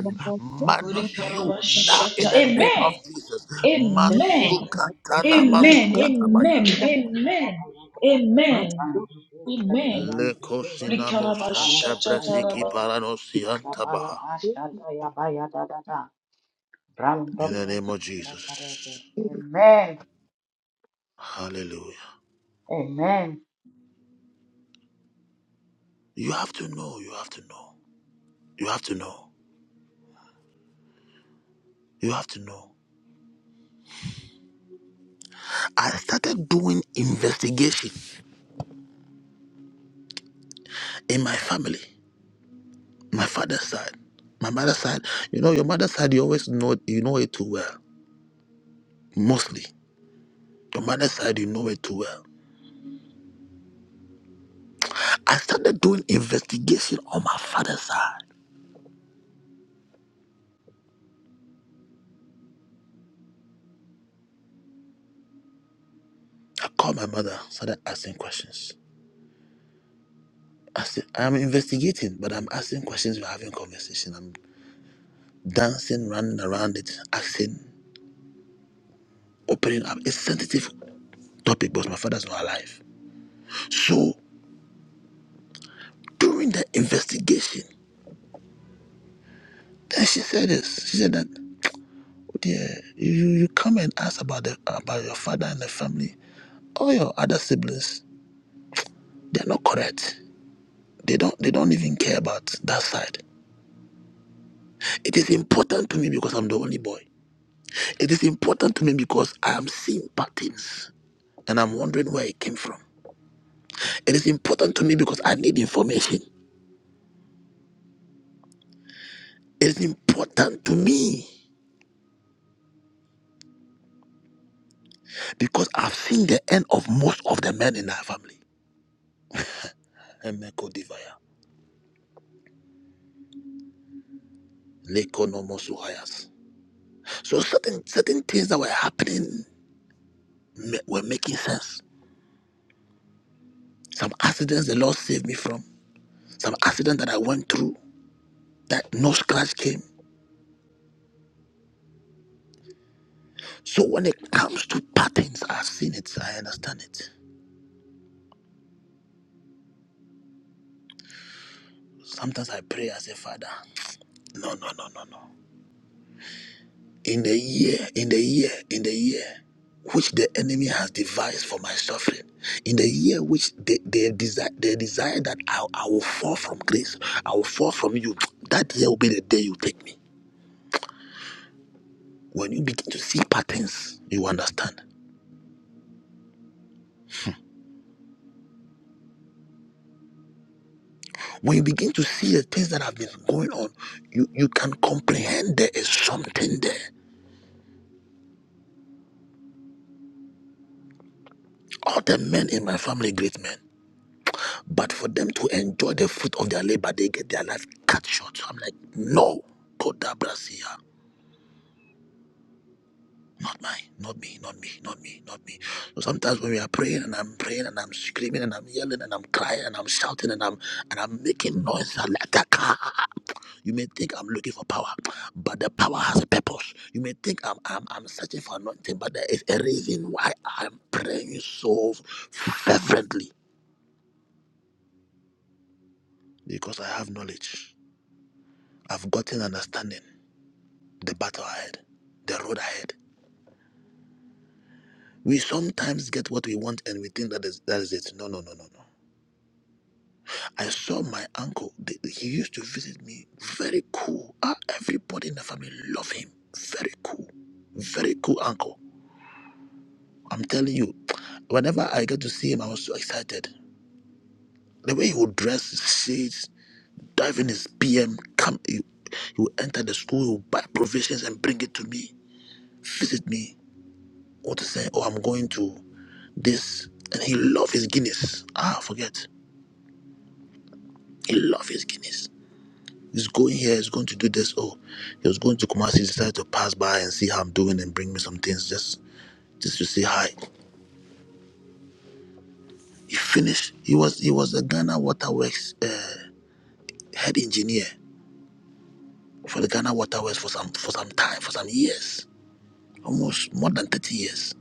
my God, yes, Lord, I'm minus all you that you now have in Rikarabashata. the said, name Amen. of Jesus. said, said, Amen. like, Masukatana when I Amen. thank you, masukatabaya. Amen. that Amen. I Amen. want Amen. Lekosinamosata brasiki Rikarabashataraba. paranosiantabaha. In the name of Jesus. Hallelujah. You have to know, you have to know, you have to know, you have to know. I started doing investigation in my family, my father's side, my mother's side. You know, your mother's side, you always know, you know it too well, mostly. Your mother's side, you know it too well. I started doing investigation on my father's side. I called my mother, started asking questions. I said, I'm investigating, but I'm asking questions, we're having conversation. I'm dancing, running around it, asking, opening up. It's sensitive topic because my father's not alive. So during the investigation, then she said this. She said that, oh dear, you, you you come and ask about the about your father and the family. All your other siblings, they're not correct. They don't they don't even care about that side. It is important to me because I'm the only boy. It is important to me because I am seeing patterns and I'm wondering where it came from. It is important to me because I need information. It is important to me because I've seen the end of most of the men in our family. Emeko Divaya, Lekonomo Suhayas. So certain certain things that were happening ma- were making sense. Some accidents the Lord saved me from. Some accident that I went through that no scratch came. So when it comes to patterns, I've seen it. I understand it. Sometimes I pray. I say, Father, no, no, no, no, no. in the year, in the year, in the year which the enemy has devised for my suffering, in the year which they, they, desire, they desire that I, I will fall from grace, I will fall from you, that year will be the day you take me. When you begin to see patterns, you understand. When you begin to see the things that have been going on, you, you can comprehend there is something there. All the men in my family, great men. But for them to enjoy the fruit of their labor, they get their life cut short. So I'm like, no, Kodabrasia. Not mine, not me, not me, not me, not me. So sometimes when we are praying and I'm praying and I'm screaming and I'm yelling and I'm crying and I'm shouting and I'm and I'm making noise and like that, ah, you may think I'm looking for power, but the power has a purpose. You may think I'm I'm, I'm searching for anointing, but there is a reason why I'm praying so fervently because I have knowledge. I've gotten understanding. the battle ahead, the road ahead. We sometimes get what we want and we think that is that is it. No, no, no, no, no. I saw my uncle. th- He used to visit me. Very cool. Ah, everybody in the family love him. Very cool. Very cool uncle. I'm telling you, whenever I get to see him, I was so excited. The way he would dress, his shades, dive in his PM, come, he, he would enter the school, he would buy provisions and bring it to me, visit me. What to say? Oh, I'm going to. this and he love his guinness ah forget he love his guinness he's going here he's going to do this oh he was going to Kumasi. he decided to pass by and see how i'm doing and bring me some things just just to say hi he finished he was he was a ghana waterworks uh, head engineer for the ghana waterworks for some for some time for some years almost more than 30 years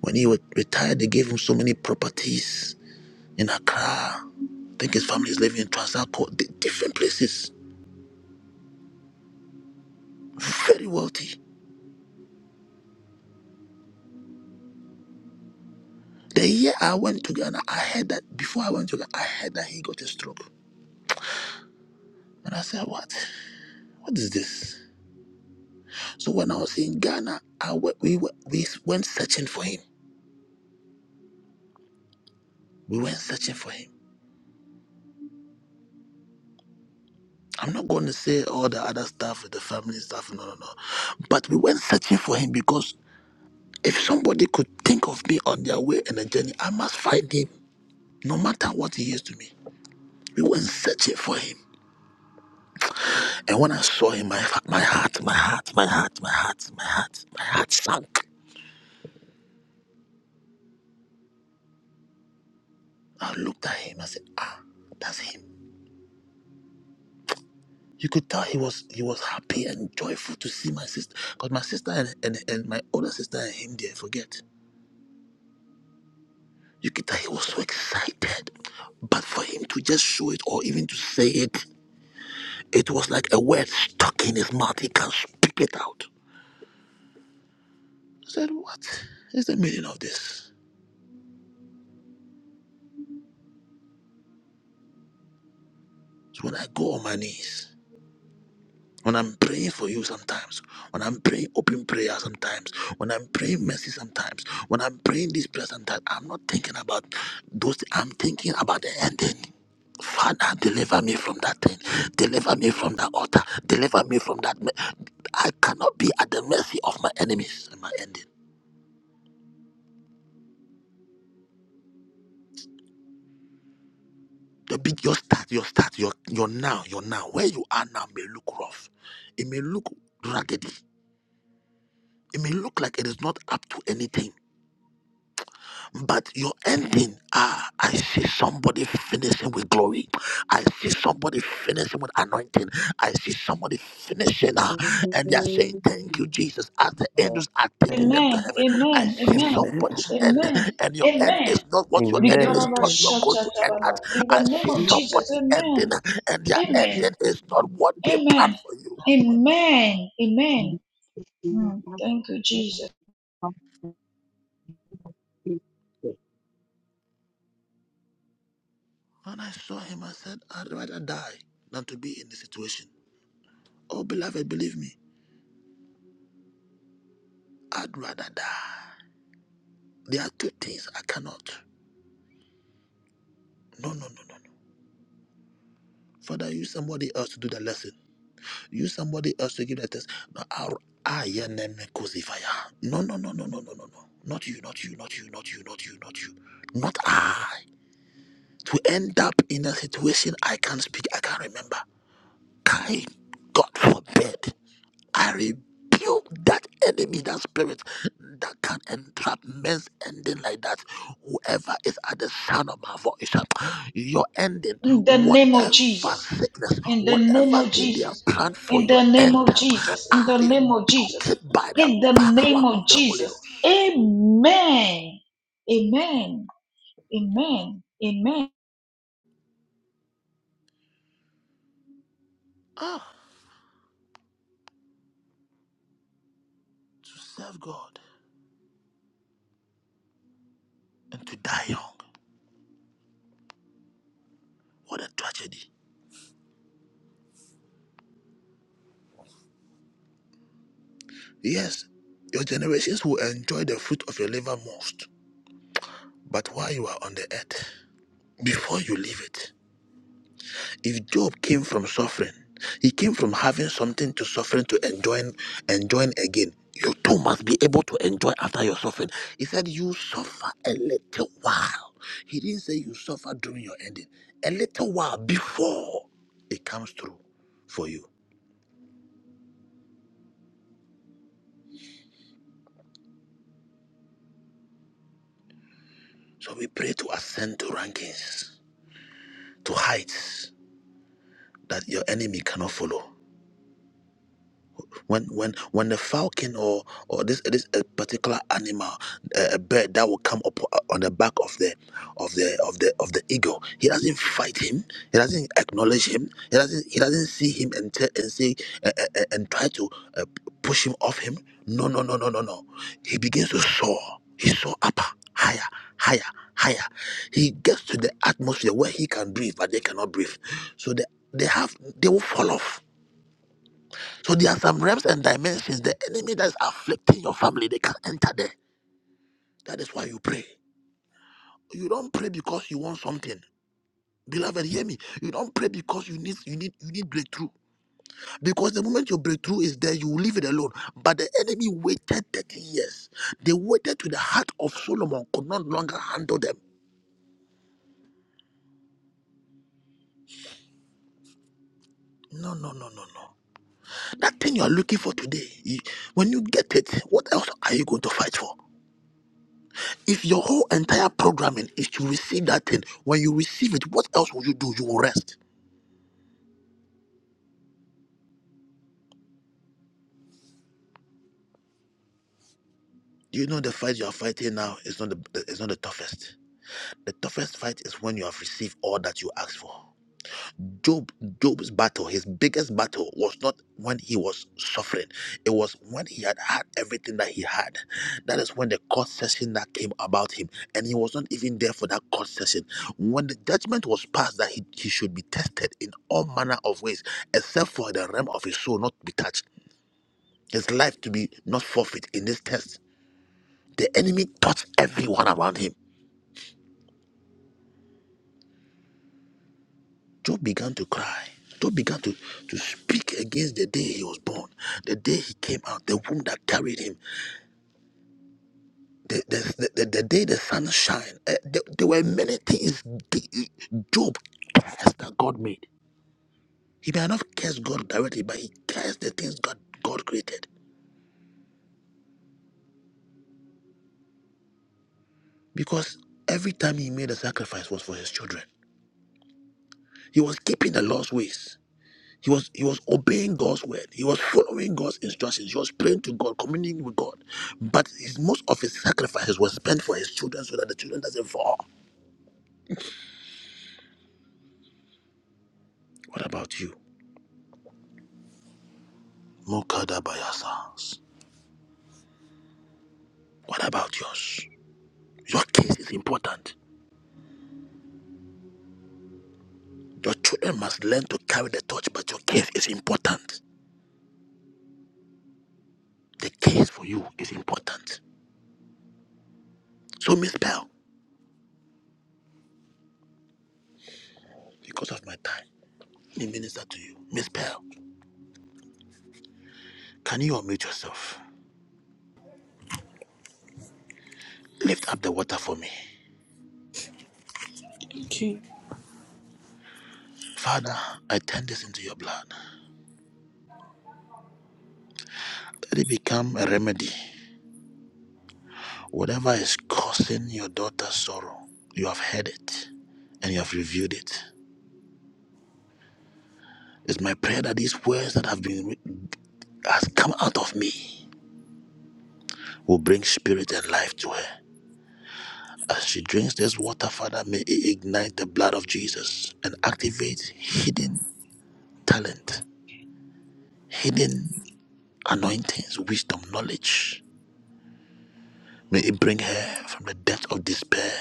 when he was retired they gave him so many properties in accra I think his family is living in Transaco, di- different places. Very wealthy. The year I went to Ghana, I heard that before I went to Ghana, I heard that he got a stroke. And I said, What? What is this? So when I was in Ghana, I went, we, went, we went searching for him. We went searching for him. I'm not going to say all the other stuff, the family stuff, no, no, no. But we went searching for him because if somebody could think of me on their way in a journey, I must find him, no matter what he is to me. We went searching for him. And when I saw him, my, my heart, my heart, my heart, my heart, my heart, my heart sank. I looked at him. I said, Ah, that's him. You could tell he was he was happy and joyful to see my sister. Because my sister and, and, and my older sister and him there forget. You could tell he was so excited. But for him to just show it or even to say it, it was like a word stuck in his mouth. He can't speak it out. I said, What is the meaning of this? So when I go on my knees. When I'm praying for you sometimes, when I'm praying open prayer sometimes, when I'm praying mercy sometimes, when I'm praying this prayer sometimes, I'm not thinking about those, I'm thinking about the ending. Father, deliver me from that thing. Deliver me from that altar. Deliver me from that. me- I cannot be at the mercy of my enemies and my ending. The big your start, your start, your your now, your now. Where you are now may look rough. It may look raggedy. It may look like it is not up to anything But your ending, ah, I see somebody finishing with glory. I see somebody finishing with anointing. I see somebody finishing, ah, and they are saying, to Thank you, Jesus. As the pray. angels are taking name. them to Amen. heaven, I Amen. see Amen. Amen. somebody's end, Amen. and your end is Amen. not what your Okay. enemies Amen. thought you're going to end Rikarabashataraba. at. In the I name see of Jesus. somebody ending, Amen. and their Amen. ending is not what they Amen. planned for you. Amen. Amen. Mm, thank you, Jesus. When I saw him, I said, I'd rather die than to be in this situation. Oh, beloved, believe me, I'd rather die. There are two things I cannot. No, no, no, no, no. Father, use somebody else to do the lesson. Use somebody else to give the test. No, our I am a crucifier. No, no, no, no, no, no, no, no. Not you, not you, not you, not you, not you, not you. Not I. To end up in a situation I can't speak, I can't remember. Kai, God forbid. I rebuke that enemy, that spirit that can entrap men's ending like that. Whoever is at the sound of my voice, uh, your ending, In the name of whatever Jesus. sickness, In the name whatever of thing they have Jesus. planned for In the your name end, of uh, Jesus. In I the name of rebuke Jesus. it by the In the power name of of the Holy Jesus. Ghost. Amen. Amen. Amen. Amen. Ah, to serve God and to die young. What a tragedy. Yes, your generations will enjoy the fruit of your labor most, but while you are on the earth, before you leave it. If Job came from suffering, he came from having something to suffering to enjoying, enjoying again. You too must be able to enjoy after your suffering. He said, You suffer a little while. He didn't say you suffer during your ending, a little while before it comes through for you. So we pray to ascend to rankings, to heights that your enemy cannot follow. when when when the falcon or or this this a particular animal a, a bird that will come up uh, on the back of the of the of the of the eagle he doesn't fight him he doesn't acknowledge him he doesn't he doesn't see him and tell and say uh, uh, uh, and try to uh, push him off him no no no no no no he begins to soar he soar up higher higher higher he gets to the atmosphere where he can breathe but they cannot breathe so the, they have they will fall off so there are some realms and dimensions. The enemy that is afflicting your family, they can enter there. That is why you pray. You don't pray because you want something. Beloved, hear me. You don't pray because you need you need you need breakthrough. Because the moment your breakthrough is there, you leave it alone. But the enemy waited 30 years. They waited to the heart of Solomon could not longer handle them. No, no, no, no, no. That thing you are looking for today, you- when you get it, what else are you going to fight for? If your whole entire programming is to receive that thing, when you receive it, what else will you do? You will rest. Do you know the fight you are fighting now is not the is not the toughest? The toughest fight is when you have received all that you asked for. Job Job's battle, his biggest battle was not when he was suffering. It was when he had had everything that he had. That is when the court session that came about him and he was not even there for that court session. When the judgment was passed that he, he should be tested in all manner of ways except for the realm of his soul not to be touched, his life to be not forfeit in this test. The enemy touched everyone around him Job began to cry. Job began to, to speak against the day he was born, the day he came out, the womb that carried him, the, the, the, the, day the sun shined. Uh, there, there were many things Job cursed that God made. He may not curse God directly, but he cursed the things God, God created because every time he made a sacrifice was for his children. He was keeping the Lord's ways. He was he was obeying God's word. He was following God's instructions. He was praying to God, communing with God. But his, most of his sacrifices was spent for his children so that the children doesn't fall. What about you? Mokada Bayasas. What about yours? Your case is important. Your children must learn to carry the torch, but your case is important. The case for you is important. So Miss Pearl, because of my time, let me minister to you. Miss Pearl, can you unmute yourself? Lift up the water for me. Thank you. Father, I turn this into your blood. Let it become a remedy. Whatever is causing your daughter's sorrow, you have heard it and you have reviewed it. It's my prayer that these words that have been has come out of me will bring spirit and life to her. As she drinks this water, Father, may it ignite the blood of Jesus and activate hidden talent, hidden anointings, wisdom, knowledge. May it bring her from the depth of despair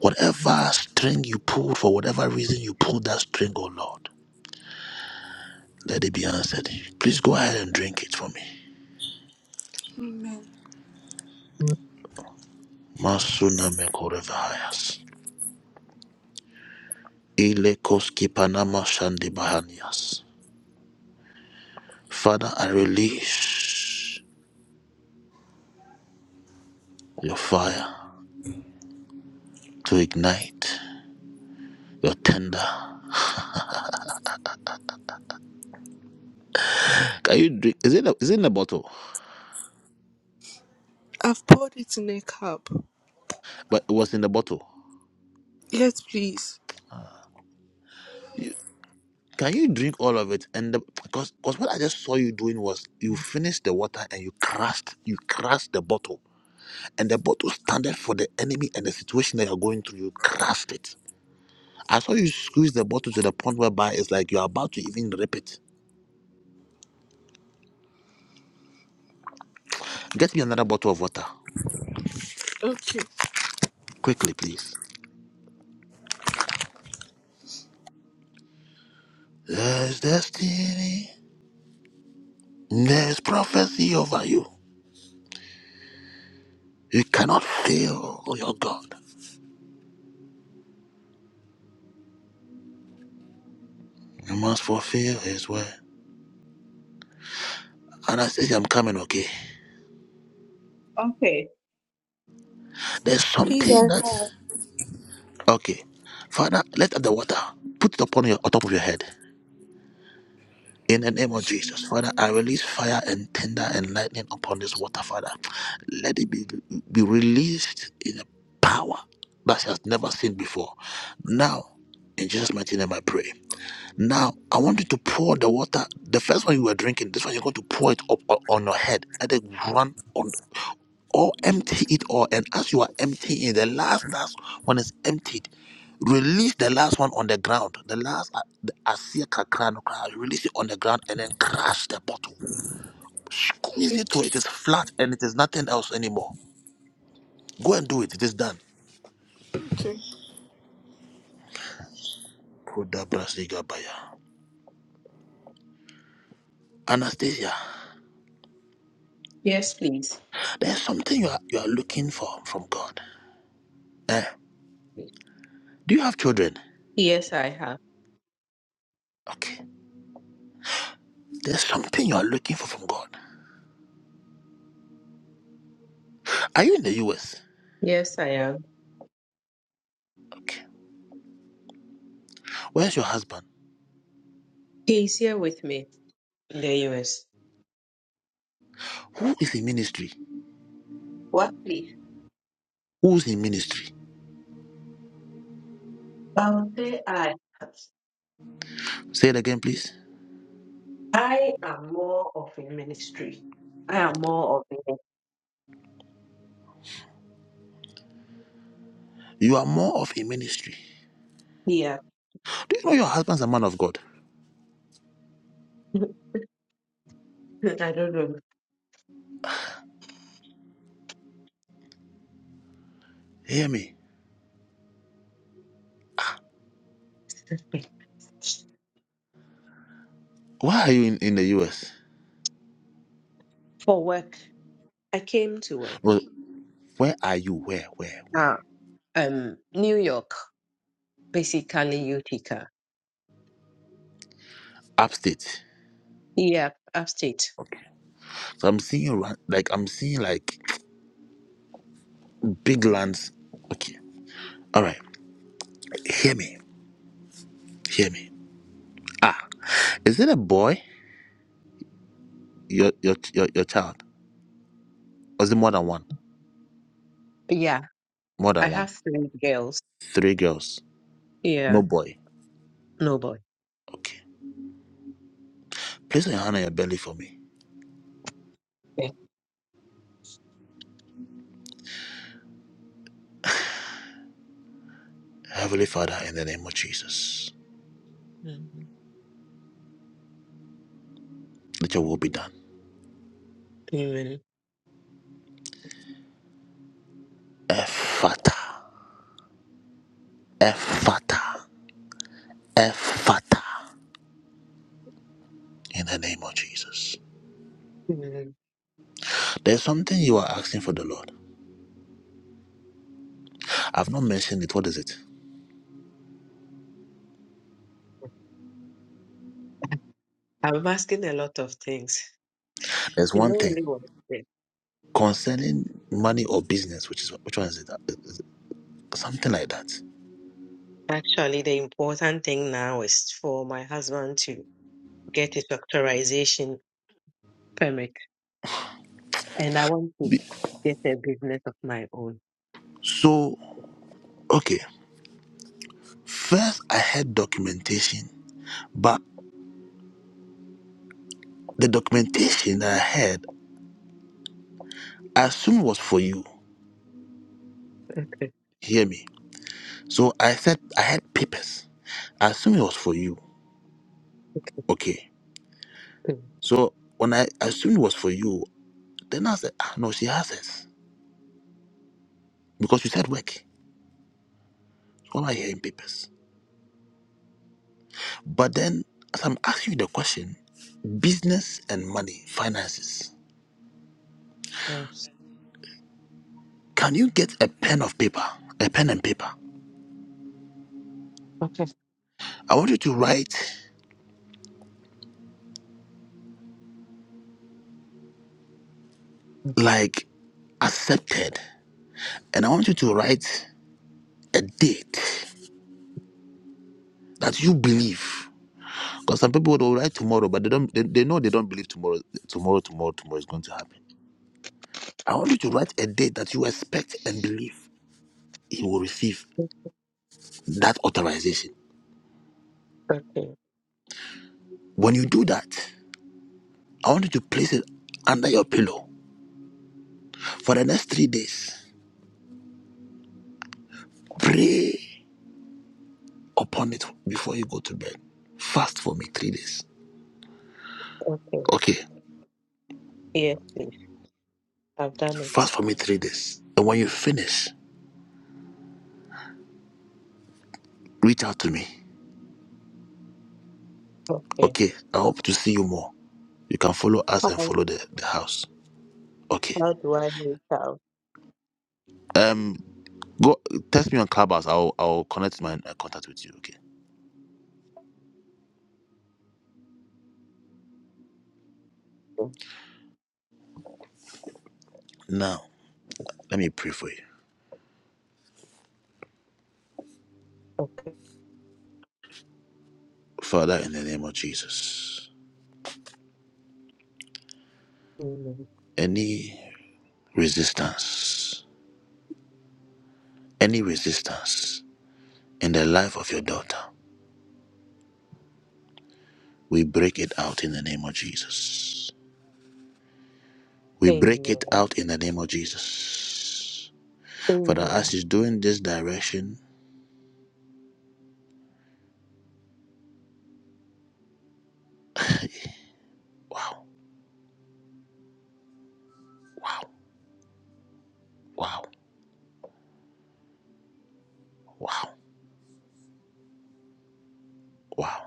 Whatever string you pulled, for whatever reason you pulled that string, oh Lord, let it be answered. Please go ahead and drink it for me. Amen. Masuna mekorevahayas. Ile koski panama shandi bahanias. Father, I release your fire to ignite your tender. Can you drink? Is it, is it in the bottle? I've poured it in a cup. But it was in the bottle. Yes, please. You, can you drink all of it? And the, because because what I just saw you doing was you finished the water and you crushed you crushed the bottle and the bottle standeth for the enemy and the situation that you're going through. You grasp it. I saw you squeeze the bottle to the point whereby it's like you're about to even rip it. Get me another bottle of water. Okay. Quickly, please. There's destiny. There's prophecy over you. You cannot fail oh your God. You must fulfill his word. And I say, I'm coming, okay? There's Please something and that. love. Okay. Father, let out the water. Put it upon your on top of your head. In the name of Jesus, Father, I release fire and thunder and lightning upon this water, Father. Let it be, be released in a power that she has never seen before. Now, in Jesus' mighty name, I pray. Now, I want you to pour the water. The first one you were drinking, this one you're going to pour it up o- on your head. Let it run on, or empty it all. And as you are emptying the last last one is emptied, release the last one on the ground. The last uh, the asia kakra no kra, release it on the ground and then crash the bottle. Squeeze Okay. it till it is flat and it is nothing else anymore. Go and do it. It is done. Okay. Kodabrasigabaya. Anastasia, Yes, please. there's something you are you are looking for from God. Eh? Do you have children? Yes, I have. Okay. There's something you are looking for from God. Are you in the US? Yes, I am. Okay. Where's your husband? He's here with me in the US. Who is in ministry? What, please? Who's in ministry? I would say I am. Say it again, please. I am more of a ministry. I am more of a You are more of a ministry. here. Do you know your husband's a man of God? [LAUGHS] I don't know. Hear me. Why are you in, in the US? For work, I came to work. Well, where are you? Where, where, Ah. where? Um, New York, basically Utica. Upstate. Yeah, upstate. Okay. So I'm seeing you run, like, I'm seeing like big lands. Okay. All right. Hear me. Hear me. Ah, is it a boy? Your, your, your, your child? Or is it more than one? Yeah, More I than one. have three girls. Three girls. Yeah, No boy. nobody. Okay. Place your hand on your belly for me. Heavenly Father, in the name of Jesus, hmm let your will be done. Amen. Ephata, Ephata, Ephata. In the name of Jesus. Amen. There's something you are asking for the Lord. I've not mentioned it. What is it? I'm asking a lot of things. There's You one know thing really what it is. concerning money or business, which is which one is it? Is it Something like that. Actually, the important thing now is for my husband to get his doctorization permit, and I want to Be- get a business of my own. So, okay. First, I had documentation, but the documentation that I had, I assumed was for you. Okay. Hear me. So I said I had papers. I assume it was for you. Okay. So when I assumed it was for you, then I said, ah, no, she has this. Because you said work. It's All I hear in papers. But then, as I'm asking you the question, business and money, finances, Yes. can you get a pen of paper, a pen and paper? Okay. I want you to write like accepted. And I want you to write a date that you believe. Because some people will write tomorrow, but they don't they, they know they don't believe tomorrow tomorrow, tomorrow, tomorrow is going to happen. I want you to write a date that you expect and believe. he will receive Mm-hmm. that authorization. Okay. When you do that, I want you to place it under your pillow for the next three days. Pray upon it before you go to bed. Fast for me three days. Okay. Okay, Yes, please. I've done it. fast for me three days. And when you finish, reach out to me. Okay. Okay, I hope to see you more. You can follow us and How follow the, the house. Okay. how do I reach out? Um, go text me on Clubhouse. I'll I'll connect my uh, contact with you. Okay. Now, let me pray for you, Okay. Father, in the name of Jesus. Amen. Any resistance, any resistance in the life of your daughter, we break it out in the name of Jesus. We break it Amen. out in the name of Jesus. Father, Amen. as she's doing this direction, wow, wow, wow, wow, wow.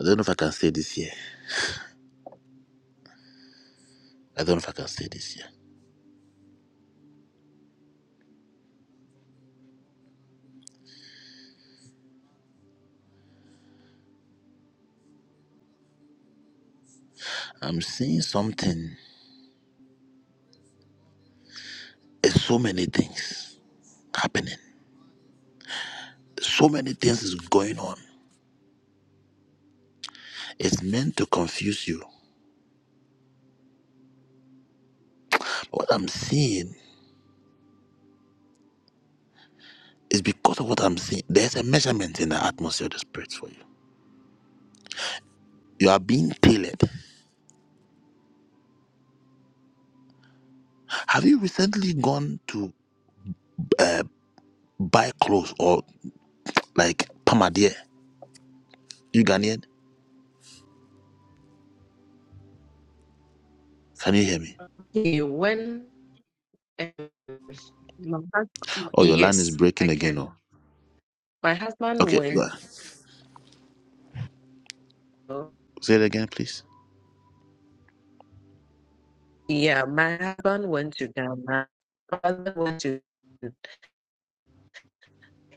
I don't know if I can say this here. I don't know if I can say this here. I'm seeing something. It's so many things happening. So many things is going on. It's meant to confuse you. What I'm seeing It's because of what I'm seeing. There's a measurement in the atmosphere of the spirit for you. You are being tailored. Have you recently gone to uh, buy clothes or like Pamadia? You Ghanaian? Can you hear me? He went and my husband, Oh, your line is yes, I breaking again. can. Oh, My husband okay. Go went, ahead. Say it again, please. yeah, my husband went to Ghana. My husband went to,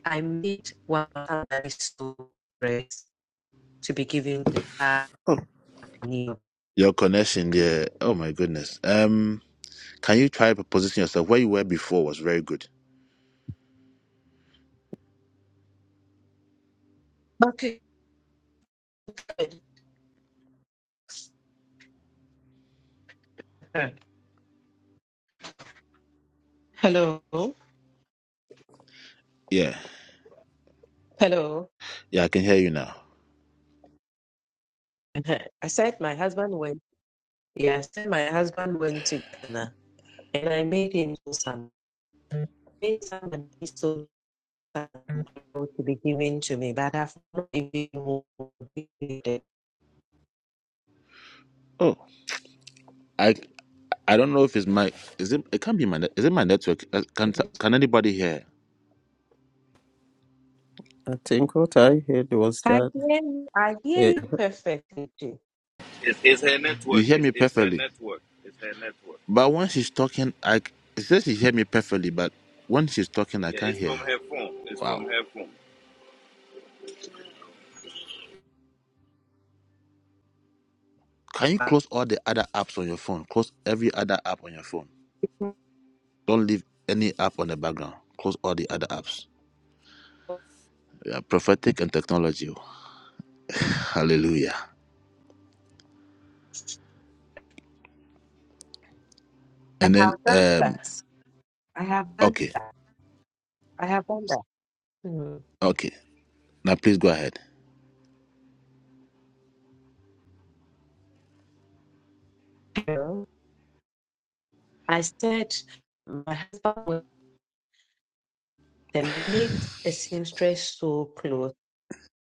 I made one that is so praise to be given to her. Oh, your connection there. Oh my goodness. Um, can you try to position yourself where you were before was very good. Okay. Hello. Hello. [LAUGHS] Yeah, yeah, I can hear you now. Uh-huh. I said my husband went, yeah, I said my husband went to Ghana and I made him do some, made some and he sold um, to be given to me, but I've not even received it. Oh, I I don't know if it's my is it it can't be my net- is it my network? Uh, Can can anybody hear? I think what I heard was I that. hear you, I hear eh, you perfectly too. It's, it's her You network. hear It's, me it's her perfectly. network. It's her network. But when she's talking, I c- it says you hear me perfectly, but when she's talking, I Yeah, can't it's hear from her. her phone. It's from Wow. her phone. Can you I close all the other apps on your phone? Close every other app on your phone. Don't leave any app on the background. Close all the other apps. Yeah, prophetic and technology. [LAUGHS] Hallelujah. And have then done um that. I have done okay. I have done that. Mm. Okay. Now please go ahead. So, I said my husband was then made a seamstress so clothes,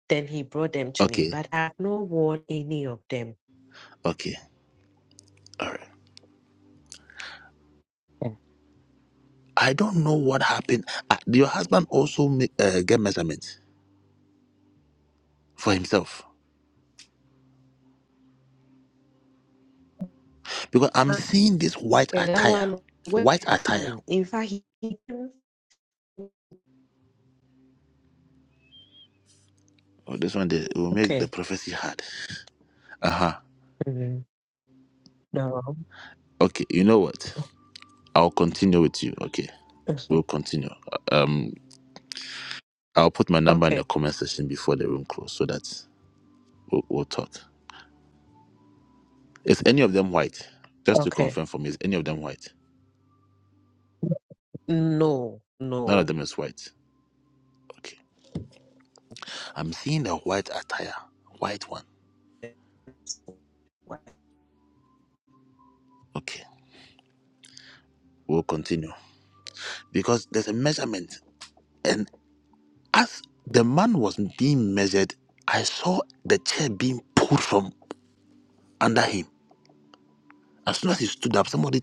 then he brought them to me, Okay. but I've not worn any of them. Okay. All right. Yeah. I don't know what happened. Uh, did your husband also make, uh, get measurements for himself? Because I'm seeing this white And That attire. one was White attire. coming. In fact he, didn't- Oh, this one they, will make the okay. prophecy hard. Uh huh. Mhm. No. Okay, you know what? I'll continue with you. Okay, we'll Mhm. continue. Um, I'll put my number in Okay, the comment section before the room close so that we'll, we'll talk. Is any of them white? Just to okay. confirm for me, is any of them white? No, None of no, them is white. Okay. I'm seeing a white attire. White one. Okay, we'll continue. Because there's a measurement. and. As the man was being measured, I saw the chair being pulled from under him. As soon as he stood up, somebody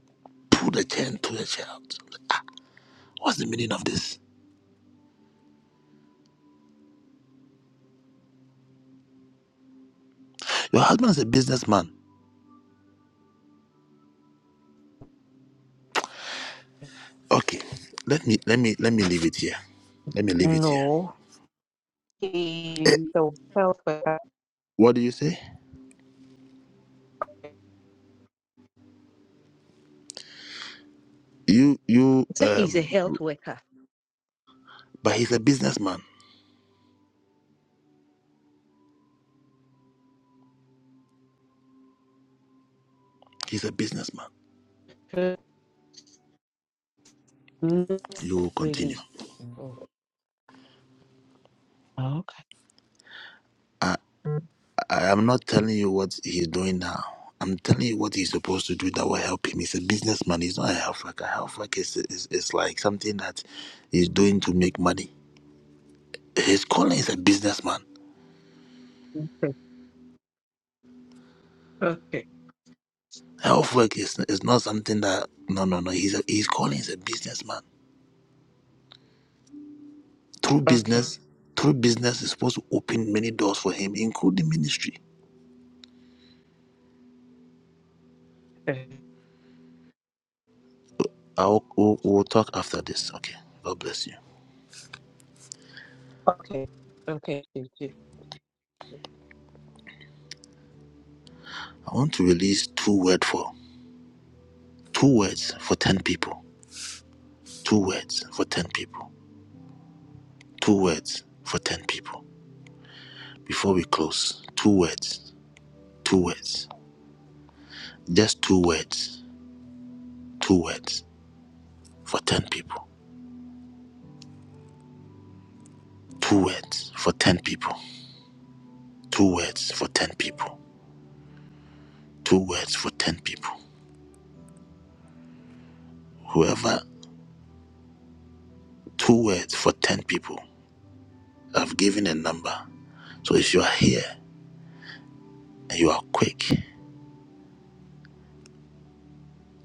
pulled the chair and threw the chair out. I'm like, Ah, what's the meaning of this? Your husband's a businessman. Okay, let me let me let me leave it here. Let me leave it here. no. Eh, He's a health worker. What do you say? You you So he's a um, health worker. but he's a businessman. He's a businessman. Uh, Not You really. continue. No. Oh, okay. I am not telling you what he's doing now. I'm telling you what he's supposed to do that will help him. He's a businessman. He's not a health worker. Health worker is, is, is like something that he's doing to make money. His calling is a businessman. Okay, Health work is, is not something that no no no. He's a, his calling is a businessman. Through okay, business, through business is supposed to open many doors for him, including ministry. okay, I'll we'll, we'll talk after this. Okay. God bless you. okay. Okay. Okay. I want to release two words for two words for ten people. Two words for 10 people. Two words for 10 people. Before we close, two words. Two words. Just two words. Two words for 10 people. Two words for 10 people. Two words for 10 people. Two words for 10 people. Whoever, two words for 10 people. I've given a number. So if you are here and you are quick,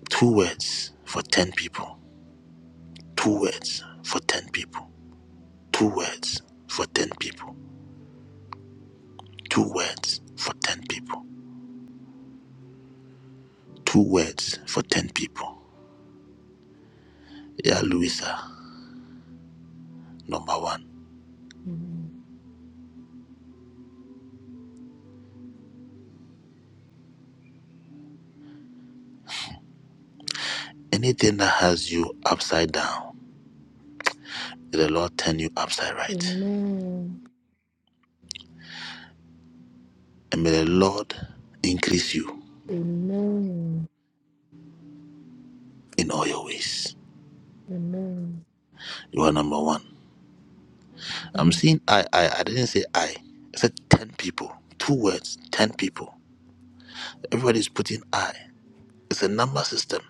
two words for 10 people. Two words for 10 people. Two words for 10 people Two words for 10 people. Two words for 10 people. Yeah, Louisa, number one. Amen. Anything that has you upside down, may the Lord turn you upside right. Amen. And may the Lord increase you Amen. in all your ways. Amen. You are number one. I'm Amen. seeing I, I, I didn't say I. I said 10 people. Two words, 10 people. Everybody's putting I. It's a number system.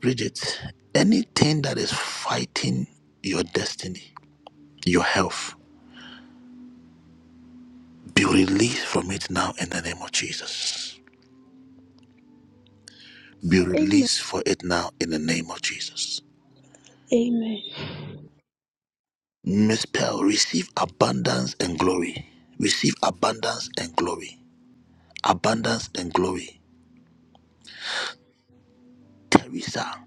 Bridget, anything that is fighting your destiny, your health, Be released from it now in the name of Jesus. Be Amen. released for it now in the name of Jesus. Amen. Miss Pearl, receive abundance and glory. Receive abundance and glory. Abundance and glory. Teresa,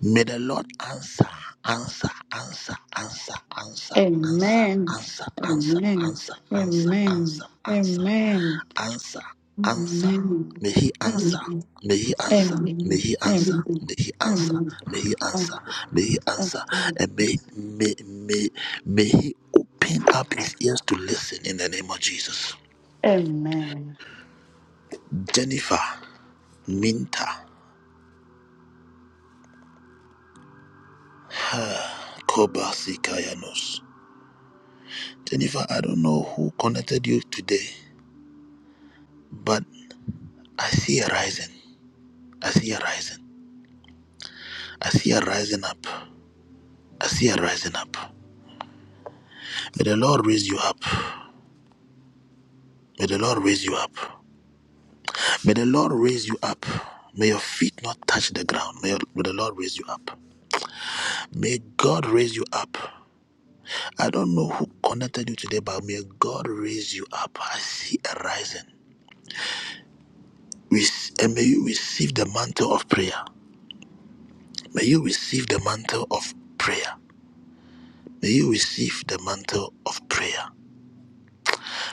may the Lord answer, answer, answer, answer, answer, answer, Amen. answer, answer, Amen. answer, answer, Amen. answer, Amen. answer. Amen. answer, answer. Amen. May he answer. Amen. May he answer. May Amen. he answer. May he answer. May he Amen. answer. May he answer. And may may may may he open up his ears to listen in the name of Jesus. Amen. Jennifer Minta Kobasikayanos. Jennifer, I don't know who connected you today, but I see a rising. I see a rising. I see a rising up. I see a rising up. May the Lord raise you up. May the Lord raise you up. May the Lord raise you up. May your feet not touch the ground. May, your- may the Lord raise you up. May God raise you up. I don't know who connected you today, but may God raise you up. I see a rising. We, and may you receive the mantle of prayer. May you receive the mantle of prayer. May you receive the mantle of prayer.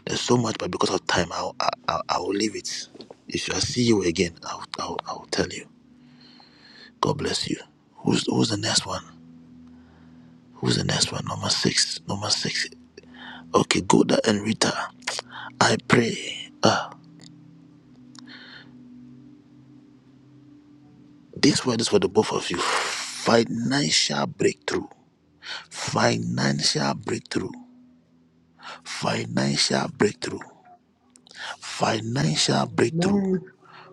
There's so much, but because of time, I'll, I, I, I will leave it. If I see you again, I'll, I'll, I'll tell you. God bless you. Who's, who's the next one? Who's the next one? Number six. Number six. Okay, Goda and Rita. I pray. Uh, this word is for the both of you. Financial breakthrough. Financial breakthrough. Financial breakthrough. Financial breakthrough. Amen.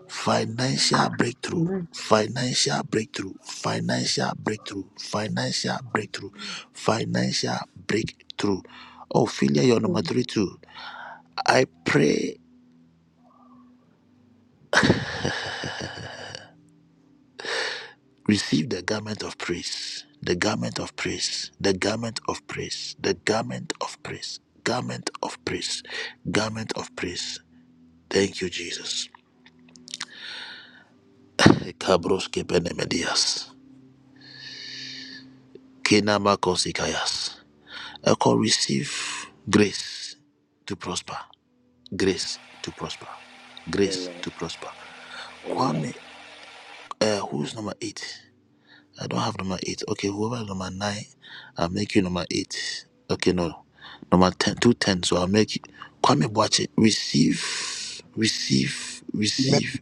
Financial breakthrough. Amen. Financial breakthrough. Financial breakthrough. Financial breakthrough. Financial breakthrough. Ophelia, you're number three too. I pray Receive the garment of praise, the garment of praise, the garment of praise, the garment of praise, garment of praise, garment of praise. Thank you, Jesus. Kabroske penemedias, kinamakosikayas. Echo, receive grace to prosper, grace to prosper, grace Amen. to prosper. Amen. Kwame, uh, who's number eight? I don't have number eight. Okay, whoever is number nine, I'll make you number eight. Okay, no. Number ten, two ten. So I'll make you. Kwame Boache, receive, receive, Amen. receive,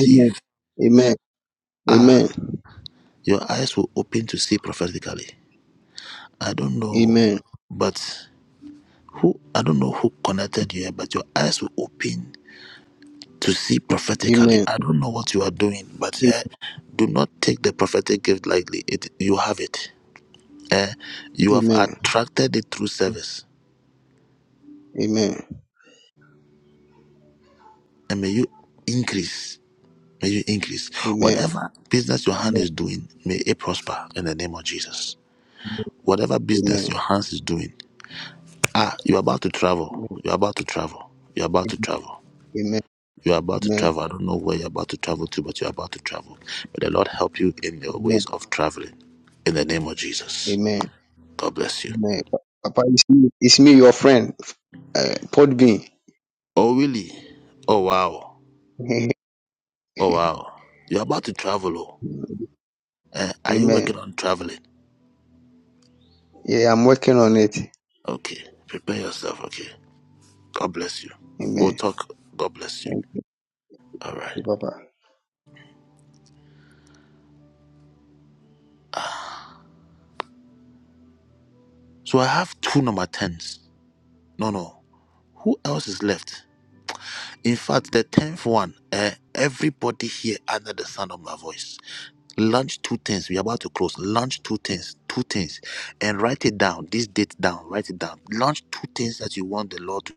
Amen. Amen. Ah, Amen. your eyes will open to see prophetically. I don't know, Amen. but who, I don't know who connected you, but your eyes will open to see prophetically. Amen. I don't know what you are doing, but eh, do not take the prophetic gift lightly. It, you have it. Eh, you have Amen. attracted it through service, Amen. and may you increase. May you increase. Amen. Whatever business your hand Amen. is doing, may it prosper in the name of Jesus. Whatever business your Amen. hands is doing, ah, you're about to travel. You're about to travel. You're about to travel. Amen. You're about to travel. I don't know where you're about to travel to, but you're about to travel. May the Lord help you in your ways of traveling. In the name of Jesus. Amen. God bless you. Amen. Papa, it's me, it's me your friend, uh, Podbean. Oh, really? Oh, wow. [LAUGHS] Oh, wow. You're about to travel. Oh. Uh, are you Amen. working on traveling? Yeah, I'm working on it. Okay. Prepare yourself. Okay. God bless you. We'll Amen. talk. God bless you. Thank All right. you, Papa. So I have two number 10s. No, no. Who else is left? In fact, the 10th one, uh, everybody here under the sound of my voice, launch two things. We're about to close. Launch two things, two things, and write it down. This date down, write it down. Launch two things that you want the Lord to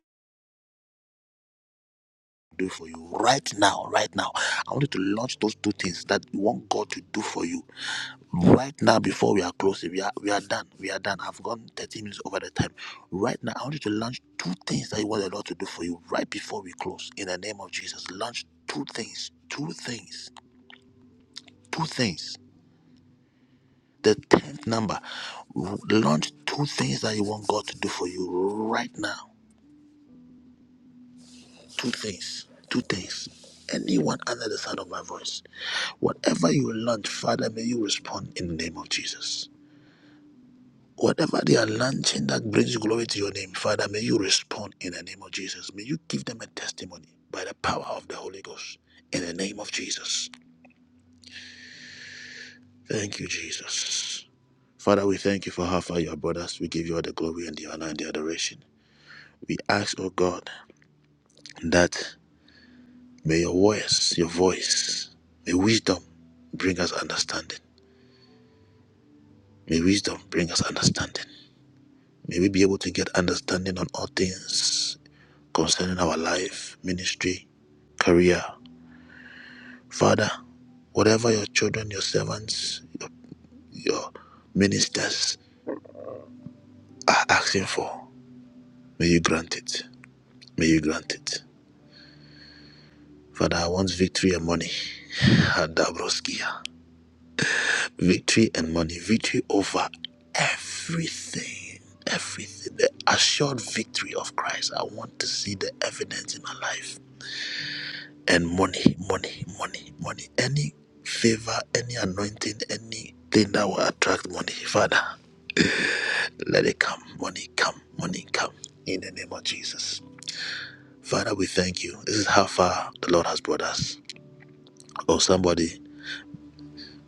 do for you right now, right now. I want you to launch those two things that you want God to do for you Right now, before we are closing, we are we are done. We are done. I've gone 13 minutes over the time. Right now, I want you to launch two things that you want the Lord to do for you right before we close. In the name of Jesus, launch two things. Two things. Two things. The tenth number. Launch two things that you want God to do for you right now. Two things. Two things. Anyone under the sound of my voice, whatever you launch, Father, may you respond in the name of Jesus. Whatever they are launching that brings glory to your name, Father, may you respond in the name of Jesus. May you give them a testimony by the power of the Holy Ghost in the name of Jesus. Thank you, Jesus. Father, we thank you for how far you have brought us. We give you all the glory and the honor and the adoration. We ask, oh God, that may your voice, your voice, may wisdom bring us understanding. May wisdom bring us understanding. May we be able to get understanding on all things concerning our life, ministry, career. Father, whatever your children, your servants, your, your ministers are asking for, may you grant it. May you grant it. Father, I want victory and money. [LAUGHS] Adabroskia. Victory and money. Victory over everything. Everything. The assured victory of Christ. I want to see the evidence in my life. and money, money, money, money. Any favor, any anointing, anything that will attract money, Father, let it come. Money come, money come. In the name of Jesus. Father, we thank you. This is how far the Lord has brought us. Oh, somebody,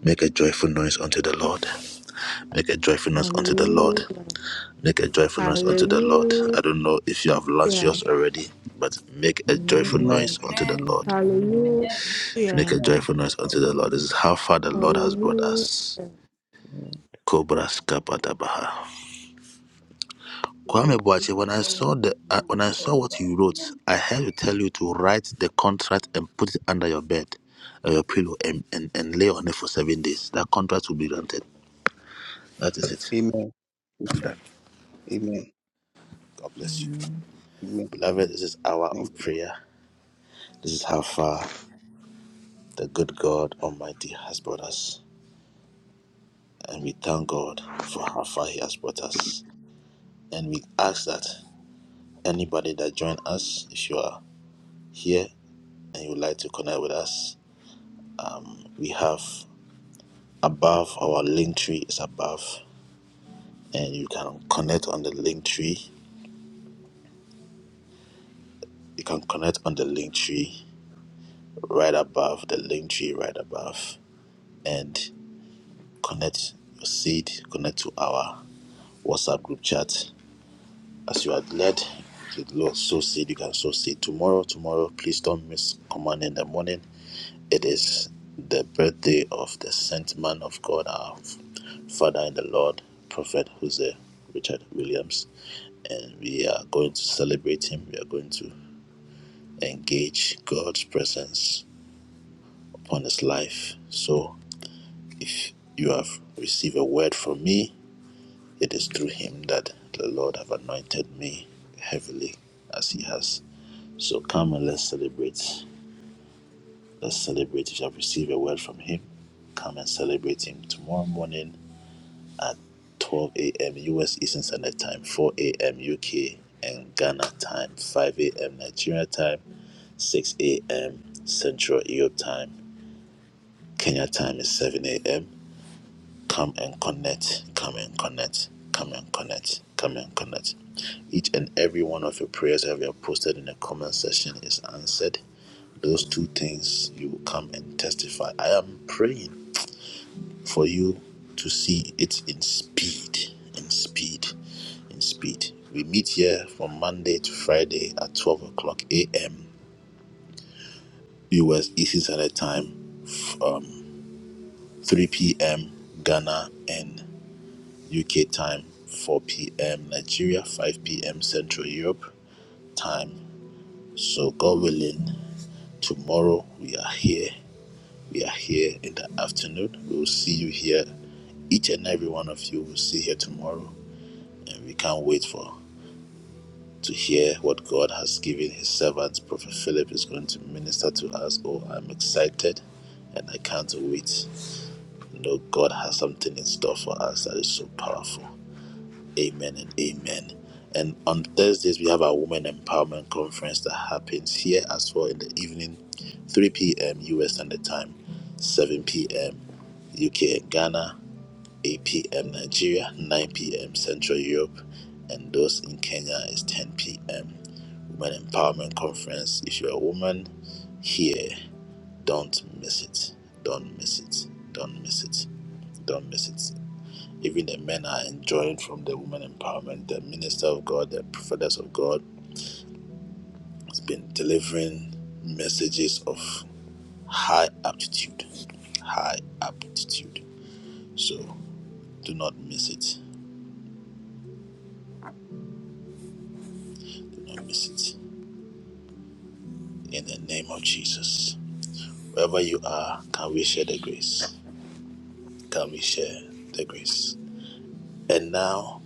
make a joyful noise unto the Lord. Make a joyful noise unto the Lord. Hallelujah. Make a joyful noise unto the Lord. I Hallelujah. don't know if you have launched yours Amen. already, but make a joyful Lord Amen. noise unto Amen. the Lord. Hallelujah. Amen. Make a Amen. joyful The noise unto Lord the Lord. This is how far the Lord has brought Hallelujah. us. Cobras Kapadabaha. Kwame praise you Boache, to when I saw praise the my uh, when I saw what forever. you wrote, Amen. I had to tell you to write the contract and put it under your bed, uh, your pillow, and, and, and lay on it for seven days. That contract will be granted. That is it. Amen. God bless you. Amen. Beloved, this is hour Thank of you prayer. This is how far the good God Almighty has brought us. And we thank God for how far He has brought us. And we ask that anybody that join us, if you are here and you would like to connect with us, we have above our link tree is above and you can connect on the link tree you can connect on the link tree right above the link tree right above and connect your seed connect to our whatsapp group chat as you are led You can so seed you can sow seed tomorrow tomorrow please don't miss command in the morning It is the birthday of the sent man of God, our Father in the Lord, Prophet Jose Richard Williams. And we are going to celebrate him. We are going to engage God's presence upon his life. So if you have received a word from me, it is through him that the Lord have anointed me heavily as he has. So come and let's celebrate. Let's celebrate if you have received a word from him come and celebrate him tomorrow morning at 12 a.m. U.S. Eastern Standard Time, 4 a.m. U.K. and Ghana time, 5 a.m. Nigeria time, 6 a.m. Central Europe time. Kenya time is 7 a.m. Come and connect, come and connect, come and connect, come and connect. Each and every one of your prayers that we have posted in the comment section is answered. Those two things you will come and testify. I am praying for you to see it in speed, in speed, in speed. We meet here from Monday to Friday at 12 o'clock a.m. US Eastern Standard Time, f- um, 3 p.m. Ghana and UK time, 4 p.m. Nigeria, 5 p.m. Central Europe time. So, God willing, tomorrow we are here. We are here in the afternoon. We will see you here each and every one of you will see here tomorrow And we can't wait for to hear what God has given his servants. Prophet Philip is going to minister to us. Oh, I'm excited and I can't wait. You know, God has something in store for us that is so powerful. Amen and amen. And on Thursdays, we have our Women Empowerment Conference that happens here as well in the evening, 3 p.m. US Standard Time, 7 p.m. UK and Ghana, 8 p.m. Nigeria, 9 p.m. Central Europe, and those in Kenya is 10 p.m. Women Empowerment Conference. If you're a woman here, don't miss it. Don't miss it. Don't miss it. Don't miss it. Even the men are enjoying from the women empowerment. The minister of God, the prophetess of God, has been delivering messages of high aptitude. High aptitude. So do not miss it. Do not miss it. in the name of Jesus. Wherever you are, can we share the grace? Can we share the grace? And now,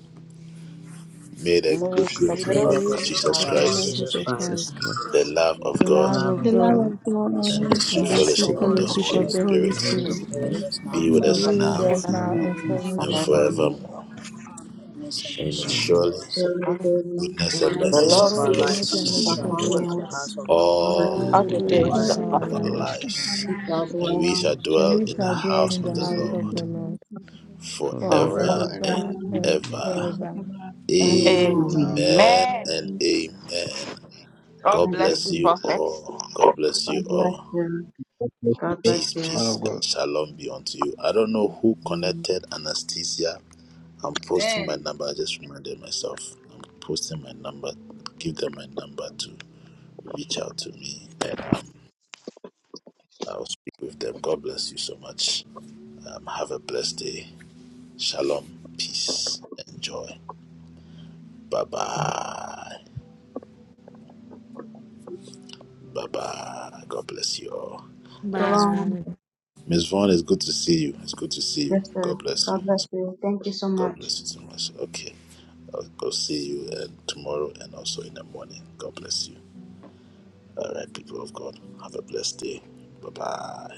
may the May good the grace May the of May our the grace May Lord of the grace grace of Jesus our of our Lord our grace, Lord Lord Christ, Jesus Jesus Jesus Christ, Jesus Christ, the grace the of Christ, our love Lord of the the God, love Christ, Jesus love love of The of of Christ, God, God, love God, of God and the and sweet the the always sweet and love and the the of fellowship sweet Thank of sweet fellowship the and of God, the the Holy fellowship the Holy fellowship, of Spirit spirit the Holy the and Spirit the fellowship Holy of Spirit the sweet Spirit be with Spirit, Holy us fellowship now of be and Spirit you, with the Lord, Holy us be that be forevermore. with with Spirit now us us be of now now with God, and us and and now be and with and forever. us forever now and Surely, forevermore. forevermore. forevermore. forevermore. Amen. mercy and mercy Amen. shall and Surely, follow Surely, us surely ever. goodness goodness and on and the The mercy days mercy shall goodness of Lord be and our Lord, follow with mercy us. goodness lives, and and Let shall we mercy shall us the shall and follow shall dwell with us in message follow us follow the us of us house of the the Lord all the all days all All the all the the all days days of forever. days of our of of the our our and our life, ever. days of lives, our lives, Amen. we shall lives and we dwell and shall we shall and dwell we dwell in the shall in and dwell house in the I of the in the the house house of glory house the in of the Lord the Lord Lord house of the Lord life. forever forever forever forever and forever and and forever and and ever. ever. and ever. ever. ever. Amen. Amen Amen. Amen. now. Amen. Amen. and amen. God God Thank you, bless bless you, Jesus. you Prophet. all. God bless God you bless all. you. God bless you, God sir. bless Peace, you. Man peace, of and God. shalom be unto you. I don't know who Amen. connected Anastasia. I'm posting my Amen. number. I just reminded myself. I'm posting my number. Give them my number to reach out to me and I'll speak with them. God bless you so much. Um, have a blessed day. Shalom. Peace. Enjoy. Bye bye. Bye bye. God bless you all. Miss Shalom. Miss Vaughn, it's good to see you. It's good to see you. Yes, sir. God bless you. God It's- bless you. Thank you so God much. bless you so much. Okay. I'll go see you uh, tomorrow and also in the morning. God bless you. All right, people of God. Have a blessed day. Bye bye.